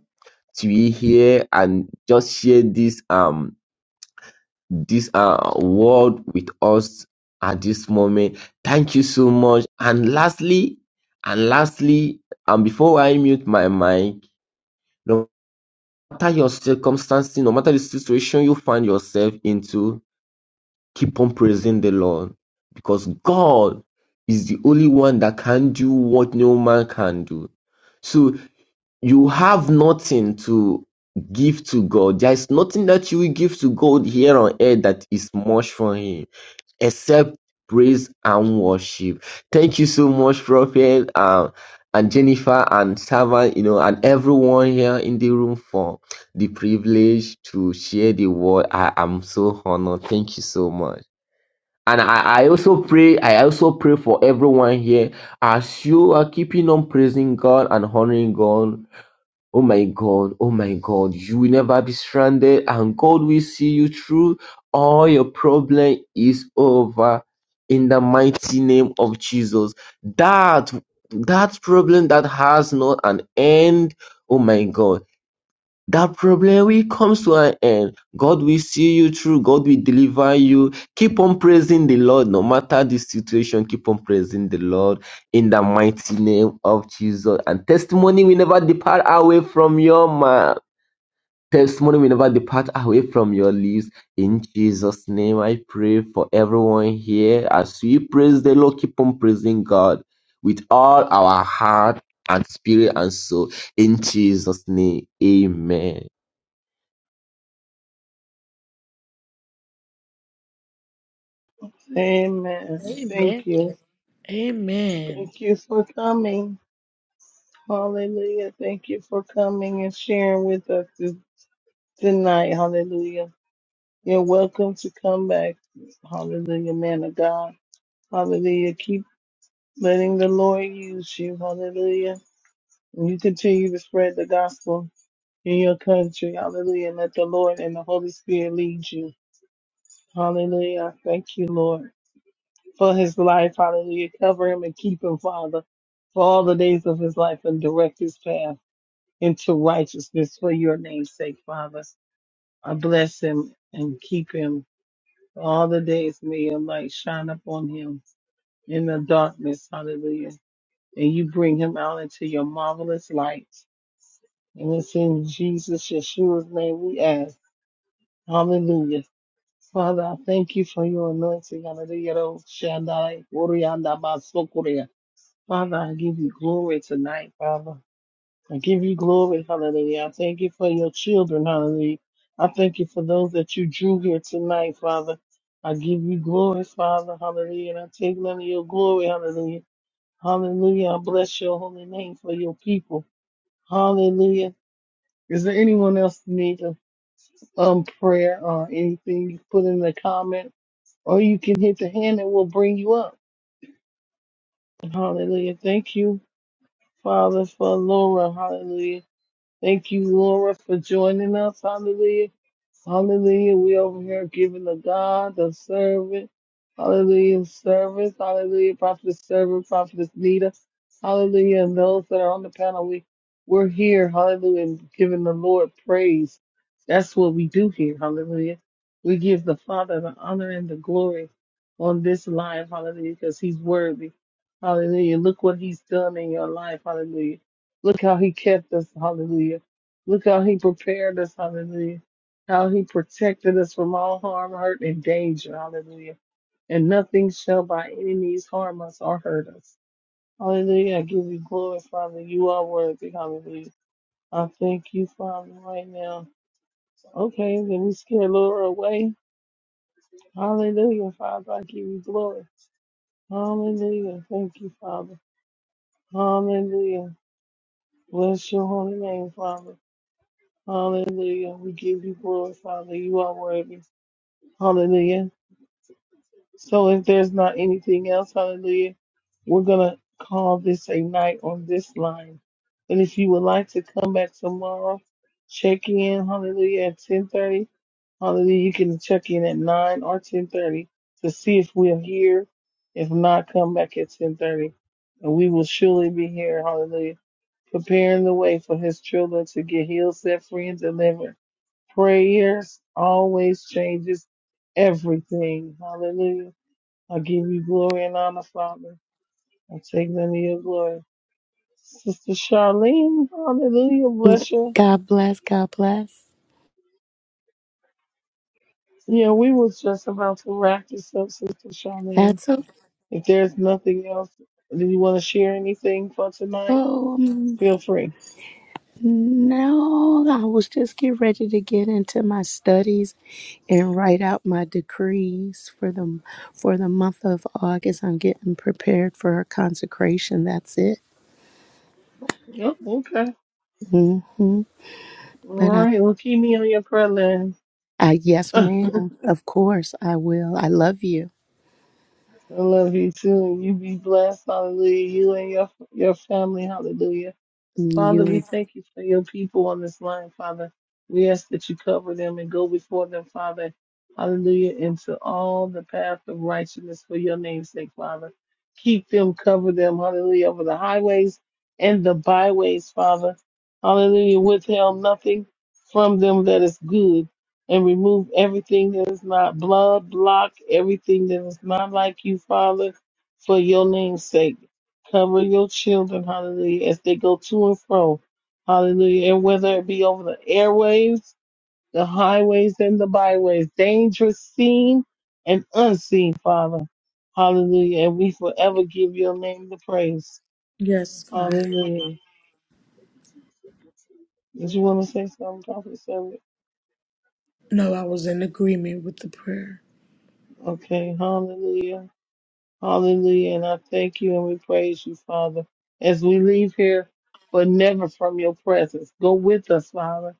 Speaker 13: to be here and just share this, um, this, uh, word with us at this moment. Thank you so much. And lastly, and lastly, and before I mute my mic, no matter your circumstances, no matter the situation you find yourself into, Keep on praising the Lord because God is the only one that can do what no man can do. So you have nothing to give to God. There is nothing that you will give to God here on earth that is much for Him except praise and worship. Thank you so much, Prophet. Um, and Jennifer and Servant, you know, and everyone here in the room for the privilege to share the word. I am so honored. Thank you so much. And I, I also pray, I also pray for everyone here as you are keeping on praising God and honoring God. Oh my God, oh my God, you will never be stranded and God will see you through. All your problem is over in the mighty name of Jesus. That, that problem that has not an end. Oh my God. That problem will come to an end. God will see you through. God will deliver you. Keep on praising the Lord no matter the situation. Keep on praising the Lord in the mighty name of Jesus. And testimony will never depart away from your mouth. Testimony will never depart away from your lips. In Jesus' name, I pray for everyone here. As we praise the Lord, keep on praising God with all our heart and spirit and soul. In Jesus' name, amen.
Speaker 2: Amen.
Speaker 3: Amen.
Speaker 2: Thank you.
Speaker 3: Amen.
Speaker 2: Thank you for coming. Hallelujah. Thank you for coming and sharing with us this, tonight. Hallelujah. You're welcome to come back. Hallelujah, man of God. Hallelujah. Keep letting the Lord use you. Hallelujah. And you continue to spread the gospel in your country. Hallelujah. Let the Lord and the Holy Spirit lead you. Hallelujah. Thank you, Lord, for his life. Hallelujah. Cover him and keep him, Father, for all the days of his life and direct his path. into righteousness for your name's sake, Father. I bless him and keep him all the days. May your light shine upon him in the darkness. Hallelujah. And you bring him out into your marvelous light. And it's in Jesus, Yeshua's name we ask. Hallelujah. Father, I thank you for your anointing. Hallelujah. Shandai, Orianda, Basokorea. Father, I give you glory tonight, Father. I give you glory, hallelujah. I thank you for your children, hallelujah. I thank you for those that you drew here tonight, Father. I give you glory, Father, hallelujah. And I take none of your glory, hallelujah. Hallelujah. I bless your holy name for your people. Hallelujah. Is there anyone else need a um prayer or anything you put in the comment? Or you can hit the hand and we'll bring you up. Hallelujah. Thank you, Father, for Laura. Hallelujah. Thank you, Laura, for joining us. Hallelujah. Hallelujah. We over here giving the God, the servant. Hallelujah. Service. Hallelujah. Prophet servant, prophetess leader. Hallelujah. And those that are on the panel, we, we're here. Hallelujah. And giving the Lord praise. That's what we do here. Hallelujah. We give the Father the honor and the glory on this line. Hallelujah. Because he's worthy. Hallelujah. Look what he's done in your life. Hallelujah. Look how he kept us. Hallelujah. Look how he prepared us. Hallelujah. How he protected us from all harm, hurt, and danger. Hallelujah. And nothing shall by any means harm us or hurt us. Hallelujah. I give you glory, Father. You are worthy. Hallelujah. I thank you, Father, right now. Okay, then we scare Laura away. Hallelujah, Father. I give you glory. Hallelujah. Thank you, Father. Hallelujah. Bless your holy name, Father. Hallelujah. We give you glory, Father. You are worthy. Hallelujah. So if there's not anything else, hallelujah, we're going to call this a night on this line. And if you would like to come back tomorrow, check in, hallelujah, at 1030. Hallelujah. You can check in at 9 or 1030 to see if we're here. If not, come back at 1030. And we will surely be here, hallelujah, preparing the way for his children to get healed, set free, and delivered. Prayers always changes everything. Hallelujah. I give you glory and honor, Father. I take none of your glory. Sister Charlene, hallelujah, bless you.
Speaker 14: God bless, God bless.
Speaker 2: Yeah, we was just about to wrap this up, Sister Charlene.
Speaker 14: That's a
Speaker 2: If there's nothing else, do you want to share anything for tonight?
Speaker 14: um
Speaker 2: Feel free.
Speaker 14: no, I was just getting ready to get into my studies and write out my decrees for the for the month of August. I'm getting prepared for a consecration. That's it.
Speaker 2: Oh, okay.
Speaker 14: hmm
Speaker 2: All
Speaker 14: But I,
Speaker 2: right. Well, keep me on your prayer list.
Speaker 14: I yes,
Speaker 2: (laughs)
Speaker 14: ma'am. Of course I will. I love you.
Speaker 2: I love you too, and you be blessed. Hallelujah. You and your your family. Hallelujah. Father,
Speaker 14: You.
Speaker 2: we thank you for your people on this line, Father. We ask that you cover them and go before them, Father. Hallelujah. Into all the path of righteousness for your name's sake, Father. Keep them, cover them, hallelujah, over the highways and the byways, Father. Hallelujah. Withheld nothing from them that is good and remove everything that is not blood, block everything that is not like you, Father, for your name's sake. Cover your children, hallelujah, as they go to and fro, hallelujah. And whether it be over the airwaves, the highways, and the byways, dangerous seen and unseen, Father, hallelujah. And we forever give your name the praise,
Speaker 3: Yes, God.
Speaker 2: hallelujah. Did you want to say something, Prophet? Samuel?
Speaker 3: No, I was in agreement with the prayer.
Speaker 2: Okay, hallelujah. Hallelujah. And I thank you and we praise you, Father, as we leave here, but never from your presence. Go with us, Father.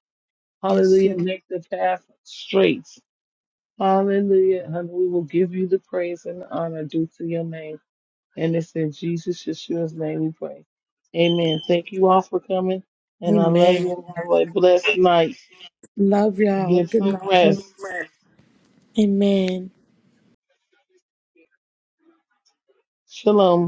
Speaker 3: Yes,
Speaker 2: Hallelujah.
Speaker 3: Lord.
Speaker 2: Make the path straight. Hallelujah. And we will give you the praise and the honor due to your name. And it's in Jesus Yeshua's name we pray. Amen. Thank you all for coming. And I love you
Speaker 3: Amen.
Speaker 2: and have a blessed night.
Speaker 3: Love
Speaker 2: And
Speaker 3: y'all.
Speaker 2: get
Speaker 3: Good
Speaker 2: some
Speaker 3: night.
Speaker 2: rest.
Speaker 3: Amen.
Speaker 2: Shalom.